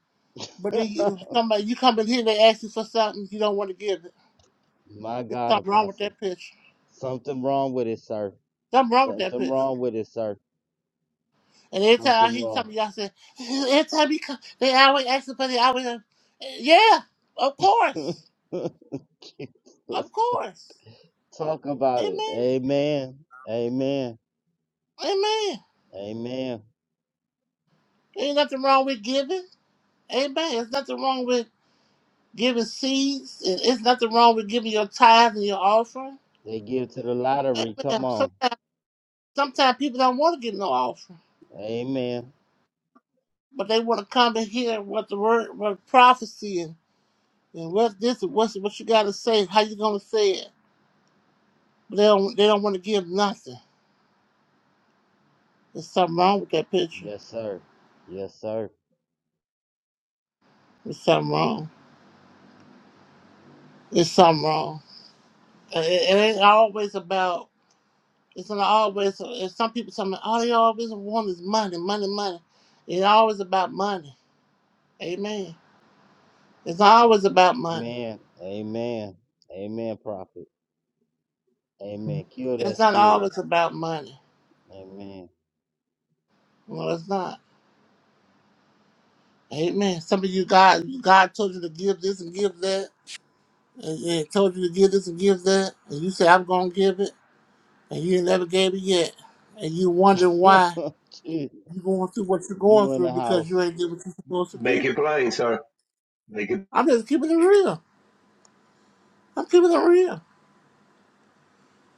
But my then you, somebody you come in here. They ask you for something. You don't want to give it. There's God, something wrong with Apostle. that picture. Something wrong with it, sir. Something wrong with that picture. Something wrong with it, sir. And every time Something he wrong. come, y'all said. every time he come, they always ask the person, always, uh, yeah, of course, Jesus. of course. Talk about it. Amen. Amen. Amen. Amen. Amen. Ain't nothing wrong with giving. Amen. There's nothing wrong with giving seeds. and It's nothing wrong with giving your tithe and your offering. They give to the lottery. Come Amen. on. Sometimes people don't want to give no offering, Amen. but they want to come and hear what the word, what prophecy and, and what this and what's, what you got to say, how you going to say it. But they don't, they don't want to give nothing. There's something wrong with that picture. Yes, sir. Yes, sir. There's something wrong. There's something wrong. Uh, It, it ain't always about. It's not always. If some people tell me, all they always want is money, money, money. It's always about money. Amen. It's not always about money. Amen. Amen. Amen, prophet. Amen. Kill It's that not spirit. always about money. Amen. No, it's not. Amen. Some of you God, God told you to give this and give that, and, and told you to give this and give that, and you say I'm gonna give it, and you ain't never gave it yet, and you wondering why. Jesus. You're going through what you're going you in through the because you house. ain't did what you're supposed to Make do. it plain, sir. Make it. I'm just keeping it real. I'm keeping it real.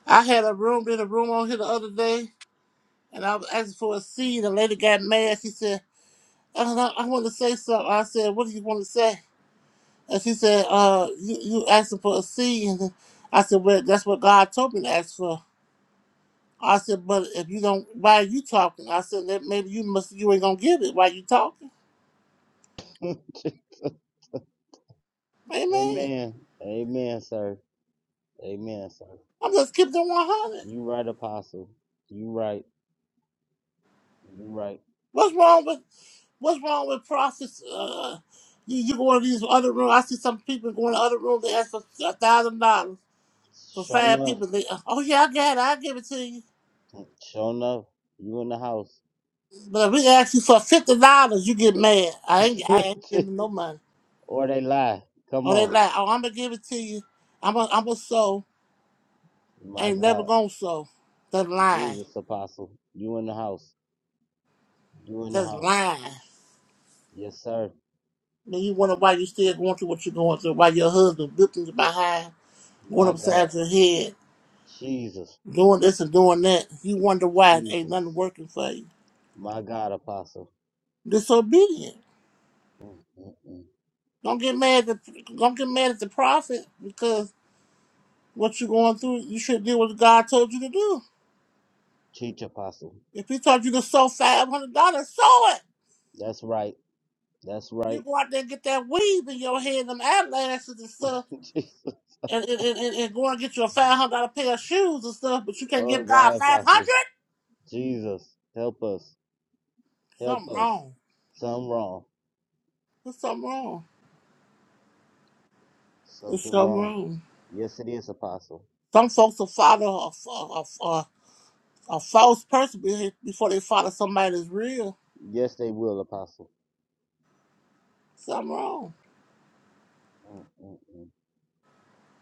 I had a room, did a room on here the other day, and I was asking for a seed. The lady got mad. She said, uh, I, I want to say something. I said, What do you want to say? And she said, uh, you, you asking for a seed. And then I said, Well, that's what God told me to ask for. I said, But if you don't, why are you talking? I said, that Maybe you must, you ain't going to give it. Why you talking? Jesus. Amen. Amen. Amen, sir. Amen, sir. I'm just keeping it 100. You right, apostle. You right. You right. What's wrong with? What's wrong with process? Uh, you, you go to these other rooms. I see some people going to other rooms. They ask for a thousand dollars for Show five enough. people. They, oh yeah, I got it. I'll give it to you. Show enough. You in the house. But if we ask you for fifty dollars, you get mad. I ain't, I ain't giving no money. or they lie. Come Or they on. like, oh, I'm gonna give it to you. I'm a, I'm a sow. I My Ain't never God. gonna sow. That's lying. Jesus, apostle. You in the house. You in the That's house. lying. Yes, sir. Then you wonder why you still going through what you're going through. Why your husband whipping you behind, going My God. upside your head. Jesus, doing this and doing that, you wonder why it ain't nothing Jesus, working for you. my God, Apostle, Disobedient. Mm, mm, mm. Don't get mad at the, don't get mad at the prophet because what you're going through, you should do what God told you to do. teach Apostle. If he told you to sow five hundred dollars, sow it. That's right, that's You right. go out there and get that weave in your head and eyelashes and stuff Jesus, and, and, and, and go and get you a five hundred dollar pair of shoes and stuff, but you can't oh give God God, five Apostle, hundred? Jesus, help us, help Something us. wrong. Something wrong, There's something wrong. There's something something wrong. wrong. Yes, it is, Apostle. Some folks will follow a, a, a, A false person be- before they follow somebody that's real. Yes, they will, Apostle. Something wrong. Mm, mm,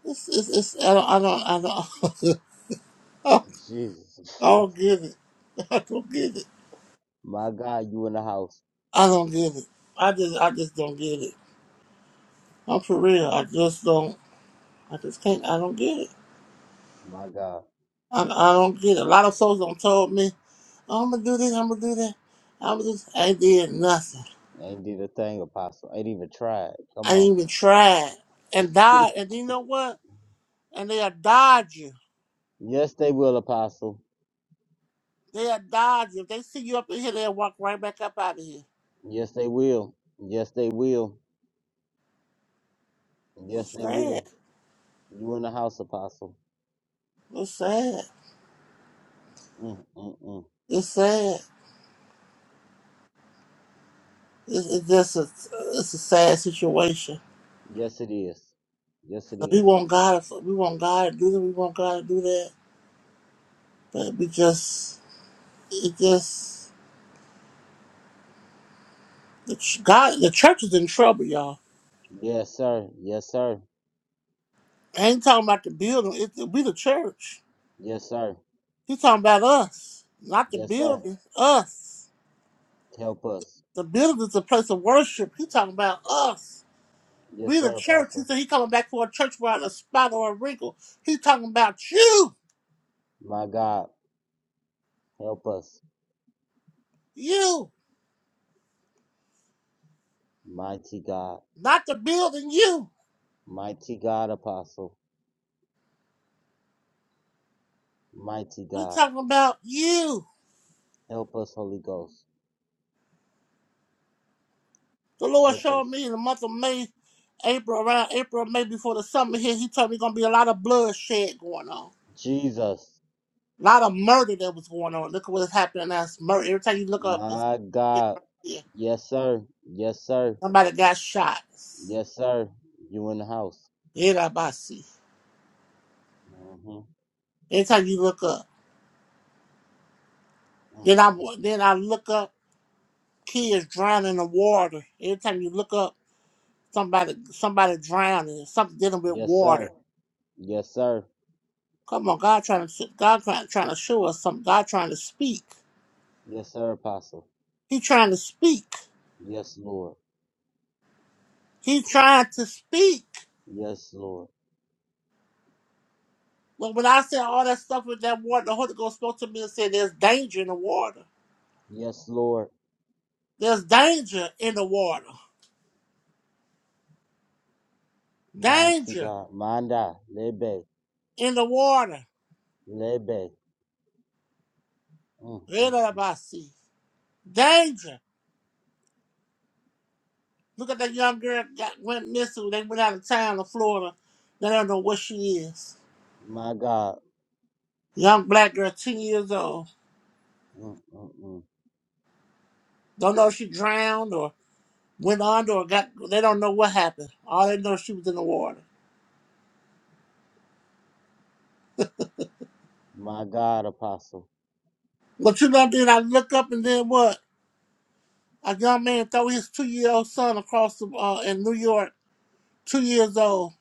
It's, it's, it's, I don't, I don't, I don't, mm. Jesus, I don't Apostle. get it. I don't get it. my God, you in the house, I don't get it. I just, I just don't get it. I'm for real. I just don't, I just can't, I don't get it. my God. I, I don't get it. A lot of souls don't told me, I'm gonna do this, I'm gonna do that. I'm gonna do this. I ain't did nothing. Ain't did a thing, Apostle. Ain't even tried. Come I did on. even tried and died. And you know what? And they'll dodge you. Yes, they will, Apostle. They'll dodge you. If they see you up in here, they'll walk right back up out of here. Yes, they will. Yes, they will. Yes, It's they sad. will. You in the house, Apostle. It's sad. Mm, mm, mm. It's sad. It's, it's just a it's a sad situation. Yes, it is. Yes, it We is. want God. To- We want God to do this. We want God to do that. But we just it just the ch- God. The church is in trouble, y'all. Yes, sir. Yes, sir. I ain't talking about the building. It, it, we the church. Yes, sir. He's talking about us, not the Yes, sir. building. Us. Help us. The building is a place of worship. He's talking about us. We Yes, the sir, church. He Apostle. said he coming back for a church without a spot or a wrinkle. He's talking about you. My God, help us. You. Mighty God. Not the building, you. Mighty God, Apostle. Mighty We're God. talking about you. Help us, Holy Ghost. The Lord Help showed us. me in the month of May, April, around April, May before the summer here, he told me gonna be a lot of bloodshed going on. Jesus. A lot of murder that was going on. Look at what's happening now. It's murder. Every time you look up, it's My yeah, God. yeah. Yes, sir. Yes, sir. somebody got shot. Yes, sir. You in the house. Yeah, I see. hmm Every time you look up. Then I then I look up kids drowning in the water. Every time you look up, somebody somebody drowning, something dealing with Yes, sir. water. Yes, sir. Come on, God trying to God trying, trying to show us something. God trying to speak. Yes, sir, Apostle. He trying to speak. Yes, Lord. He trying to speak. Yes, Lord. Well, when I said all that stuff with that water, the Holy Ghost spoke to me and said, "There's danger in the water. Yes, Lord. There's danger in the water. Mighty Danger God. Manda. Lebe. in the water. Lebe. Mm, mm, mm. see Danger. Look at that young girl got went missing. They went out of town to Florida. They don't know where she is. My God. Young black girl, ten years old. Mm, mm, mm. Don't know if she drowned or." went under or got they don't know what happened. All they know is she was in the water. My God, Apostle. What you know then I look up and then what? A young man throw his two year old son across the uh, in New York, two years old,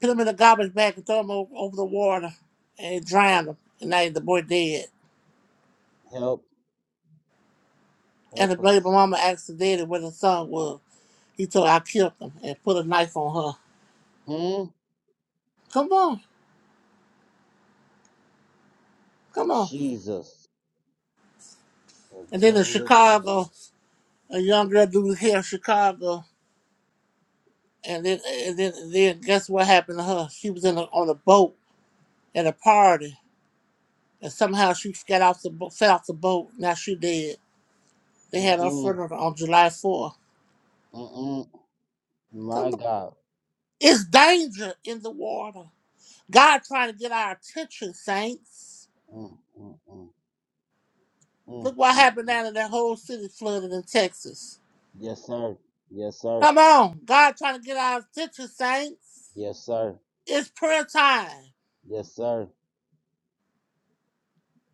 put him in a garbage bag and throw him over, over the water and drowned him. And now the boy dead. Help. And the Help baby us. mama asked the daddy where the son was. He told her I killed him and put a knife on her. Hmm? Come on, come on. Jesus. The And then in devil is Chicago, alive. a young girl do here in Chicago. and then and then, then guess what happened to her? She was in a, on a boat at a party, and somehow she got off the bo- fell off the boat. Now she dead. They had her Mm-mm. funeral on July 4th. Mm-mm. Come My on, God. it's danger in the water. God trying to get our attention, saints. Mm, mm, mm, mm, Look what mm, happened mm. down in that whole city flooded in Texas. Yes, sir. Yes, sir. Come on, God trying to get our attention, saints. Yes, sir. It's prayer time, Yes, sir.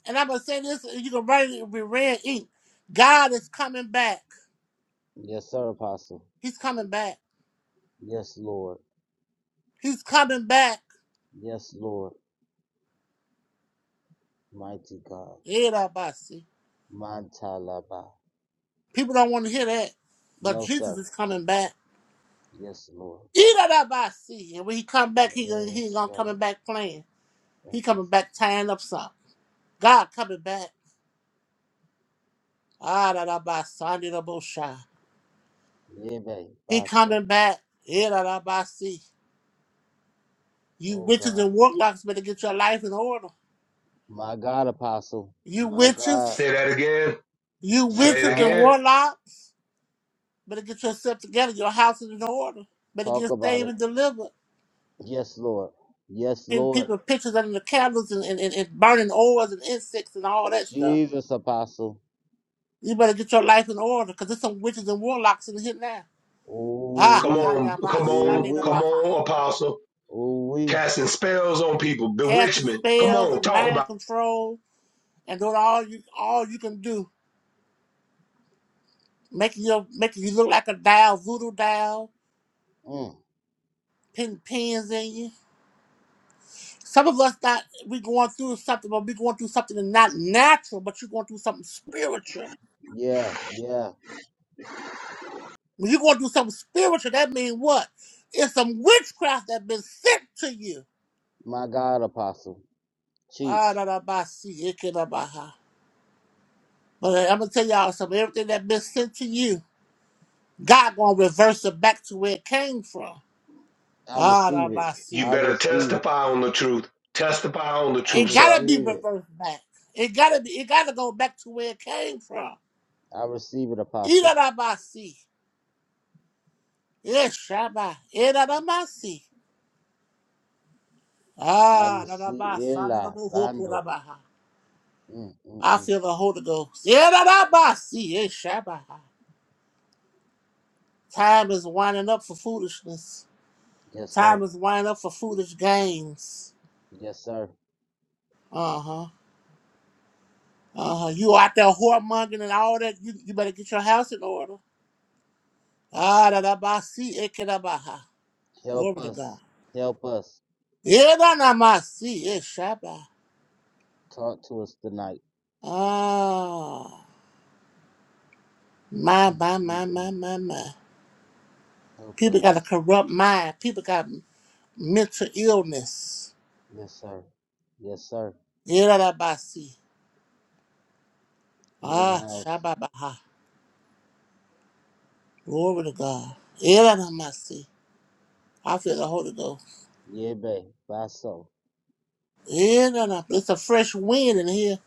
and I'm gonna say this: you can write it, be red ink. God is coming back. Yes, sir, Apostle. He's coming back. Yes, Lord. He's coming back. Yes, Lord. Mighty God. Irabasi. Mantalaba. People don't want to hear that. But No, Jesus sir. is coming back. Yes, Lord. Irabasi. And when he come back, he gonna he ain't Yes, gonna coming God. back playing. He Thank you, coming back Jesus. tying up some. God coming back. Arabasandinabosha. Yebe, He Apostle. coming back. Irabasi. You Oh, witches God. and warlocks better get your life in order. My God, Apostle. You My God. witches. Say that again. You My Say witches it and God. again. warlocks better get yourself together. Your house is in order. Better Talk get about saved it. and delivered. Yes, Lord. Yes, Giving Lord. people pictures under the candles and, and, and, and burning oils and insects and all that stuff. Jesus, Apostle. You better get your life in order because there's some witches and warlocks in here now. Ooh, Ah, Come we. on. Kayaba Come on. Ooh, Shandina we. Come Baha. on, apostle. Ooh, we. Casting spells on people, Casting bewitchment. Come spells on. and Talk mind about control and doing all you all you can do. Making your making you look like a doll, voodoo doll, Mm. pin pins in you. Some of us not we going through something, but we going through something that's not natural, but you're going through something spiritual. Yeah, yeah. When you're going to do something spiritual, that means what? It's some witchcraft that been sent to you. My God, Apostle. Ah, Cheech, da, da, ba, si, ike, da, ba, ha. But I'm going to tell y'all something. Everything that been sent to you, God going to reverse it back to where it came from. I Ah, da, receive it. ba, it. You si. I better receive it. testify on the truth. Testify on the I It truth, got to sir. be receive it. reversed back. It got to be. It got to go back to where it came from. I receive it, Ida, Apostle. da, ba, si. Yes, Shabbat. Ida, da, ba, si. I Ah, da, da, ba, receive sa, da, da, Ela ba, ho, ko, da, Bando. ba, ha. Mm, mm, I mm. feel the Holy Ghost. Yeah, da, da, ba, see, yeah, shabba. Time is winding up for foolishness. Yes, sir. Time is winding up for foolish games. Yes, sir. Uh huh. Uh huh. You out there whoremongering and all that. You, you better get your house in order. Ah, da, da, ba, see, yeah, ke, da, ba, ha. Help Glory to God. us. Help us. Yeah, da, da, ma, see, yeah, shabba. Talk to us tonight. Ah, my, Mm, my, my, mm, my, mm. my, my. Help People got a us. corrupt mind. People got mental illness. Yes, sir. Yes, sir. Yeah, da, da, ba, see. You in the Ah, house. Shababaha. Glory to God. Elanamasi. I feel the Holy Ghost. Yebe. Baso. Elanam- It's a fresh wind in here.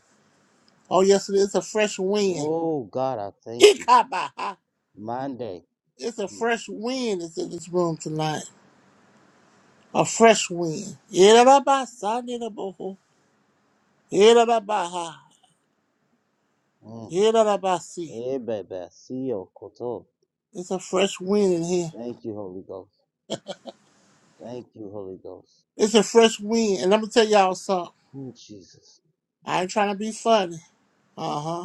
Oh, yes, it is a fresh wind. Oh, God, I thank you. Ikabaha. Monday. It's a Mm, fresh wind that's in this room tonight. A fresh wind. Elanabasanidaboho. Elanabaha. mm. Elanabasi. Yebe. Basio. Koto. It's a fresh wind in here. Thank you, Holy Ghost. Thank you, Holy Ghost. It's a fresh wind. And let me tell y'all something. Ooh, Jesus. I ain't trying to be funny. Uh huh.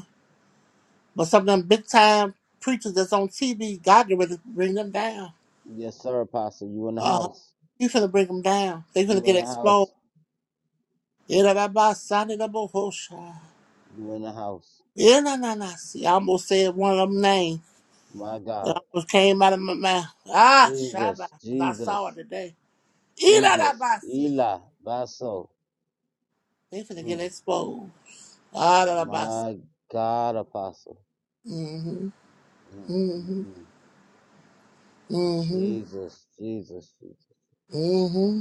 But some of them big time preachers that's on TV, God get ready to bring them down. Yes, sir, Apostle. You in the Uh, house. He's gonna bring them down. They are gonna You get in the house. exposed. Yeah, da, da, ba, sa, da, You in the house. Yeah, na, na, na. See, I almost said one of them names. My It God. almost came out of my mouth. Ah, Shabba, Jesus. 'cause I saw it Jesus. today. Yeah, da, da, Jesus. ba, see. Eli. Basso. They to get Mm. exposed. Ah, da, da, see. My God, Apostle. Mm-hmm, Mm, mm, mm-hmm, mm. mm-hmm, Jesus. Jesus. Jesus. mm-hmm.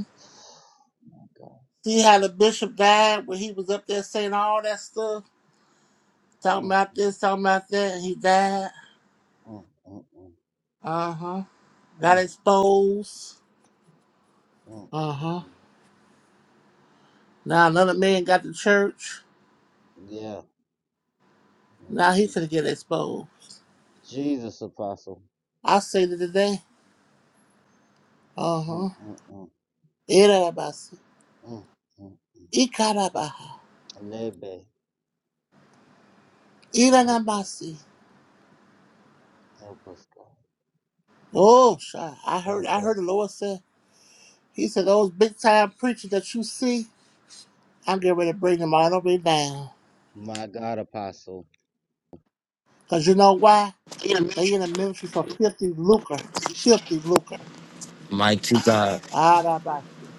My God. See how the bishop died when he was up there saying all that stuff? Talking Mm, about this, talking about that, and he died. mm, mm, mm, Uh huh. Got mm, mm, exposed. mm, Uh mm. huh. mm. Now another man got to church. Yeah. Mm, Now he mm. could get exposed. Jesus, Apostle. I say it today. Uh Mm, huh. mm, mm, Irabasi. mm. mm. Ikarabaha. Lebe, lebe. Iranabasi. Help us, God. Oh, shit. I heard, Help I heard the us. Lord say, He said, those big time preachers that you see, I'm getting ready to bring them all over down. My God, Apostle. Because you know why? They in the ministry for 50 lucre. 50 lucre. Mighty God. Arabasi.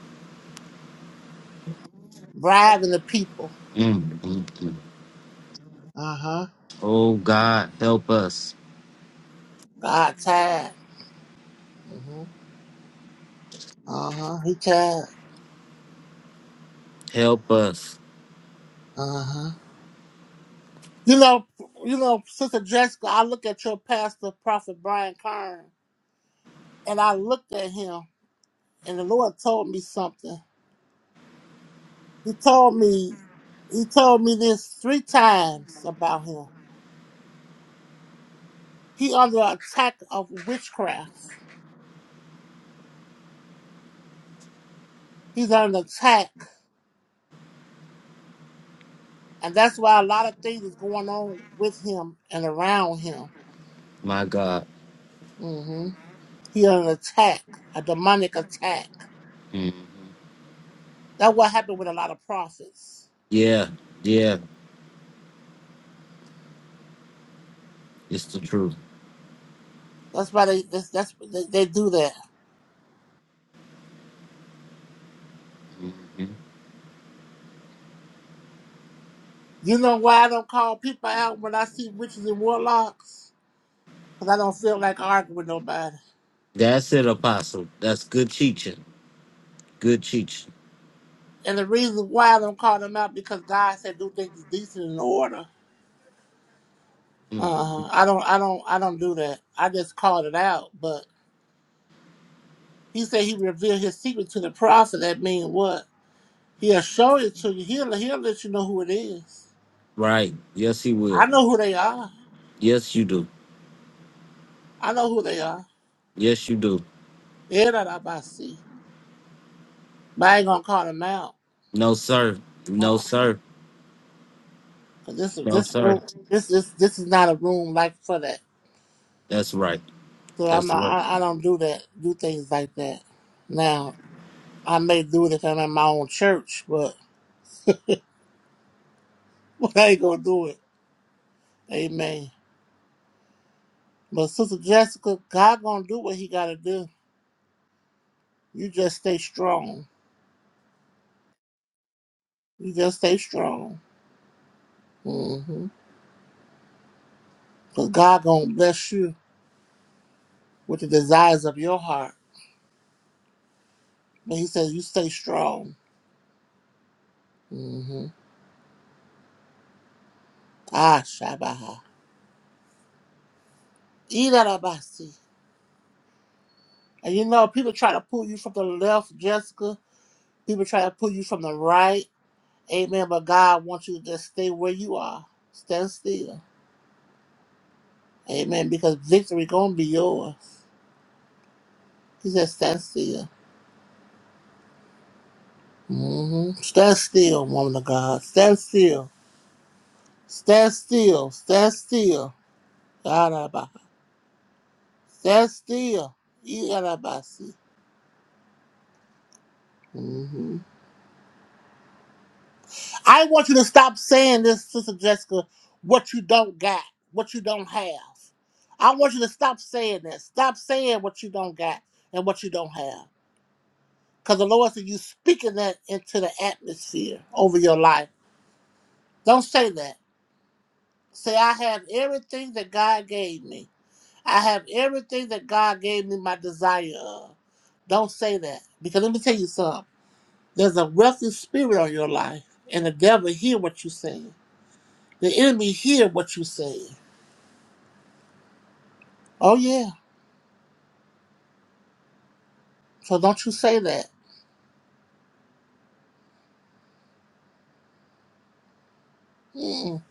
bribing the people. Mm, mm, mm. Uh huh. Oh God, help us. God tired. hmm Uh huh. He tired. Help us. Uh huh. You know, you know, Sister Jessica, I look at your pastor, Prophet Brian Kern, and I looked at him, and the Lord told me something. He told me, he told me this three times about him. He under attack of witchcraft. He's under attack, and that's why a lot of things is going on with him and around him. My God. hmm He had an attack, a demonic attack. Mhm. That's what happened with a lot of prophets. Yeah, yeah, it's the truth. That's why they that's, that's they, they do that. Mhm. You know why I don't call people out when I see witches and warlocks? Because I don't feel like arguing with nobody. That's it, Apostle. That's good teaching. Good teaching. And the reason why I don't call them out because God said do things decent and in order. Mm, Uh, I don't, I don't, I don't do that. I just called it out. But He said He revealed His secret to the prophet. That means what? He'll show it to you. He'll He'll let you know who it is. Right. Yes, he will. I know who they are. Yes, you do. I know who they are. Yes, you do. Yeah, that I by see. But I ain't gonna call them out. No, sir. No, Uh-uh. sir. Cause this No, this sir. room this is this is not a room like for that. That's right. So I'm That's not right. I, I don't do that do things like that. Now I may do it if I'm in my own church, but I ain't gonna do it. Amen. But Sister Jessica, God gonna do what He gotta do. You just stay strong. You just stay strong. Mm-hmm. Cause God gonna bless you with the desires of your heart. But He says you stay strong. Mm-hmm. Ah, Shabaha. Idarabasi. And you know, people try to pull you from the left, Jessica. People try to pull you from the right. Amen. But God wants you to just stay where you are. Stand still. Amen. Because victory gonna be yours. He said, stand still. hmm Stand still, woman of God. Stand still. Stand still. Stand still. Idarabasi. Stand still. Idarabasi. I want you to stop saying this, Sister Jessica, what you don't got, what you don't have. I want you to stop saying that. Stop saying what you don't got and what you don't have. Because the Lord said you speaking that into the atmosphere over your life. Don't say that. Say, I have everything that God gave me. I have everything that God gave me my desire of. Don't say that. Because let me tell you something. There's a wealthy spirit on your life, and the devil hear what you're saying. The enemy hear what you say. Oh yeah. So don't you say that. Mm-mm.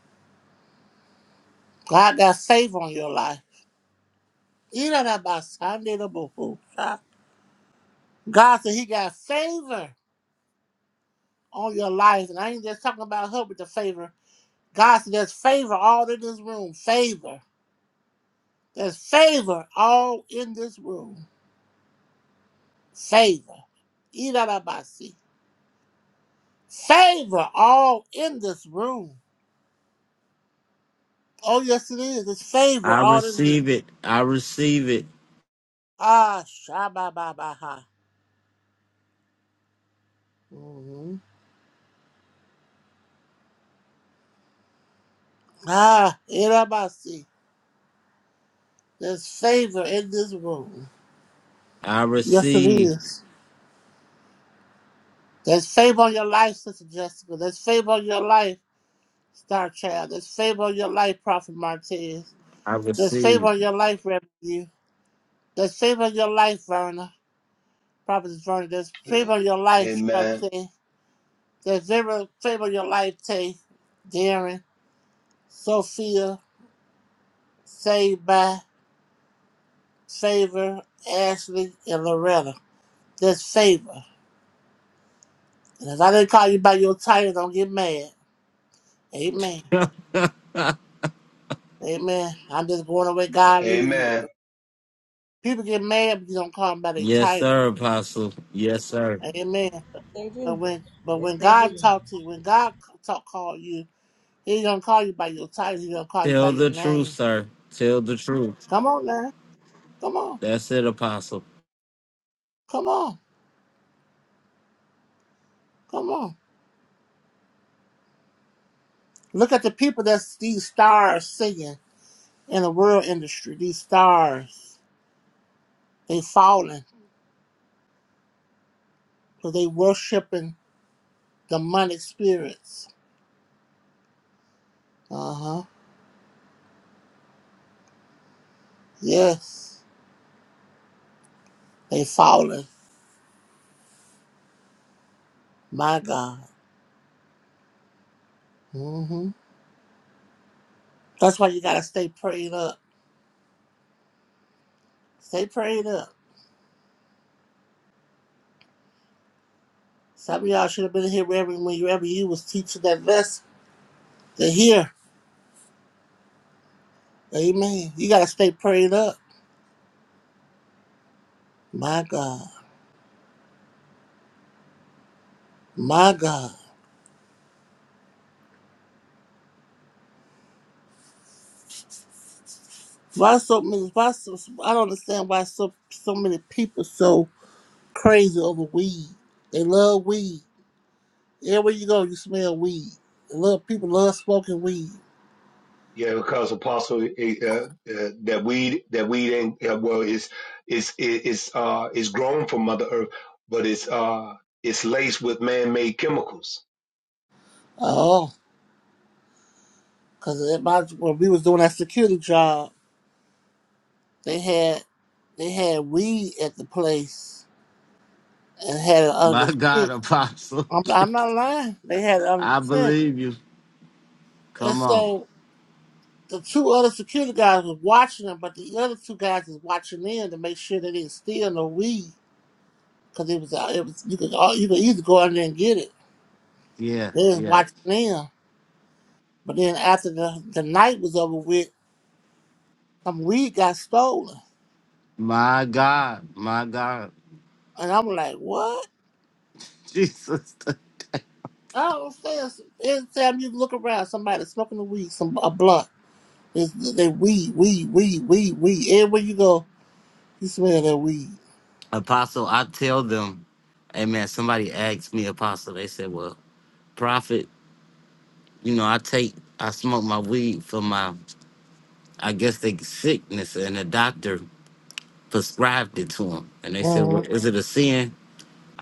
God got favor on your life. Eat out of my Sunday the boo-hoo. Ah. God said he got favor on your life. And I ain't just talking about her with the favor. God said there's favor all in this room. Favor. There's favor all in this room. Favor. Eat out of my seat. Favor all in this room. Oh yes it is. It's favor I all in here. receive it. I receive it. Ah, sha ba ba ba ha. hmm Ah, Irabasi. There's favor in this room. I Yes, it receive. is. There's favor on your life, Sister Jessica. There's favor on your life, Star Child. There's favor on your life, Prophet Martinez. I There's favor receive. on your life, Revenue. There's favor on your life, Verna. Prophet Verna. There's favor on your life, Amen. Shantae. There's favor, favor on your life, Tay. Darren, Sophia, Saved by, Favor, Ashley, and Loretta. There's favor. And if I didn't call you by your title, don't get mad. Amen. Amen. I'm just going away God leading me. Amen. People get mad but you don't call them by their Yes, title. sir, Apostle. Yes, sir. Amen. But when but when God talk to you, when God talk call you, he ain't gonna call you by your title, He gonna call you by Tell your the truth, name. sir. Tell the truth. Come on now. Come on. That's it, Apostle. Come on. Come on. Look at the people that's these stars singing in the world industry. These stars. They falling because they worshiping demonic spirits. Uh-huh. Yes, they fallen. My God. hmm That's why you gotta stay prayed up. Stay prayed up. Some of y'all should have been here wherever, wherever you was teaching that lesson. They're here. Amen. You gotta stay prayed up. My God. My God. Why so many? Why so? I don't understand why so so many people so crazy over weed. They love weed. Everywhere you go, you smell weed. They love people love smoking weed. Yeah, because apostle, eh, uh, uh, that weed, that weed ain't uh, well. It's it's it's uh it's grown from Mother Earth, but it's uh it's laced with man-made chemicals Oh, because when we was doing that security job. They had they had weed at the place and had it under My the God, tent. Apostle. I'm, I'm not lying. They had it under I the tent. believe you. And Come on. so the two other security guys was watching them, but the other two guys was watching in to make sure they didn't steal no weed. Cause it was, uh, it was you could uh, you could either go in there and get it. Yeah, They was yeah. watching in. But then after the, the night was over with, some weed got stolen. My God. My God. And I'm like, what? Jesus. I don't understand. Every time you look around, somebody smoking the weed, some a blunt. It's that weed, weed, weed, weed, weed. Everywhere you go, you smell that weed. Apostle, I tell them, Amen. somebody asked me, Apostle, they said, well, prophet, you know, I take, I smoke my weed for my I guess they sickness, and the doctor prescribed it to him. And they said, "Well, Mm-hmm. is it a sin?"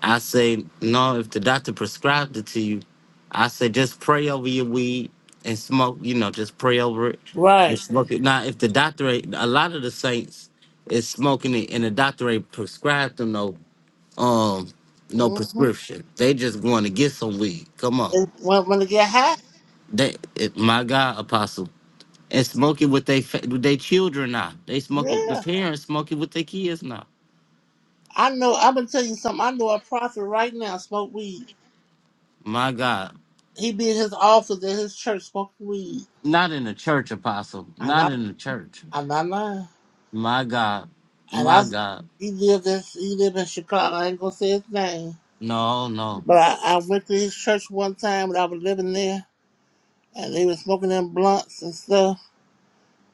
I say, "No. If the doctor prescribed it to you, I say just pray over your weed and smoke. You know, just pray over it and Right. smoke it. Now, if the doctor, ain't- a lot of the saints is smoking it, and the doctor ain't prescribed them no um no Mm-hmm. prescription. They just going to get some weed. Come And on, When, when they get high, they it, my God, Apostle. and smoking with they fa- with their children now. They smoking the yeah. parents smoking with their kids now. I know. I'm gonna tell you something. I know a prophet right now smoke weed. My God, He be in his office at his church smoking weed. not in the church, apostle. I'm Not not. in the church. I'm not lying. My God, And I, my s- God. he lived in he lived in Chicago. I ain't gonna say his name, No, no. but I, I went to his church one time when I was living there, and they was smoking them blunts and stuff.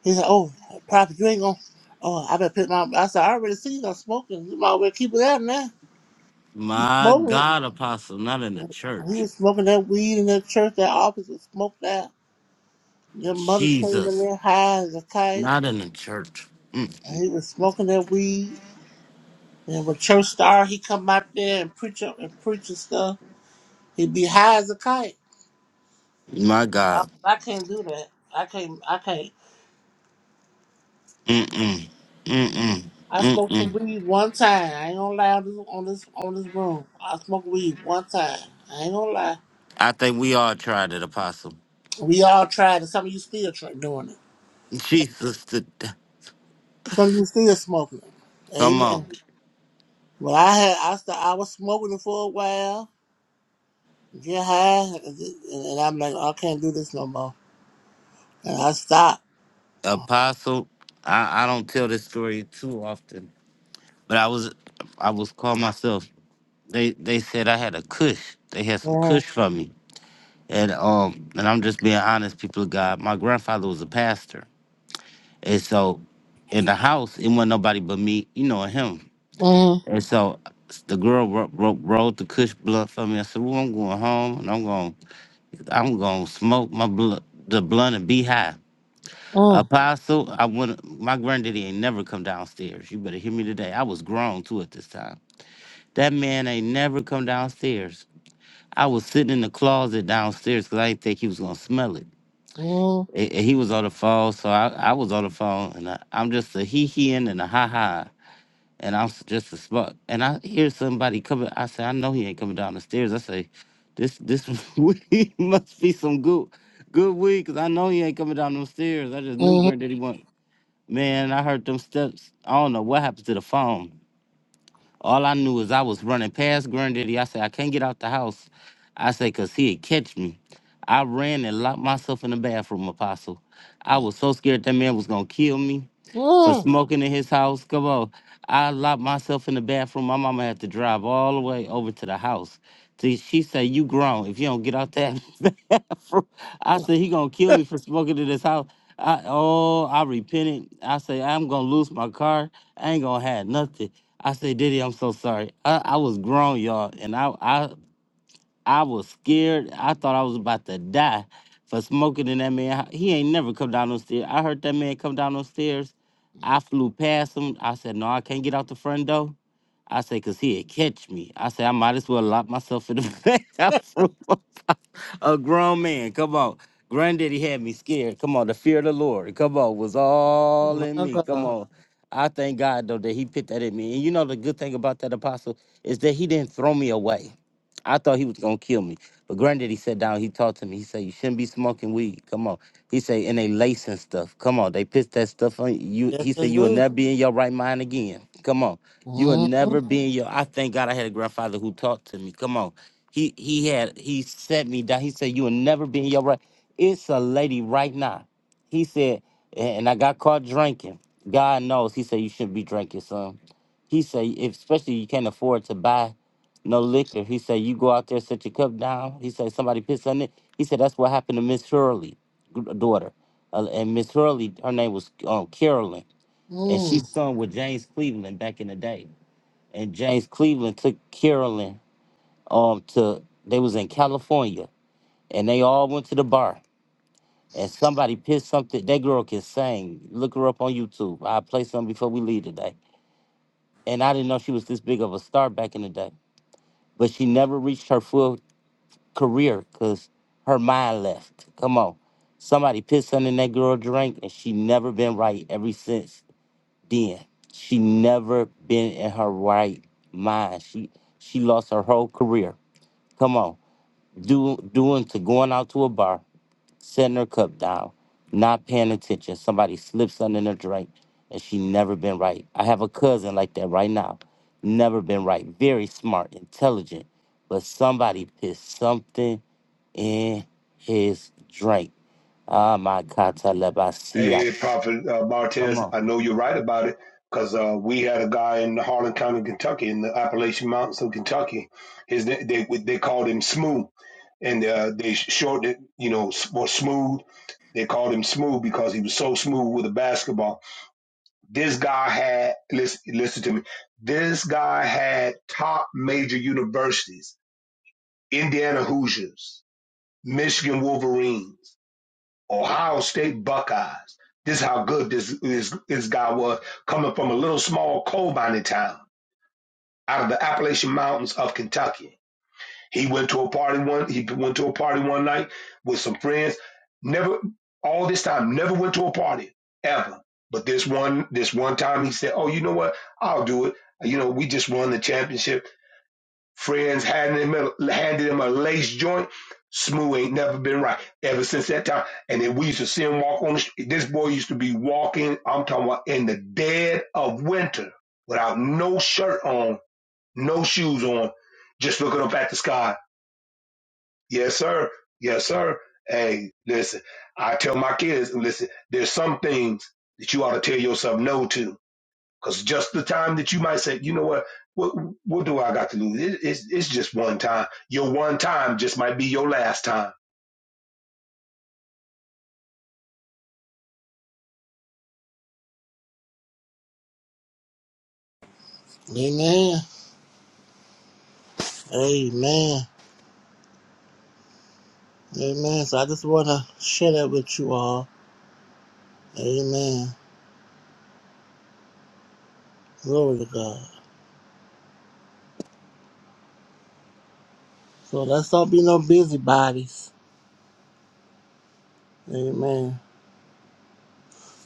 He said, "Oh, Prophet, you ain't gonna." Oh, I better put my. I said, "I already see you not smoking. You might well keep it out now." My Smoking. God, apostle. Not in the He church. was smoking that weed in that church. That office was smoked out. Their mother came in Jesus, there high as a kite, not in the church. Mm. and he was smoking that weed. And when church star, he come out there and preach up and preach and stuff. He'd be high as a kite. My I, God. I can't do that. I can't. I can't. Mm-mm. Mm-mm. I smoked some Mm-mm. weed one time. I ain't gonna lie on this on this on this room. I smoked weed one time. I ain't gonna lie. I think we all tried it, apostle. We all tried it. Some of you still try doing it. Jesus, to, Some of you still smoking it. come on. Amen. Well, I had I st- I was smoking it for a while, get high, and, and I'm like, I can't do this no more, and I stopped. Apostle, I, I don't tell this story too often, but I was I was called myself. They they said I had a cush. They had some Mm, cush for me, and um and I'm just being honest, people of God. My grandfather was a pastor, and so in the house it wasn't nobody but me, you know, and him. mm, And so the girl ro- ro- rolled the cush blunt for me. I said, "Well, I'm going home, and I'm going I'm going to smoke my blunt, the blunt, and be high." mm, Apostle, I want my granddaddy ain't never come downstairs. You better hear me today. I was grown too at this time. That man ain't never come downstairs. I was sitting in the closet downstairs because I didn't think he was gonna smell it. mm, A- And he was on the phone, so I, I was on the phone, and I, I'm just a hee heeing and a ha ha, and I'm s- just a smug. And I hear somebody coming. I say, I know he ain't coming down the stairs. I say, this this weed must be some good good weed, cause I know he ain't coming down them stairs. I just knew mm, granddaddy went. Man, I heard them steps. I don't know what happened to the phone. All I knew is I was running past Granddaddy. I said, I can't get out the house. I said, because he'd catch me. I ran and locked myself in the bathroom, Apostle. I was so scared that man was going to kill me for mm. smoking in his house. Come on. I locked myself in the bathroom. My mama had to drive all the way over to the house. See, She said, You grown if you don't get out that bathroom. I said, He gonna kill me for smoking in his house. I, oh, I repented. I say I'm gonna lose my car. I ain't gonna have nothing. I said, Diddy, I'm so sorry. I, I was grown, y'all, and I I I was scared. I thought I was about to die for smoking in that man. hou- He ain't never come down those stairs. I heard that man come down those stairs. I flew past him. I said, No, I can't get out the front door. I said, because he'd catch me. I said, I might as well lock myself in the back. I flew up. a grown man. Come on. Granddaddy had me scared. Come on. The fear of the Lord. Come on. Was all in My me. Come God, on. I thank God, though, that he put that in me. And you know, the good thing about that apostle is that he didn't throw me away. I thought he was gonna kill me. But granddaddy sat down, he talked to me. He said, You shouldn't be smoking weed. Come on. He said, and they lacing stuff. Come on, they pissed that stuff on you. yes He I said, You will do. never be in your right mind again. Come on. You will Mm, never be in your I thank God I had a grandfather who talked to me. Come on. He he had he set me down. He said, You will never be in your right. It's a lady right now. He said, and I got caught drinking. God knows. He said, You shouldn't be drinking, son. He said, if, especially you can't afford to buy no liquor. He said, You go out there, set your cup down. He said, Somebody pissed on it. He said, That's what happened to Miss Hurley, g- daughter. Uh, and Miss Hurley, her name was um, Carolyn, and she mm. sung with James Cleveland back in the day. And James Cleveland took Carolyn um, to, they was in California, and they all went to the bar. And somebody pissed something. That girl can sing. Look her up on YouTube. I'll play something before we leave today. And I didn't know she was this big of a star back in the day. But she never reached her full career because her mind left. Come on. Somebody pissed under that girl drink and she never been right ever since then. She never been in her right mind. She she lost her whole career. Come on. Do doing to going out to a bar, setting her cup down, not paying attention. Somebody slips under the drink and she never been right. I have a cousin like that right now. Never been right. Very smart, intelligent. But somebody pissed something in his drink. Ah, my God, Talabasia. Hey, Prophet uh, Come Martez, on. I know you're right about it because uh, we had a guy in Harlan County, Kentucky, in the Appalachian Mountains of Kentucky. His na- they they called him Smooth, and uh, they shortened it, you know, for Smooth. They called him Smooth because he was so smooth with a basketball. This guy had listen listen to me. This guy had top major universities: Indiana Hoosiers, Michigan Wolverines. Ohio State Buckeyes. This is how good this, this, this guy was coming from a little small coal mining town out of the Appalachian Mountains of Kentucky. He went to a party one he went to a party one night with some friends. Never all this time, never went to a party ever. But this one this one time he said, Oh, you know what? I'll do it. You know, we just won the championship Friends handed him a, handed him a lace joint. Smooth ain't never been right ever since that time. And then we used to see him walk on the street. This boy used to be walking, I'm talking about in the dead of winter without no shirt on, no shoes on, just looking up at the sky. Yes, sir. Yes, sir. Hey, listen, I tell my kids, listen, there's some things that you ought to tell yourself no to because just the time that you might say, you know what, what, what do I got to lose? It, it's, it's just one time. Your one time just might be your last time. Amen. Amen. Amen. So I just want to share that with you all. Amen. Glory to God. So let's not be no busybodies. Amen.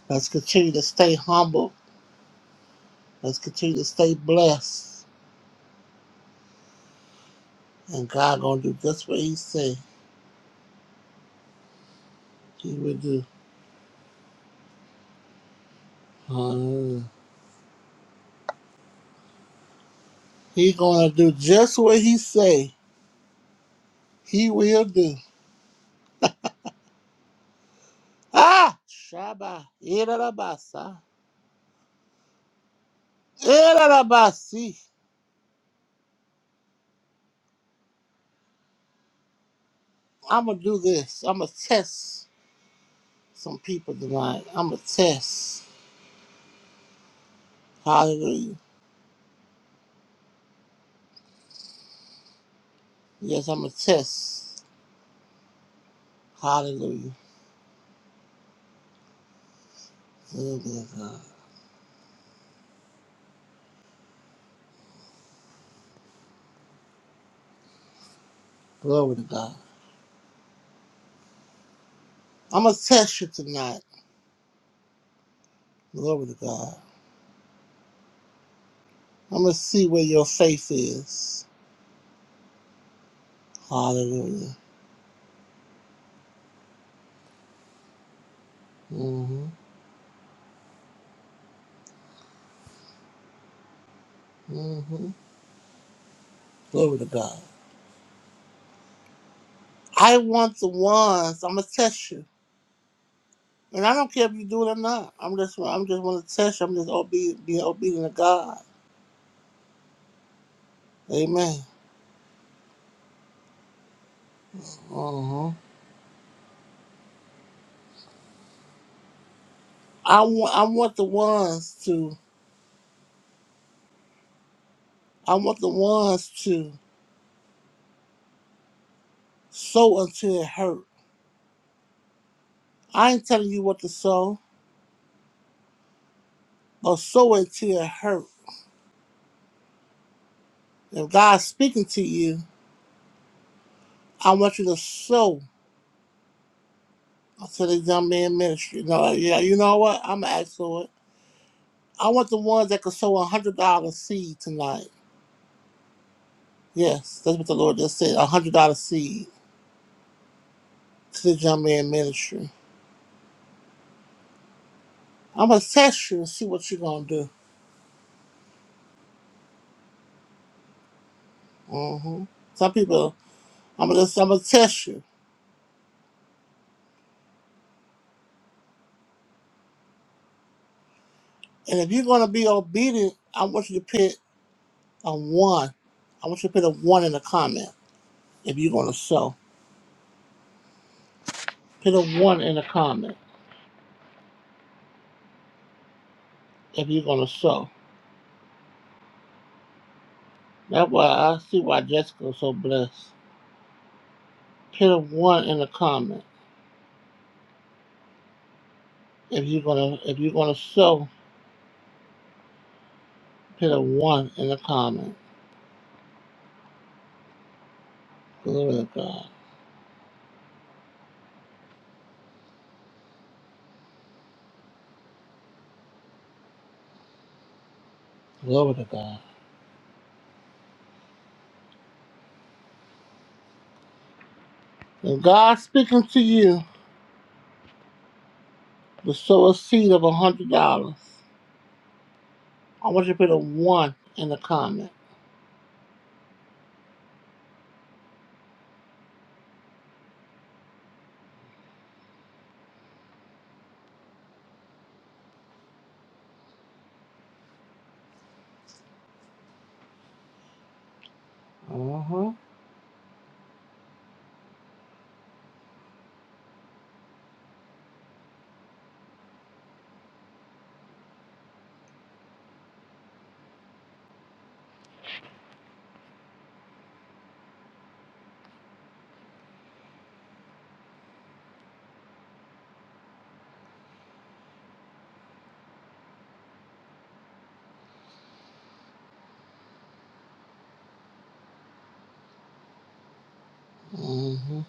Let's continue to stay humble. Let's continue to stay blessed. And God gonna do just what He say He will do. Hallelujah. He gonna do just what He say He will do. Ah, Shabbat. Irarabasa. Irarabasi. I'm gonna do this. I'm gonna test some people tonight. I'm gonna test. Hallelujah. Yes, I'm gonna test. Hallelujah. Glory to God. Glory to God. I'm gonna test you tonight. Glory to God. I'm going to see where your faith is. Hallelujah. hmm hmm Glory to God. I want the ones. I'm going to test you. And I don't care if you do it or not. I'm just, I'm just want to test you. I'm just obedient, being obedient to God. Amen. hmm I want, I want the ones to, I want the ones to sow until it hurt. I ain't telling you what to sow, but sow until it hurt. If God's speaking to you, I want you to sow I said this young man ministry. No, yeah, you know what? I'm gonna ask for it. I want the ones that could sow a one hundred dollar seed tonight. Yes, that's what the Lord just said. A one hundred dollar seed to the young man ministry. I'm gonna test you and see what you're gonna do. hmm Some people, I'm gonna I'm gonna test you, and if you're gonna be obedient, I want you to put a one. I want you to put a one in the comment if you're gonna sow. Put a one in the comment if you're gonna sow. That's why I see why Jessica's so blessed. Put a one in the comment if you're gonna if you're gonna sow. Put a one in the comment. Glory to God. Glory to God. If God's speaking to you to sow a seed of a hundred dollars, I want you to put a one in the comment. Uh-huh. hmm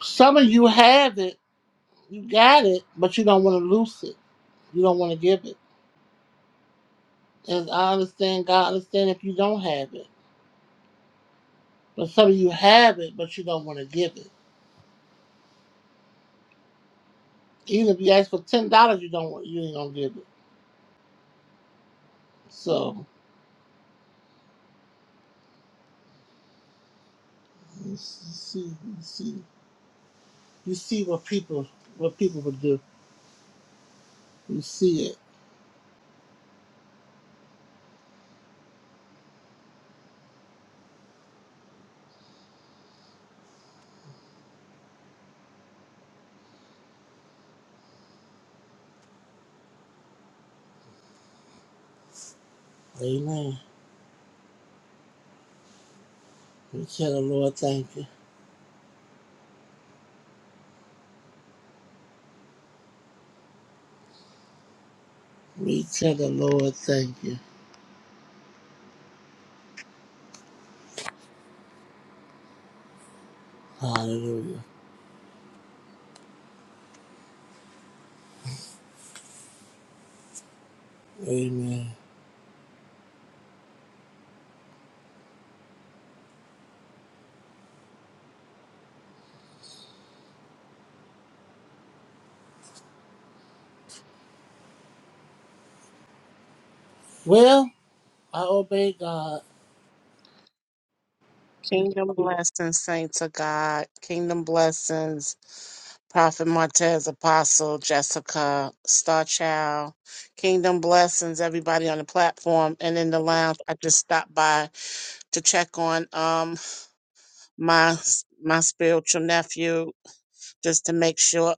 Some of you have it, you got it, but you don't want to lose it. You don't want to give it. And I understand, God understand if you don't have it. But some of you have it, but you don't want to give it. Even if you ask for ten dollars, you don't want you ain't gonna give it. So you see, you see, you see what people what people would do. You see it. Amen. We tell the Lord thank you. We tell the Lord thank you. Hallelujah. Amen. Well, I obey God. Kingdom blessings, saints of God. Kingdom blessings, Prophet Martez, Apostle Jessica, Star Child. Kingdom blessings, everybody on the platform and in the lounge. I just stopped by to check on um my my spiritual nephew just to make sure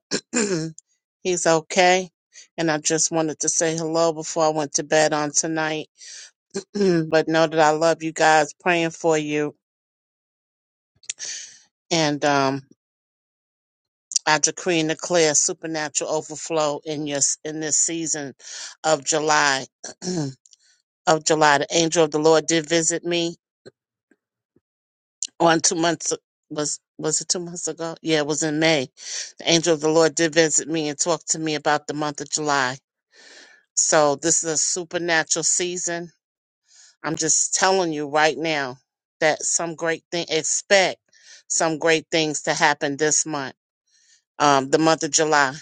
he's okay. And I just wanted to say hello before I went to bed on tonight. but know that I love you guys, praying for you. And um I decree and declare supernatural overflow in your in this season of July. of July, the angel of the Lord did visit me on two months was was it two months ago? Yeah, it was in May. The angel of the Lord did visit me and talked to me about the month of July. So this is a supernatural season. I'm just telling you right now that some great thing expect some great things to happen this month. Um, the month of July.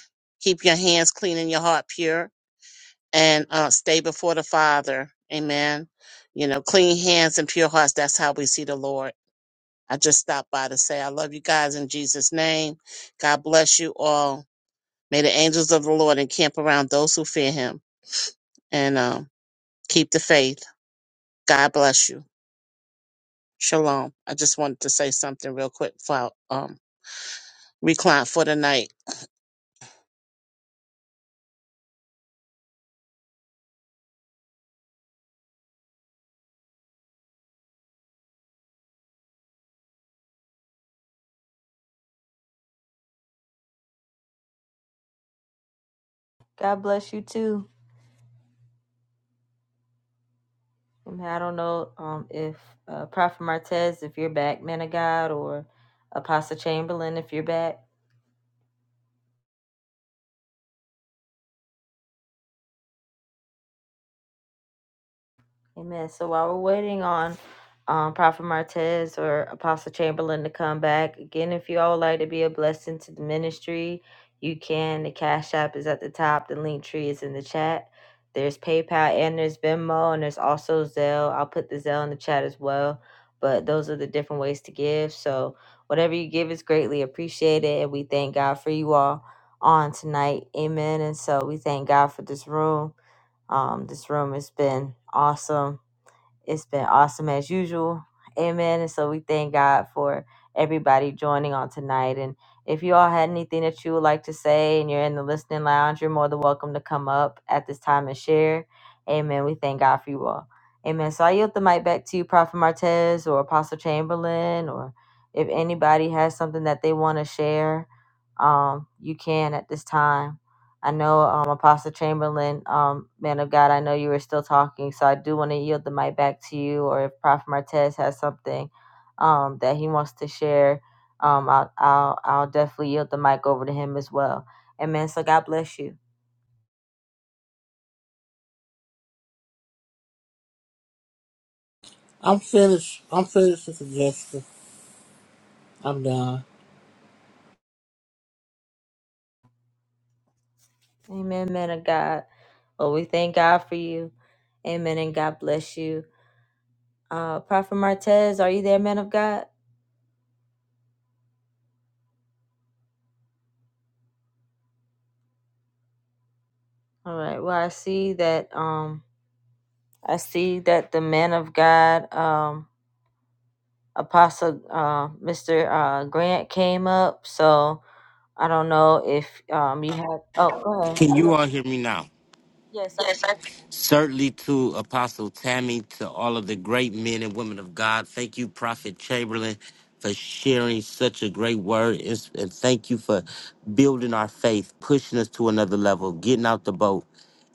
Keep your hands clean and your heart pure and uh, stay before the Father. Amen. You know, clean hands and pure hearts. That's how we see the Lord. I just stopped by to say I love you guys in Jesus' name. God bless you all. May the angels of the Lord encamp around those who fear him and um, keep the faith. God bless you. Shalom. I just wanted to say something real quick for our, um, recline for the night. God bless you too. And I don't know um, if uh, Prophet Martez, if you're back, man of God, or Apostle Chamberlain, if you're back. Amen. So while we're waiting on um, Prophet Martez or Apostle Chamberlain to come back, again, if you all would like to be a blessing to the ministry, you can. The Cash App is at the top, the link tree is in the chat. There's PayPal and there's Venmo and there's also Zelle. I'll put the Zelle in the chat as well. But those are the different ways to give. So whatever you give is greatly appreciated. And we thank God for you all on tonight. Amen. And so we thank God for this room. Um, this room has been awesome it's been awesome as usual. Amen. And so we thank God for everybody joining on tonight. And if you all had anything that you would like to say and you're in the listening lounge, you're more than welcome to come up at this time and share. Amen. We thank God for you all. Amen. So I yield the mic back to you, Prophet Martez or Apostle Chamberlain, or if anybody has something that they want to share, um, you can at this time. I know um, Apostle Chamberlain, um, man of God, I know you were still talking, so I do want to yield the mic back to you. Or if Prophet Martez has something um, that he wants to share, um, I'll, I'll I'll definitely yield the mic over to him as well. Amen. So God bless you. I'm finished. I'm finished, Sister Jessica. I'm done. Amen, man of God. Well, we thank God for you. Amen, and God bless you. Uh, Prophet Martez, are you there, man of God? All right. Well, I see that. Um, I see that the man of God. Um, Apostle uh, Mr. Uh, Grant came up, so I don't know if um you had. Oh, go Can ahead. you Yep. all hear me now? Yes, I. can. Certainly to Apostle Tammy, to all of the great men and women of God. Thank you, Prophet Chamberlain, for sharing such a great word. It's- And thank you for building our faith, pushing us to another level, getting out the boat.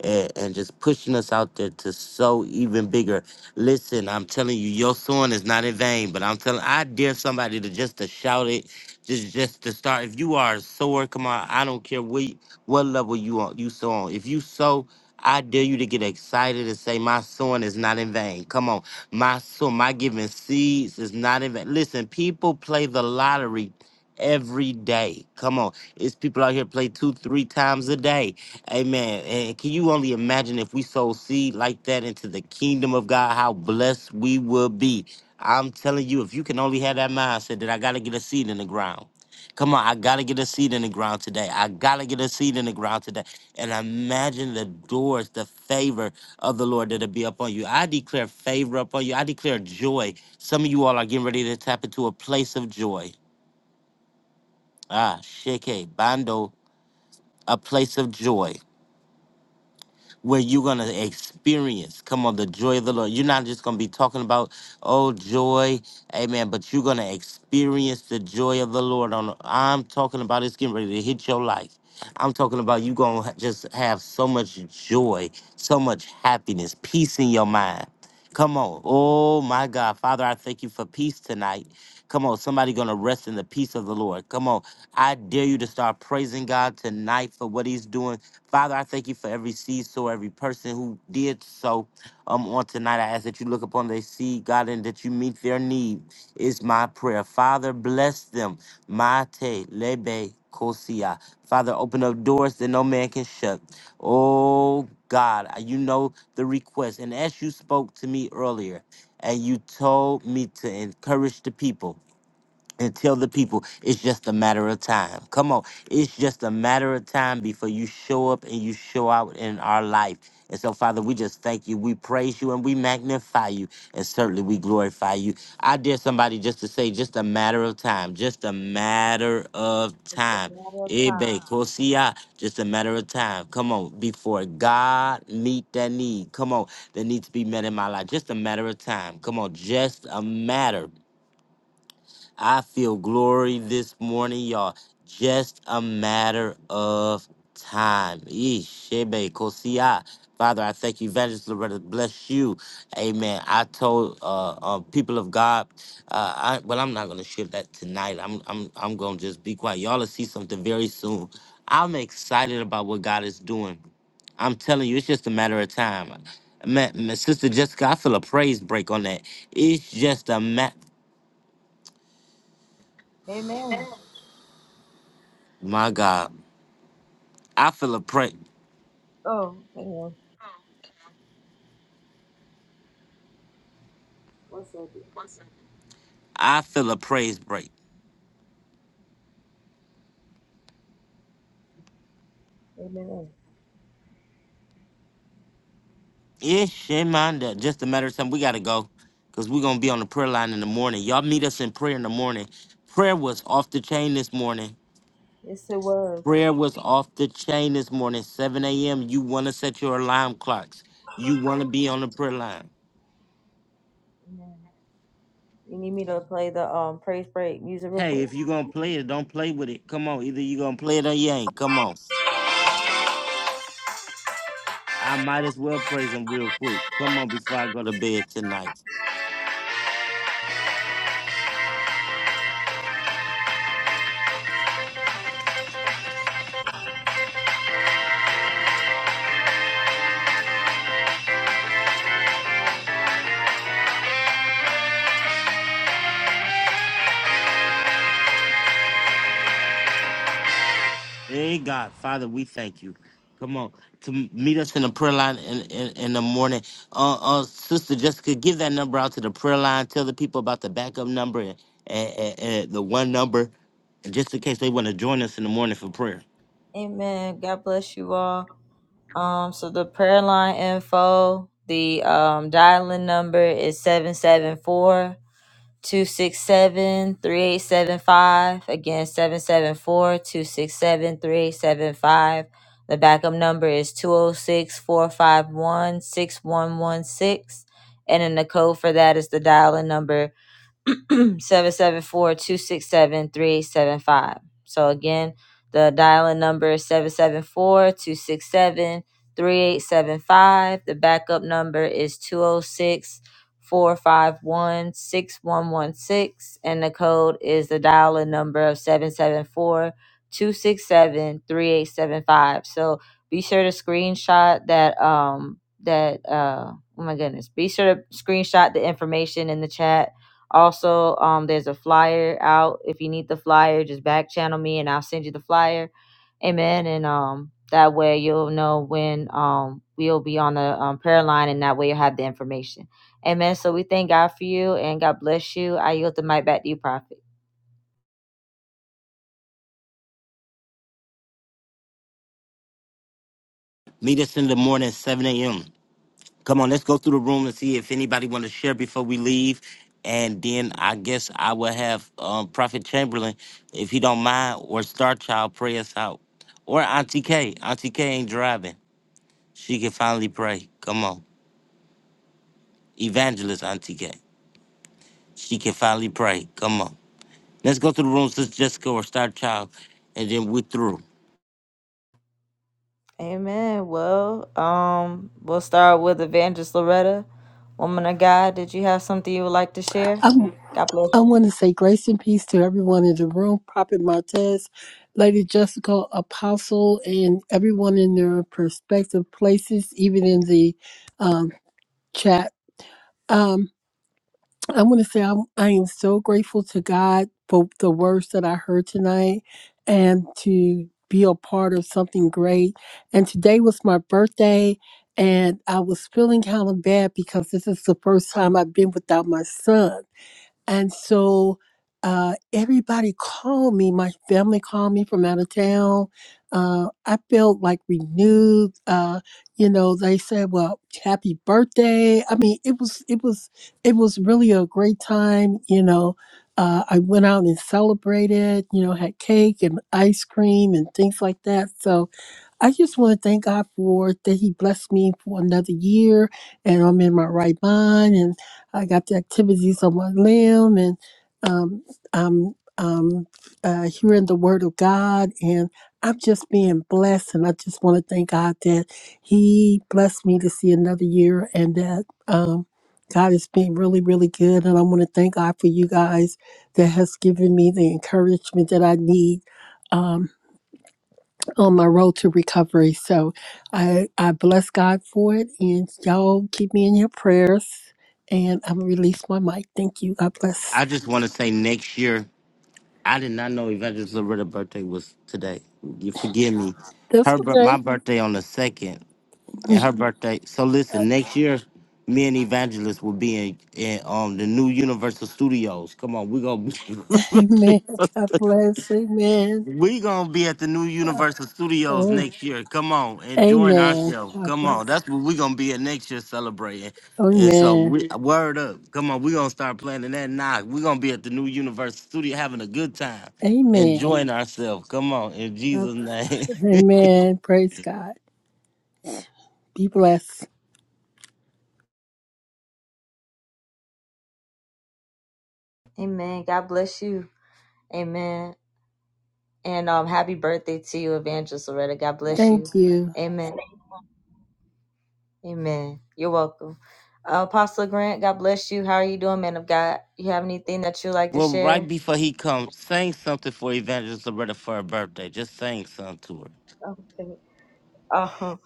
And, and just pushing us out there to sow even bigger. Listen, I'm telling you, your sowing is not in vain, but I'm telling I dare somebody to just to shout it, just just to start. If you are a sower, come on, I don't care what what level you on you sow on. If you sow I dare you to get excited and say, My sowing is not in vain. Come on. My soul, my giving seeds is not in vain. Listen, people play the lottery every day. Come on. It's people out here play two, three times a day. Amen. And can you only imagine if we sow seed like that into the kingdom of God, how blessed we would be? I'm telling you, if you can only have that mindset that I got to get a seed in the ground. Come on, I gotta get a seed in the ground today. I gotta get a seed in the ground today and imagine the doors, the favor of the Lord that'll be upon you. I declare favor upon you. I declare joy. Some of you all are getting ready to tap into a place of joy. Ah, sheke, bando, a place of joy. where you're gonna experience, come on, the joy of the Lord. You're not just gonna be talking about, oh joy, amen, but you're gonna experience the joy of the Lord. On I'm talking about it's getting ready to hit your life. I'm talking about you gonna just have so much joy, so much happiness, peace in your mind. Come on. Oh my God. Father, I thank you for peace tonight. Come on, somebody gonna rest in the peace of the Lord. Come on. I dare you to start praising God tonight for what He's doing Father, I thank you for every seed sow, every person who did so um, on tonight. I ask that you look upon their seed, God, and that you meet their need, is my prayer. Father, bless them. Mate, lebe, kosia. Father, open up doors that no man can shut. Oh, God, you know the request. And as you spoke to me earlier, and you told me to encourage the people and tell the people it's just a matter of time. Come on, it's just a matter of time before you show up and you show out in our life. And so, Father, we just thank you, we praise you, and we magnify you, and certainly we glorify you. I dare somebody just to say, just a matter of time, just a matter of time. Ebe, Kosia, just a matter of time. Come on, before God meet that need. Come on, that needs to be met in my life. Just a matter of time. Come on, just a matter. I feel glory this morning, y'all. Just a matter of time. Yeesh, shebe, kosia. Father, I thank you, Evangelist Loretta. Bless you. Amen. I told uh, uh, people of God, uh, I, well, I'm not going to share that tonight. I'm, I'm, I'm going to just be quiet. Y'all will see something very soon. I'm excited about what God is doing. I'm telling you, it's just a matter of time. Man, Sister Jessica, I feel a praise break on that. It's just a matter, Amen. my God. I feel a pray. Oh, hang on. One second. I feel a praise break. Amen. Yeah, shit, man. that- Just a matter of time. We gotta go, cause we're gonna be on the prayer line in the morning. Y'all meet us in prayer in the morning. Prayer was off the chain this morning. Yes, it was. Prayer was off the chain this morning. 7 a.m. You wanna set your alarm clocks. You wanna be on the prayer line. Amen. You need me to play the um praise break music real Hey, quick. if you gonna play it, don't play with it. Come on, either you gonna play it or you ain't. Come on. I might as well praise him real quick. Come on, before I go to bed tonight. Hey God, Father, we thank you. Come on, to meet us in the prayer line in, in, in the morning. Uh, uh, Sister Jessica, give that number out to the prayer line. Tell the people about the backup number and, and, and, and the one number, just in case they want to join us in the morning for prayer. Amen. God bless you all. Um, so the prayer line info, the um dialing number is 774 267 3875 Again, 774 267 3875. The backup number is 206 451 6116, And then the code for that is the dial in number Seven seven four two six seven three eight seven five. So again, the dial-in number is seven seven four two six seven three eight seven five. The backup number is two zero six four five one six one one six, and the code is the dial-in number of seven seven four two six seven three eight seven five. So be sure to screenshot that um that uh oh my goodness be sure to screenshot the information in the chat also, um, there's a flyer out. If you need the flyer, just back channel me and I'll send you the flyer. Amen. And um, that way you'll know when um we'll be on the um, prayer line, and that way you'll have the information. Amen. So we thank God for you, and God bless you. I yield the mic back to you, Prophet. Meet us in the morning at 7 a.m. Come on, let's go through the room and see if anybody want to share before we leave. And then I guess I will have um, Prophet Chamberlain, if he don't mind, or Star Child pray us out. Or Auntie K. Auntie K ain't driving. She can finally pray. Come on. Evangelist Auntie K. She can finally pray. Come on. Let's go through the room, Sister Jessica or Star Child, and then we're through. Amen. Well, um, we'll start with Evangelist Loretta, woman of God. Did you have something you would like to share? I, God bless I you. want to say grace and peace to everyone in the room, Prophet Martez, Lady Jessica, Apostle, and everyone in their perspective places, even in the um, chat. Um, I want to say I'm, I am so grateful to God for the words that I heard tonight and to be a part of something great. And today was my birthday, and I was feeling kind of bad because this is the first time I've been without my son and so uh, everybody called me. My family called me from out of town. Uh, I felt like renewed. Uh, you know, they said, "Well, happy birthday." I mean, it was it was it was really a great time. You know, uh, I went out and celebrated. You know, had cake and ice cream and things like that. So I just want to thank God for that He blessed me for another year and I'm in my right mind and I got the activities on my limb and um, I'm, um uh, hearing the Word of God and I'm just being blessed. And I just want to thank God that He blessed me to see another year and that. Um, God has been really, really good, and I want to thank God for you guys that has given me the encouragement that I need. Um, on my road to recovery. So I, I bless God for it. And y'all keep me in your prayers. And I'm going to release my mic. Thank you. God bless. I just want to say next year, I did not know Evangelist Loretta's birthday was today. You forgive me. That's Her bir- my okay. birthday on the second, and her birthday. So listen, next year, me and Evangelist will be in, in um the new Universal Studios. Come on, we gonna be Amen. God bless. Amen. We gonna be at the new Universal Studios Oh, next year. Come on, enjoying Amen. ourselves. God Come on, bless. that's what we gonna be at next year celebrating. And so Amen. we word up. Come on, we gonna start planning that now. we gonna be at the new Universal Studio having a good time, Amen. enjoying ourselves. Come on, in God Jesus' bless. name. Amen. Praise God. Be blessed. Amen. God bless you. Amen. And um, happy birthday to you, Evangelist Loretta. God bless you. Thank you. Amen. Amen. You're welcome. Uh, Apostle Grant, God bless you. How are you doing, man of God? You have anything that you'd like to well, right share? before he comes, sing something for Evangelist Loretta for her birthday. Just sing something to her. Okay. Oh,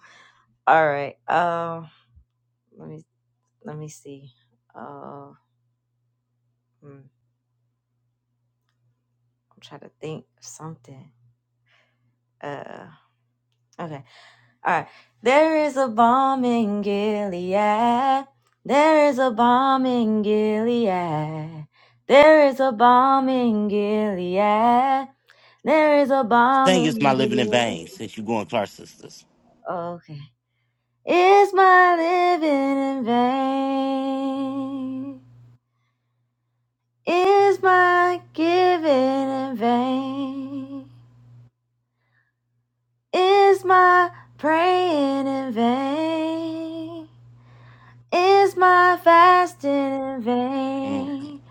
all right. Um, let me let me see. Uh, hmm, I'm trying to think of something. Uh, okay. All right. There is a bomb in Gilead. There is a bomb in Gilead. There is a bomb in Gilead. There is a bomb Sing "It's My in Living in Gilead. Vain" since you going to our sisters. Okay. Is my living in vain? Is my giving in vain? Is my praying in vain? Is my fasting in Mm. vain?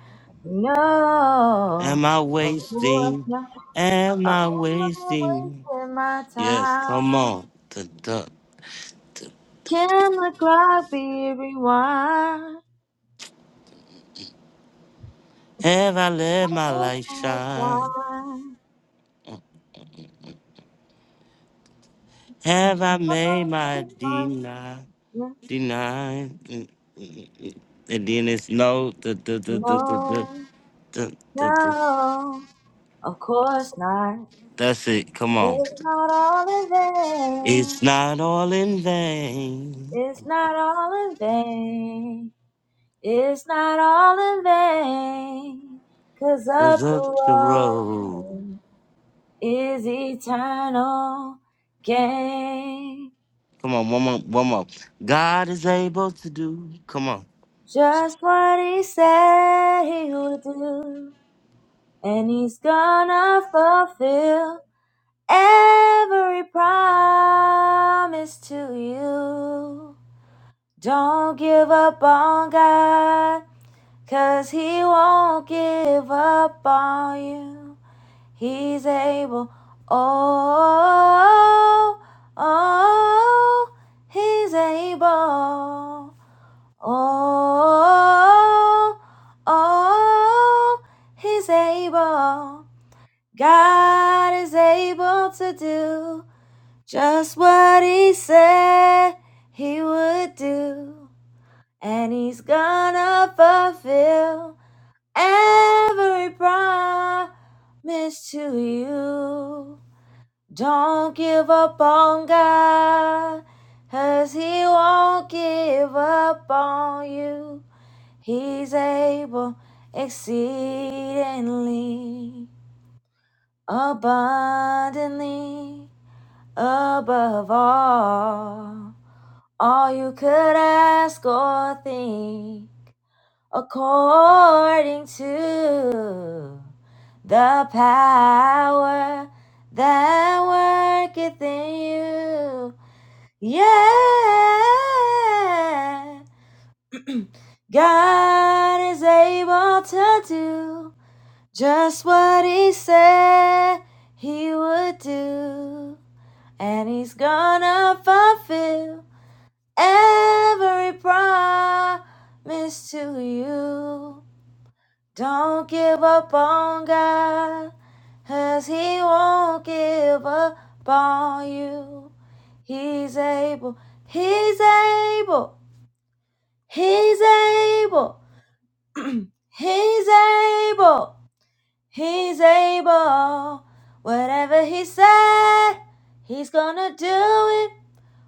No, Am I of course wasting? not. Am I'm I wasting? wasting my Yes, come time. on. The duck. Can the clock be rewind? Have I I let my guess light I'll shine? die. Have I made my deny? Deny? Mm, And then it's no. The, the, the, the, the, the, No, the, the, the. no, of course not. That's it. Come on. It's not all in vain. It's not all in vain. It's not all in vain. It's not all in vain, 'cause up There's the up the road. road is eternal gain. Come on, one more, one more. God is able to do. Come on. Just what he said he would do, and he's gonna fulfill every promise to you. Don't give up on God, 'cause he won't give up on you. He's able. Oh, oh, he's able. Oh, oh, he's able. God is able to do just what he said he would do. And he's gonna fulfill every promise to you. Don't give up on God, 'cause He won't give up on you. He's able exceedingly, abundantly, above all, all you could ask or think, according to the power that worketh in you. Yeah, God is able to do just what He said He would do, and He's gonna fulfill every promise to you. Don't give up on God, 'cause He won't give up on you. He's able, He's able. He's able, he's able, he's able. Whatever he said, he's gonna do it.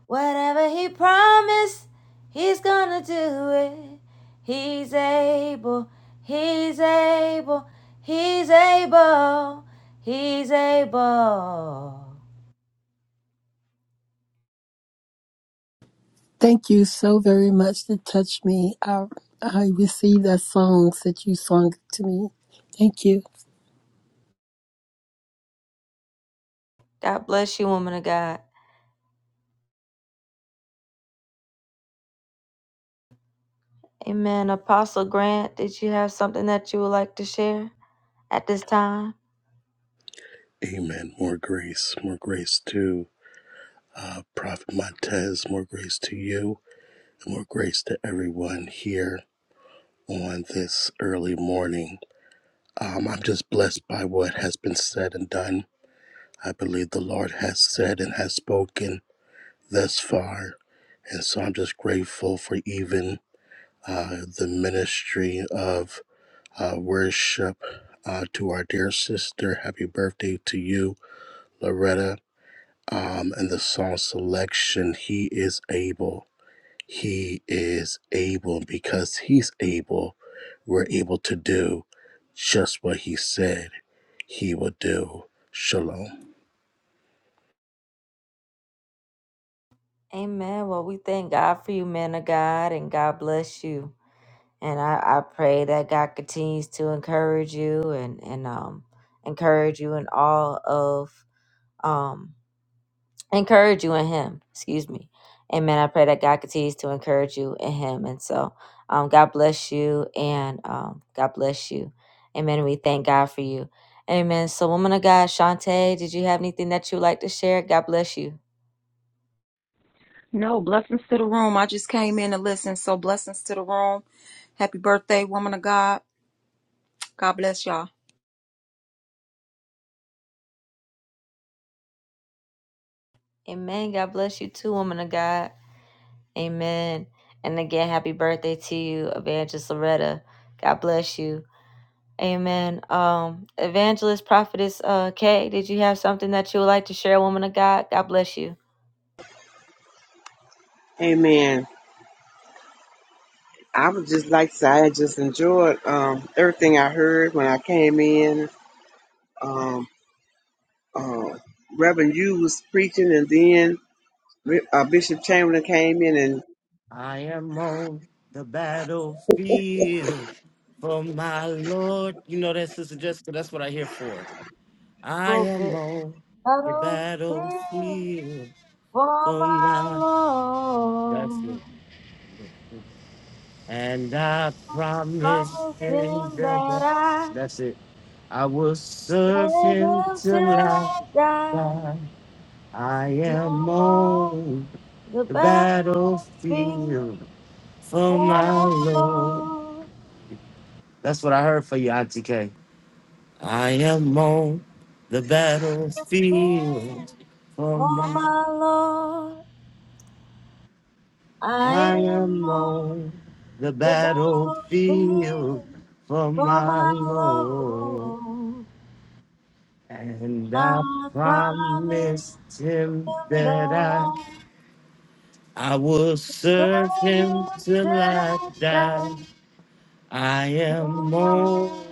Whatever he promised, he's gonna do it. He's able, he's able, he's able, he's able. Thank you so very much to touch me. I, I received that songs that you sung to me. Thank you. God bless you, woman of God. Amen. Apostle Grant, did you have something that you would like to share at this time? Amen. More grace. More grace to uh, Prophet Montez. More grace to you. And more grace to everyone here on this early morning. Um, I'm just blessed by what has been said and done. I believe the Lord has said and has spoken thus far. And so I'm just grateful for even uh, the ministry of uh, worship uh, to our dear sister. Happy birthday to you, Loretta. um, and the song selection. He is able. He is able. Because he's able, we're able to do just what he said he would do. Shalom. Amen. Well, we thank God for you, men of God, and God bless you. And I, I pray that God continues to encourage you and, and um encourage you in all of um encourage you in him. Excuse me. Amen. I pray that God continues to encourage you in him. And so um God bless you and um God bless you. Amen. And We thank God for you. Amen. So woman of God, Shantae, did you have anything that you would like to share? God bless you. No, blessings to the room. I just came in to listen, so blessings to the room. Happy birthday, woman of God. God bless y'all. Amen. God bless you too, woman of God. Amen. And again, happy birthday to you, Evangelist Loretta. God bless you. Amen. Um, Evangelist Prophetess uh Kay, did you have something that you would like to share, woman of God? God bless you. Amen. I would just like to say I just enjoyed um, everything I heard when I came in. Um, uh, Reverend Yu was preaching, and then Re- uh, Bishop Chamberlain came in and I am on the battlefield for my Lord. You know that, Sister Jessica? That's what I hear for. I little am bit. on the Battlefield battlefield for for my my. That's Lord. it. And I promise Promised in him the. that I That's it. I will serve serve him him till till I I die. die. I am No more on the the battlefield battlefield for for my my Lord. Lord, That's what I heard for you, Auntie K. I am on the oh, battlefield for for my my Lord. I I am am on on the the battlefield battlefield for for my my Lord. Lord. And I I promise promised him him that I that I will serve him I pleasure till shall I I die. die I no am on more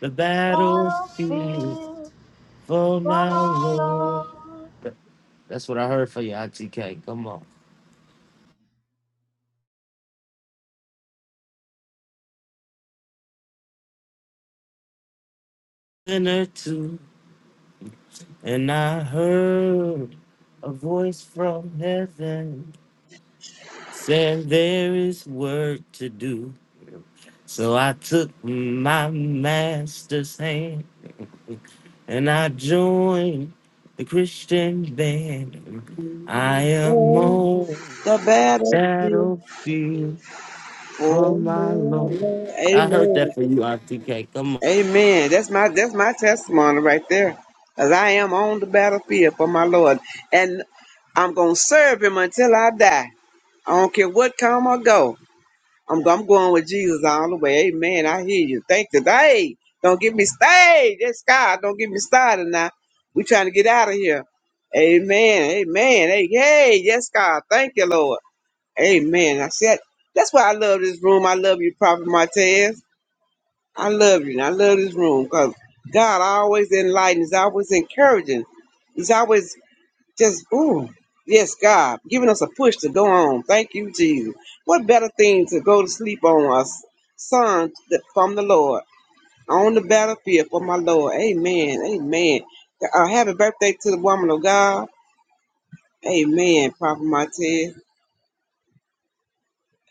the battlefield battlefield for for my my Lord. Lord. That's what I heard for you, ITK. Come on. or two, and I heard a voice from heaven saying there is work to do. So I took my master's hand and I joined the Christian band. I am oh, on the battlefield battlefield for for my my Lord. land." I heard Amen. that for you, RTK. Come on. Amen. That's my that's my testimony right there, as I am on the battlefield for my Lord, and I'm gonna serve Him until I die. I don't care what come or go. I'm, I'm going with Jesus all the way. Amen. I hear you. Thank you. Hey, don't get me started. That's God. Don't get me started now. we trying to get out of here. Amen. Amen. Hey, hey. Yes, God. Thank you, Lord. Amen. I said, that's why I love this room. I love you, Prophet Martez. I love you. And I love this room because God always enlightens, always encouraging. He's always just, ooh, yes, God, giving us a push to go on. Thank you, Jesus. What better thing to go to sleep on us, son th- from the Lord, on the battlefield for my Lord. Amen. Amen. Uh, happy birthday to the woman of God. Amen, Prophet Martez.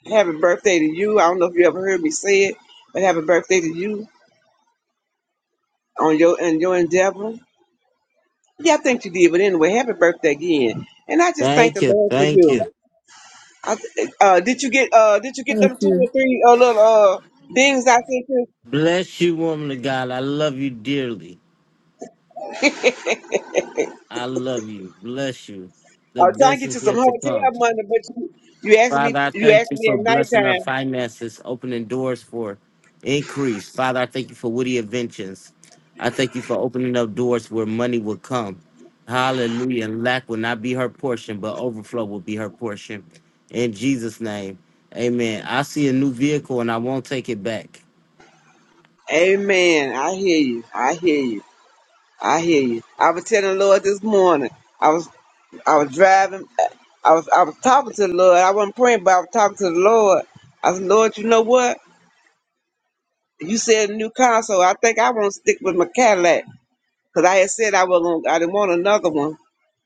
Happy birthday to you. I don't know if you ever heard me say it, but happy birthday to you on your and your endeavor. Yeah, I think you did, but anyway, happy birthday again. And I just thank the Thank you. Lord for Thank you. you. I, uh, did you get uh did you get Thank them two you, or three uh, little uh things I sent you? Bless you, woman of God. I love you dearly. I love you. Bless you. Uh, so I The trying to best get you is some yet to hotel come. money, but you you asked me Father, I you thank asked you for me at blessing our nighttime. finances, opening doors for increase. Father, I thank you for witty inventions. I thank you for opening up doors where money will come. Hallelujah. And lack will not be her portion, but overflow will be her portion. In Jesus' name. Amen. I see a new vehicle and I won't take it back. Amen. I hear you. I hear you. I hear you. I was telling the Lord this morning. I was I was driving. uh, I was I was talking to the Lord. I wasn't praying, but I was talking to the Lord. I said, Lord, you know what? You said a new console. I think I want to stick with my Cadillac. Cause I had said I was gonna, I didn't want another one,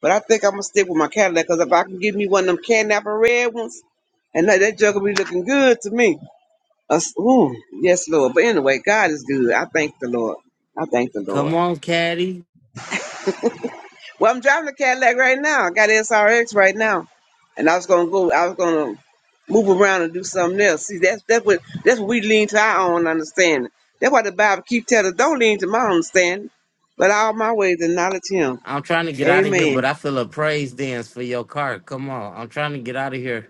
but I think I'm gonna stick with my Cadillac. Cause if I can give me one of them canapa red ones, and that, that jug will be looking good to me. Us- ooh, yes, Lord. But anyway, God is good. I thank the Lord. I thank the Come Lord. on, Caddy. Well, I'm driving the Cadillac right now. I got SRX right now, and I was gonna go. I was gonna move around and do something else. See, that's that's what that's what we lean to our own understanding. That's why the Bible keep telling us, don't lean to my understanding, but all my ways acknowledge Him. I'm trying to get out of here, Amen. but I feel a praise dance for your car. Come on. I'm trying to get out of here.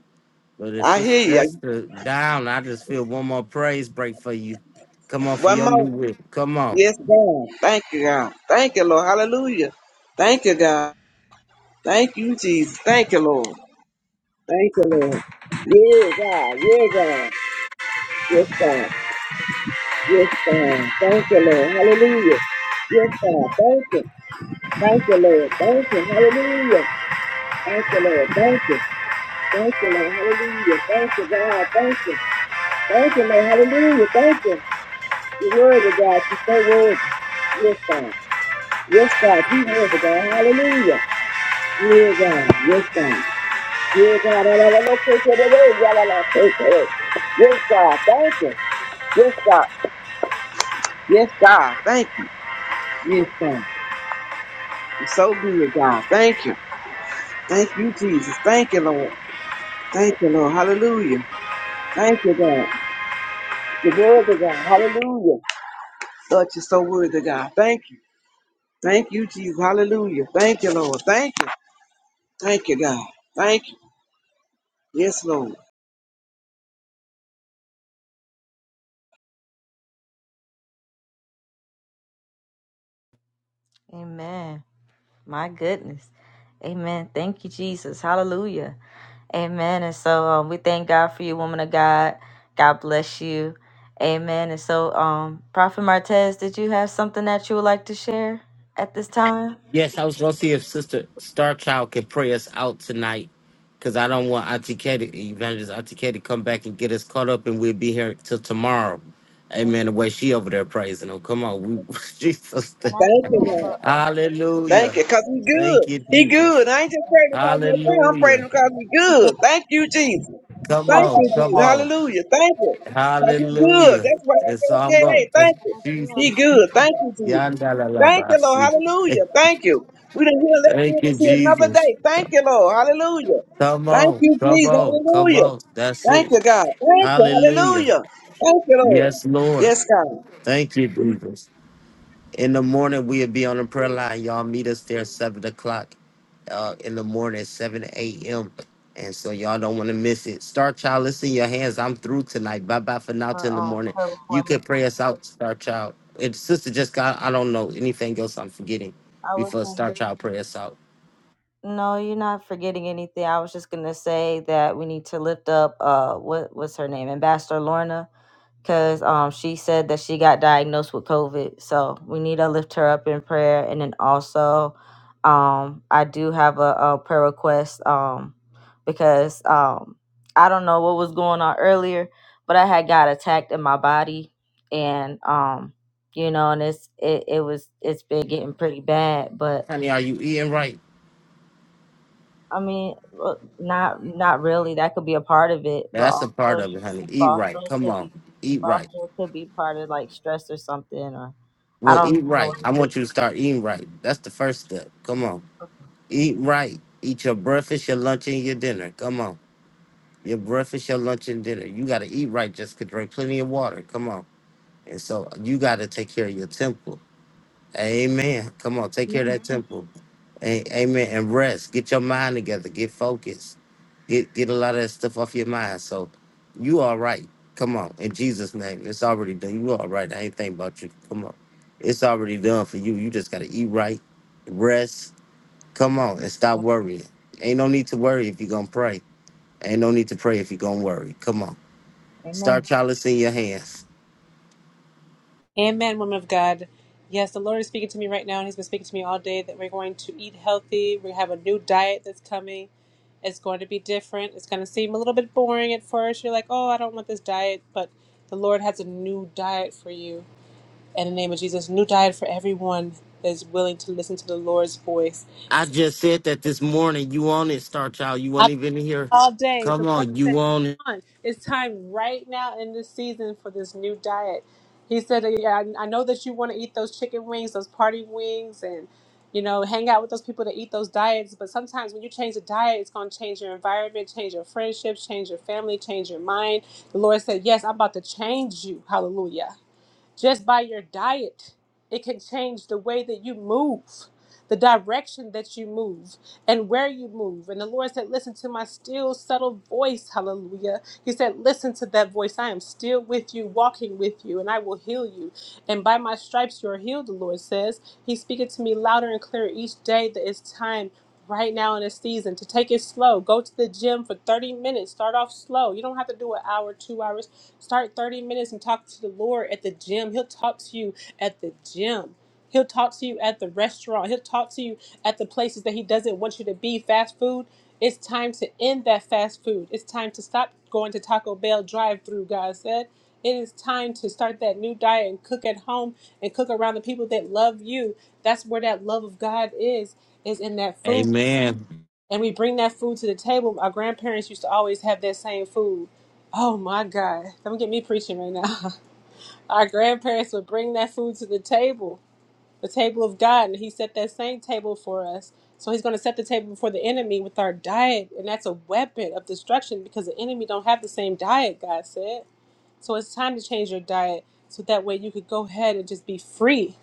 But if it's I hear just you. the down. I just feel one more praise break for you. Come on for One your new more. week. Come on. Yes, God. Thank you, God. Thank you, Lord. Hallelujah. Thank you, God. Thank you, Jesus. Thank you, Lord. Thank you, Lord. Yeah, God. Yeah, God. Yes, God. Yes, God. Thank you, Lord. Hallelujah. Yes, God. Thank you. Thank you, Lord. Thank you. Hallelujah. Thank you, Lord. Thank you. Thank you, Lord. Hallelujah. Thank you, God. Thank you. Thank you, Lord. Hallelujah. Thank you. You're worthy, God. You're so worthy. Yes, God. Yes, God. He is a God. Hallelujah. Yes, God. Yes, God. Yes, God. La, la, God. Yes, God. Thank you. Yes, God. Yes, God. Thank you. Yes, God. You're so good, God. Thank you. Thank you, Jesus. Thank you, Lord. Thank you, Lord. Hallelujah. Thank you, God. The word of God. Hallelujah. Lord, you're so worthy, God. Thank you. Thank you, Jesus. Hallelujah. Thank you, Lord. Thank you. Thank you, God. Thank you. Yes, Lord. Amen. My goodness. Amen. Thank you, Jesus. Hallelujah. Amen. And so um, we thank God for you, woman of God. God bless you. Amen. And so, um, Prophet Martez, did you have something that you would like to share at this time? Yes, I was gonna see if Sister Starchild can pray us out tonight. Cause I don't want Auntie Katie, Evangelist Auntie Katie, come back and get us caught up, and we'll be here till tomorrow. Amen. The way she over there praising him. Come on, we, Jesus. Thank you, God. Thank Hallelujah. you, cause he good. Thank you, He Jesus. good. I ain't just praying because no prayer. I'm praying Hallelujah. because he good. Thank you, Jesus. Come Thank you, on, come Jesus. on. Hallelujah. Thank you. Cause he good. Hallelujah. That's why I It's said, all okay, hey, I'm thank you. going. He good. Thank you, Jesus. Thank you, Lord. Yandalalabasi. Hey, Hallelujah. Thank you. We didn't hear that here Thank you, to see another day. Jesus. Thank you, Lord. Hallelujah. Come Thank on, you, come Jesus. on, come Hallelujah. on. That's Thank it. you, God. Thank you. Hallelujah. Hallelujah. Thank you, Lord. Yes, Lord. Yes, God. Thank you, Jesus. In the morning, we'll be on the prayer line. Y'all meet us there at 7 o'clock uh, in the morning, 7 a.m. And so y'all don't want to miss it. Star Child, it's in your hands. I'm through tonight. Bye bye for now Uh, till in the um, morning. prayer You can pray us out, Star Child. And Sister Jessica, I I don't know anything else I'm forgetting before request. Star Child pray us out. No, you're not forgetting anything. I was just gonna say that we need to lift up uh what what's her name? Ambassador Lorna, because um she said that she got diagnosed with COVID. So we need to lift her up in prayer. And then also um I do have a, a prayer request um because um I don't know what was going on earlier, but I had got attacked in my body and um you know and it's it, it was it's been getting pretty bad. but. Honey, are you eating right? I mean, well, not not really. That could be a part of it, but That's a also, part of it, honey. but Eat right. also it Come could on. be, Eat right. also it could be part of like stress or something, or I Well, eat don't know. right. I want you to start eating right. That's the first step. Come on. Eat right. Eat your breakfast, your lunch, and your dinner. Come on. Your breakfast, your lunch, and dinner. You got to eat right. Just could drink plenty of water. Come on. And so you got to take care of your temple. Amen. Come on. Take care of that temple. A- Amen. And rest. Get your mind together. Get focused. Get get a lot of that stuff off your mind. So you all right. Come on. In Jesus' name. It's already done. You all right. I ain't think about you. Come on. It's already done for you. You just gotta eat right, rest. Come on and stop worrying. Ain't no need to worry if you're gonna pray. Ain't no need to pray if you're gonna worry. Come on. Anything. Star Child, it's in your hands. Amen, woman of God. Yes, the Lord is speaking to me right now, and He's been speaking to me all day that we're going to eat healthy. We have a new diet that's coming. It's going to be different. It's going to seem a little bit boring at first. You're like, oh, I don't want this diet. But the Lord has a new diet for you. In the name of Jesus, new diet for everyone that is willing to listen to the Lord's voice. I just said that this morning. You on it, Star Child. You weren't I've been even hearing it here. all day. The Come Lord on, said, you on it. Come on, it's time right now in this season for this new diet. He said, Yeah, I I know that you want to eat those chicken wings, those party wings, and you know, hang out with those people that eat those diets. But sometimes when you change the diet, it's going to change your environment, change your friendships, change your family, change your mind. The Lord said, Yes, I'm about to change you. Hallelujah just by your diet it can change the way that you move the direction that you move and where you move and the lord said listen to my still subtle voice hallelujah he said listen to that voice i am still with you walking with you and i will heal you and by my stripes you are healed the lord says he's speaking to me louder and clearer each day that it's time right now in this season to take it slow. Go to the gym for 30 minutes. Start off slow. You don't have to do an hour, two hours. Start 30 minutes and talk to the Lord at the gym. He'll talk to you at the gym. He'll talk to you at the restaurant. He'll talk to you at the places that he doesn't want you to be. Fast food. It's time to end that fast food. It's time to stop going to Taco Bell drive through, God said. It is time to start that new diet and cook at home and cook around the people that love you. That's where that love of God is, is in that food. Amen. And we bring that food to the table. Our grandparents used to always have that same food. Oh my God. Don't get me preaching right now. Our grandparents would bring that food to the table, the table of God. And He set that same table for us. So He's going to set the table before the enemy with our diet. And that's a weapon of destruction because the enemy don't have the same diet, God said. So it's time to change your diet so that way you could go ahead and just be free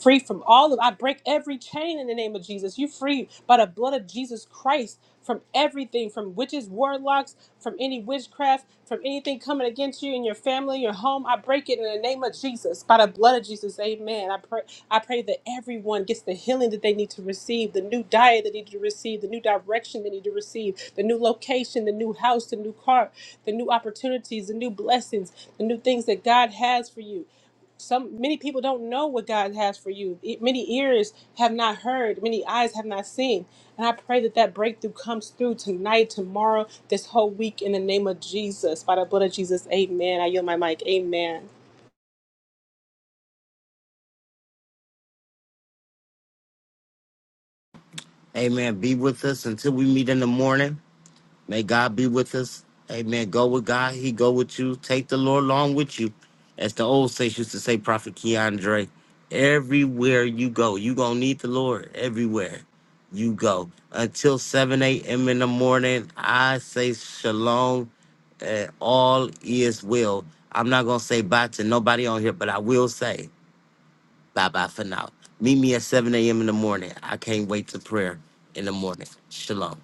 free from all of I break every chain in the name of Jesus. You free by the blood of Jesus Christ from everything, from witches, warlocks, from any witchcraft, from anything coming against you in your family, your home. I break it in the name of Jesus. By the blood of Jesus. Amen. I pray I pray that everyone gets the healing that they need to receive, the new diet they need to receive, the new direction they need to receive, the new location, the new house, the new car, the new opportunities, the new blessings, the new things that God has for you some many people don't know what God has for you. E- Many ears have not heard, many eyes have not seen. And I pray that that breakthrough comes through tonight, tomorrow, this whole week in the name of Jesus. By the blood of Jesus, amen. I yield my mic. Amen. Amen. Be with us until we meet in the morning. May God be with us. Amen. Go with God. He go with you. Take the Lord along with you. As the old saints used to say, Prophet Keandre, everywhere you go, you going to need the Lord everywhere you go. Until 7 a.m. in the morning, I say shalom. And all is well. I'm not going to say bye to nobody on here, but I will say bye-bye for now. Meet me at 7 a.m. in the morning. I can't wait to prayer in the morning. Shalom.